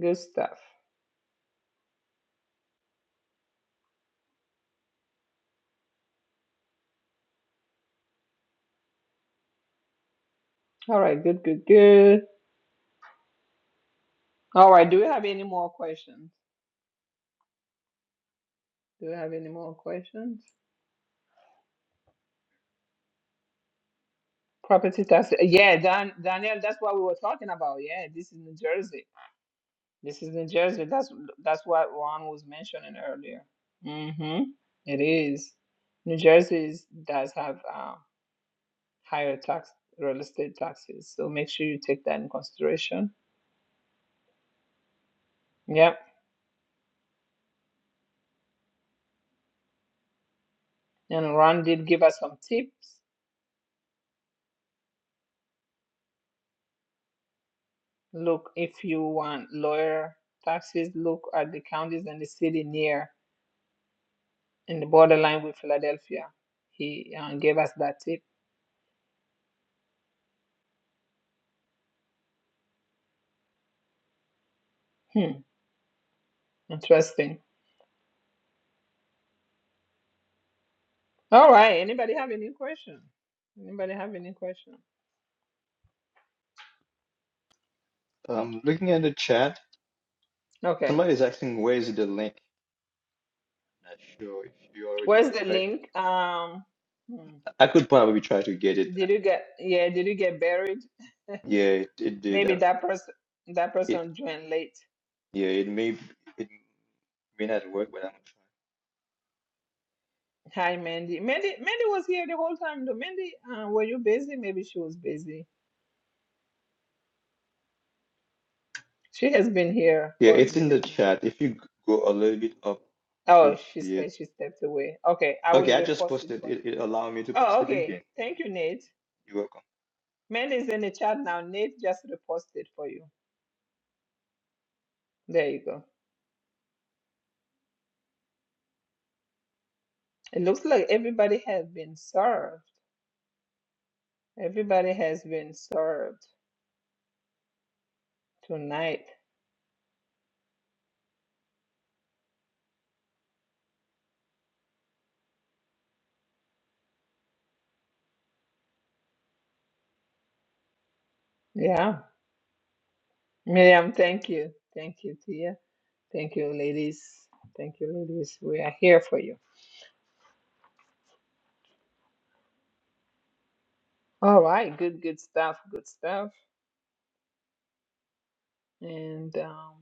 A: Good stuff. All right, good, good, good. All right, do we have any more questions? Do we have any more questions? Property tax. Yeah, Dan, Daniel, that's what we were talking about. Yeah, this is New Jersey. This is New Jersey. That's that's what Ron was mentioning earlier. Mm-hmm. It is. New Jersey is, does have uh, higher tax real estate taxes, so make sure you take that in consideration. Yep. And Ron did give us some tips. Look, if you want lawyer taxes, look at the counties and the city near in the borderline with Philadelphia. He uh, gave us that tip. Hmm. Interesting. All right. Anybody have any question? Anybody have any question?
H: Um, looking at the chat,
A: Okay.
H: somebody's asking where is the link. Not sure if you already
A: Where's the
H: provide.
A: link? Um, hmm.
H: I could probably try to get it.
A: did you get, yeah, did you get buried?
H: Yeah, it, it did.
A: Maybe
H: uh,
A: that person, that
H: It
A: person joined late.
H: yeah, it may it may not work, but I'm gonna try.
A: Hi, Mandy. Mandy, Mandy was here the whole time though. Mandy, uh, were you busy? Maybe she was busy. She has been here
H: Yeah,
A: for a
H: it's in
A: minute
H: the
A: now.
H: chat. If you go a little bit up, you'll
A: Oh, she
H: see it.
A: said she stepped away. Okay, I will
H: Okay, I just
A: repost it
H: posted
A: for you.
H: it. It allowed me to post
A: Oh,
H: it
A: okay.
H: again.
A: Thank you, Nate.
H: You are
A: Mandy is in the chat now. Nate just reposted for you. There you go. It looks like everybody has been served. Everybody has been served tonight. Yeah. Miriam, thank you. Thank you, Tia. Thank you, ladies. Thank you, ladies. We are here for you. All right. Good, good stuff. Good stuff. And um,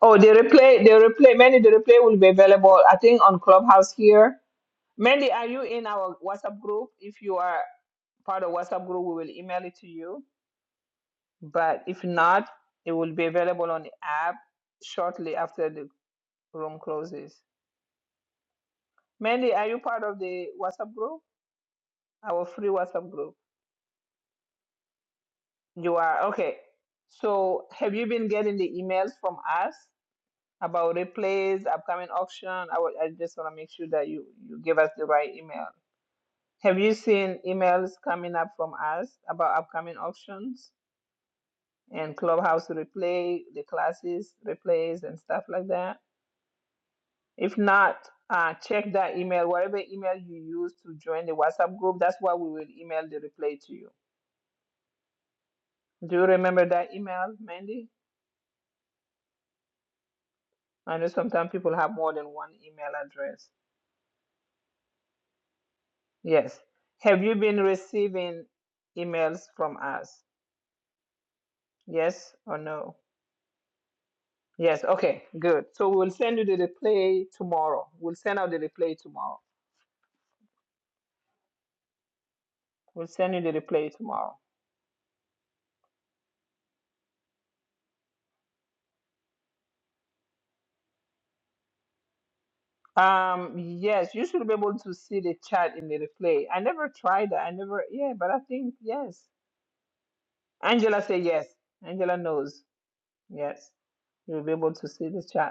A: oh, the replay, the replay, Mandy, the replay will be available, I think, on Clubhouse here. Mandy, are you in our WhatsApp group? If you are part of WhatsApp group, we will email it to you. But if not, it will be available on the app shortly after the room closes. Mandy, are you part of the WhatsApp group? Our free WhatsApp group. You are okay. So have you been getting the emails from us about replays, upcoming auction? I, wa- I just want to make sure that you you give us the right email. Have you seen emails coming up from us about upcoming auctions and clubhouse replay, the classes replays and stuff like that? If not, uh, check that email, whatever email you use to join the WhatsApp group. That's why we will email the replay to you Do you remember that email, Mandy? I know sometimes people have more than one email address. Yes. Have you been receiving emails from us? Yes or no? Yes. Okay, good. So we'll send you the replay tomorrow. We'll send out the replay tomorrow. We'll send you the replay tomorrow. Um, yes, you should be able to see the chat in the replay. I never tried that. I never, yeah, but I think yes. Angela say yes. Angela knows. Yes. You'll be able to see the chat.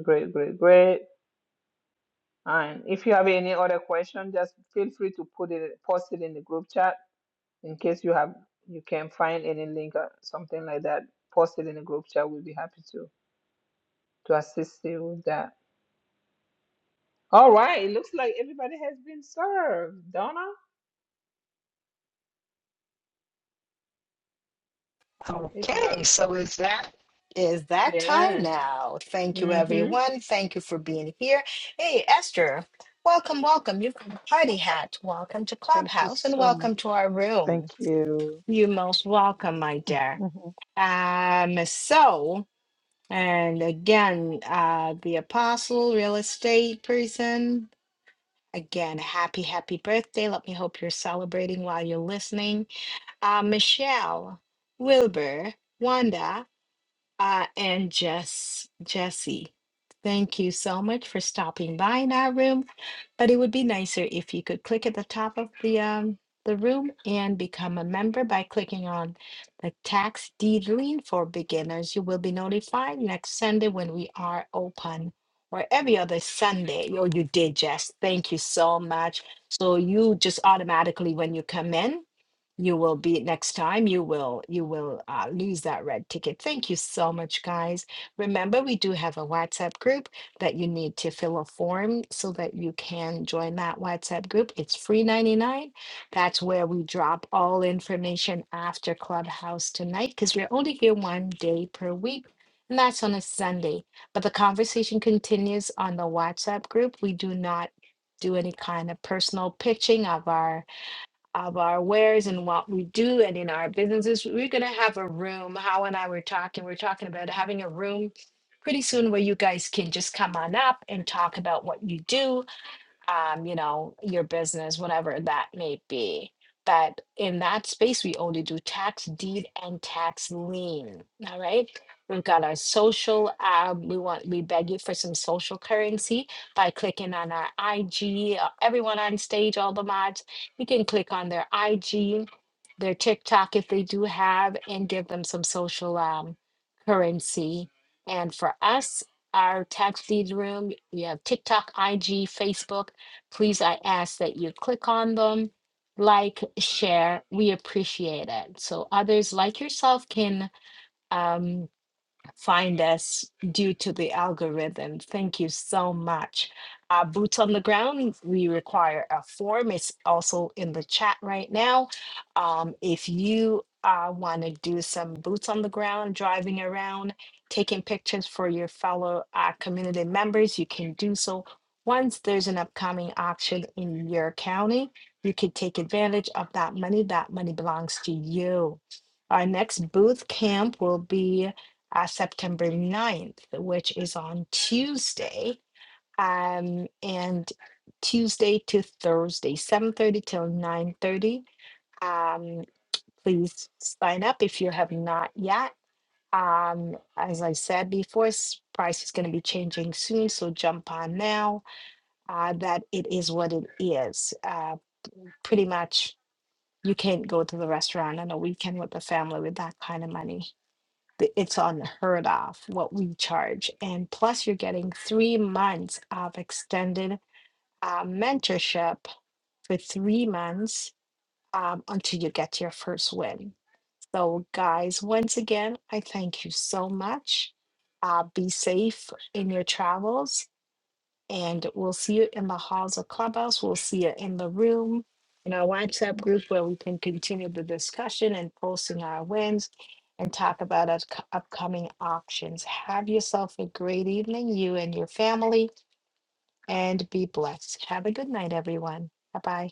A: Great, great, great. And if you have any other question, just feel free to put it, post it in the group chat in case you have you can find any link or something like that. Post it in the group chat. We'll be happy to to assist you with that. All right. It looks like everybody has been served. Donna, if not,
B: Okay, so is that is that time
A: yeah.
B: now? Thank you,
A: Mm-hmm.
B: everyone. Thank you for being here. Hey, Esther, welcome, welcome. You've got a party hat. Welcome to
S: thank you
B: Clubhouse and
S: so much.
B: welcome to our
S: Thank
B: room.
S: you.
B: You're most welcome, my dear. Um, so and again, uh, the apostle, real estate person. Again, happy, happy birthday. Let me hope you're celebrating while you're listening. Uh, Michelle, Wilbur, Wanda. Uh, and Jess, Jesse, thank you so much for stopping by in our room. But it would be nicer if you could click at the top of the um the room and become a member by clicking on the tax deed lien for beginners. You will be notified next Sunday when we are open or every other Sunday. Oh, you did, Jess. Thank you so much. So you just automatically when you come in you will be next time you will you will uh, lose that red ticket thank you so much guys remember we do have a whatsapp group that you need to fill a form so that you can join that whatsapp group it's free 99 that's where we drop all information after clubhouse tonight because we're only here one day per week and that's on a sunday but the conversation continues on the whatsapp group we do not do any kind of personal pitching of our of our wares and what we do and in our businesses. We're going to have a room. How and I were talking, we are talking about having a room pretty soon where you guys can just come on up and talk about what you do um, you know, your business, whatever that may be. But in that space, we only do tax deed and tax lien. All right. We've got our social. Um, we want we beg you for some social currency by clicking on our IG. uh, Everyone on stage, all the mods, you can click on their IG, their TikTok if they do have, and give them some social um, currency. And for us, our tax deed room, we have TikTok, IG, Facebook. Please, I ask that you click on them, like, share. We appreciate it. So others like yourself can um, find us due to the algorithm. Thank you so much. Uh, boots on the ground, we require a form. It's also in the chat right now. Um, if you uh, want to do some boots on the ground, driving around, taking pictures for your fellow uh, community members, you can do so. Once there's an upcoming auction in your county, you can take advantage of that money. That money belongs to you. Our next booth camp will be uh, September ninth, which is on Tuesday. Um, and Tuesday to Thursday, 7.30 till 9.30. Um, please sign up if you have not yet. Um, as I said before, s- price is going to be changing soon, so jump on now. Uh, that it is what it is. Uh, pretty much you can't go to the restaurant on a weekend with the family with that kind of money the- it's unheard of what we charge. And plus, you're getting three months of extended uh, mentorship for three months um, until you get your first win. So, guys, once again, I thank you so much. Uh, be safe in your travels and we'll see you in the halls of Clubhouse. We'll see you in the room in our WhatsApp group where we can continue the discussion and posting our wins and talk about our c- upcoming options. Have yourself a great evening, you and your family, and be blessed. Have a good night, everyone. Bye bye.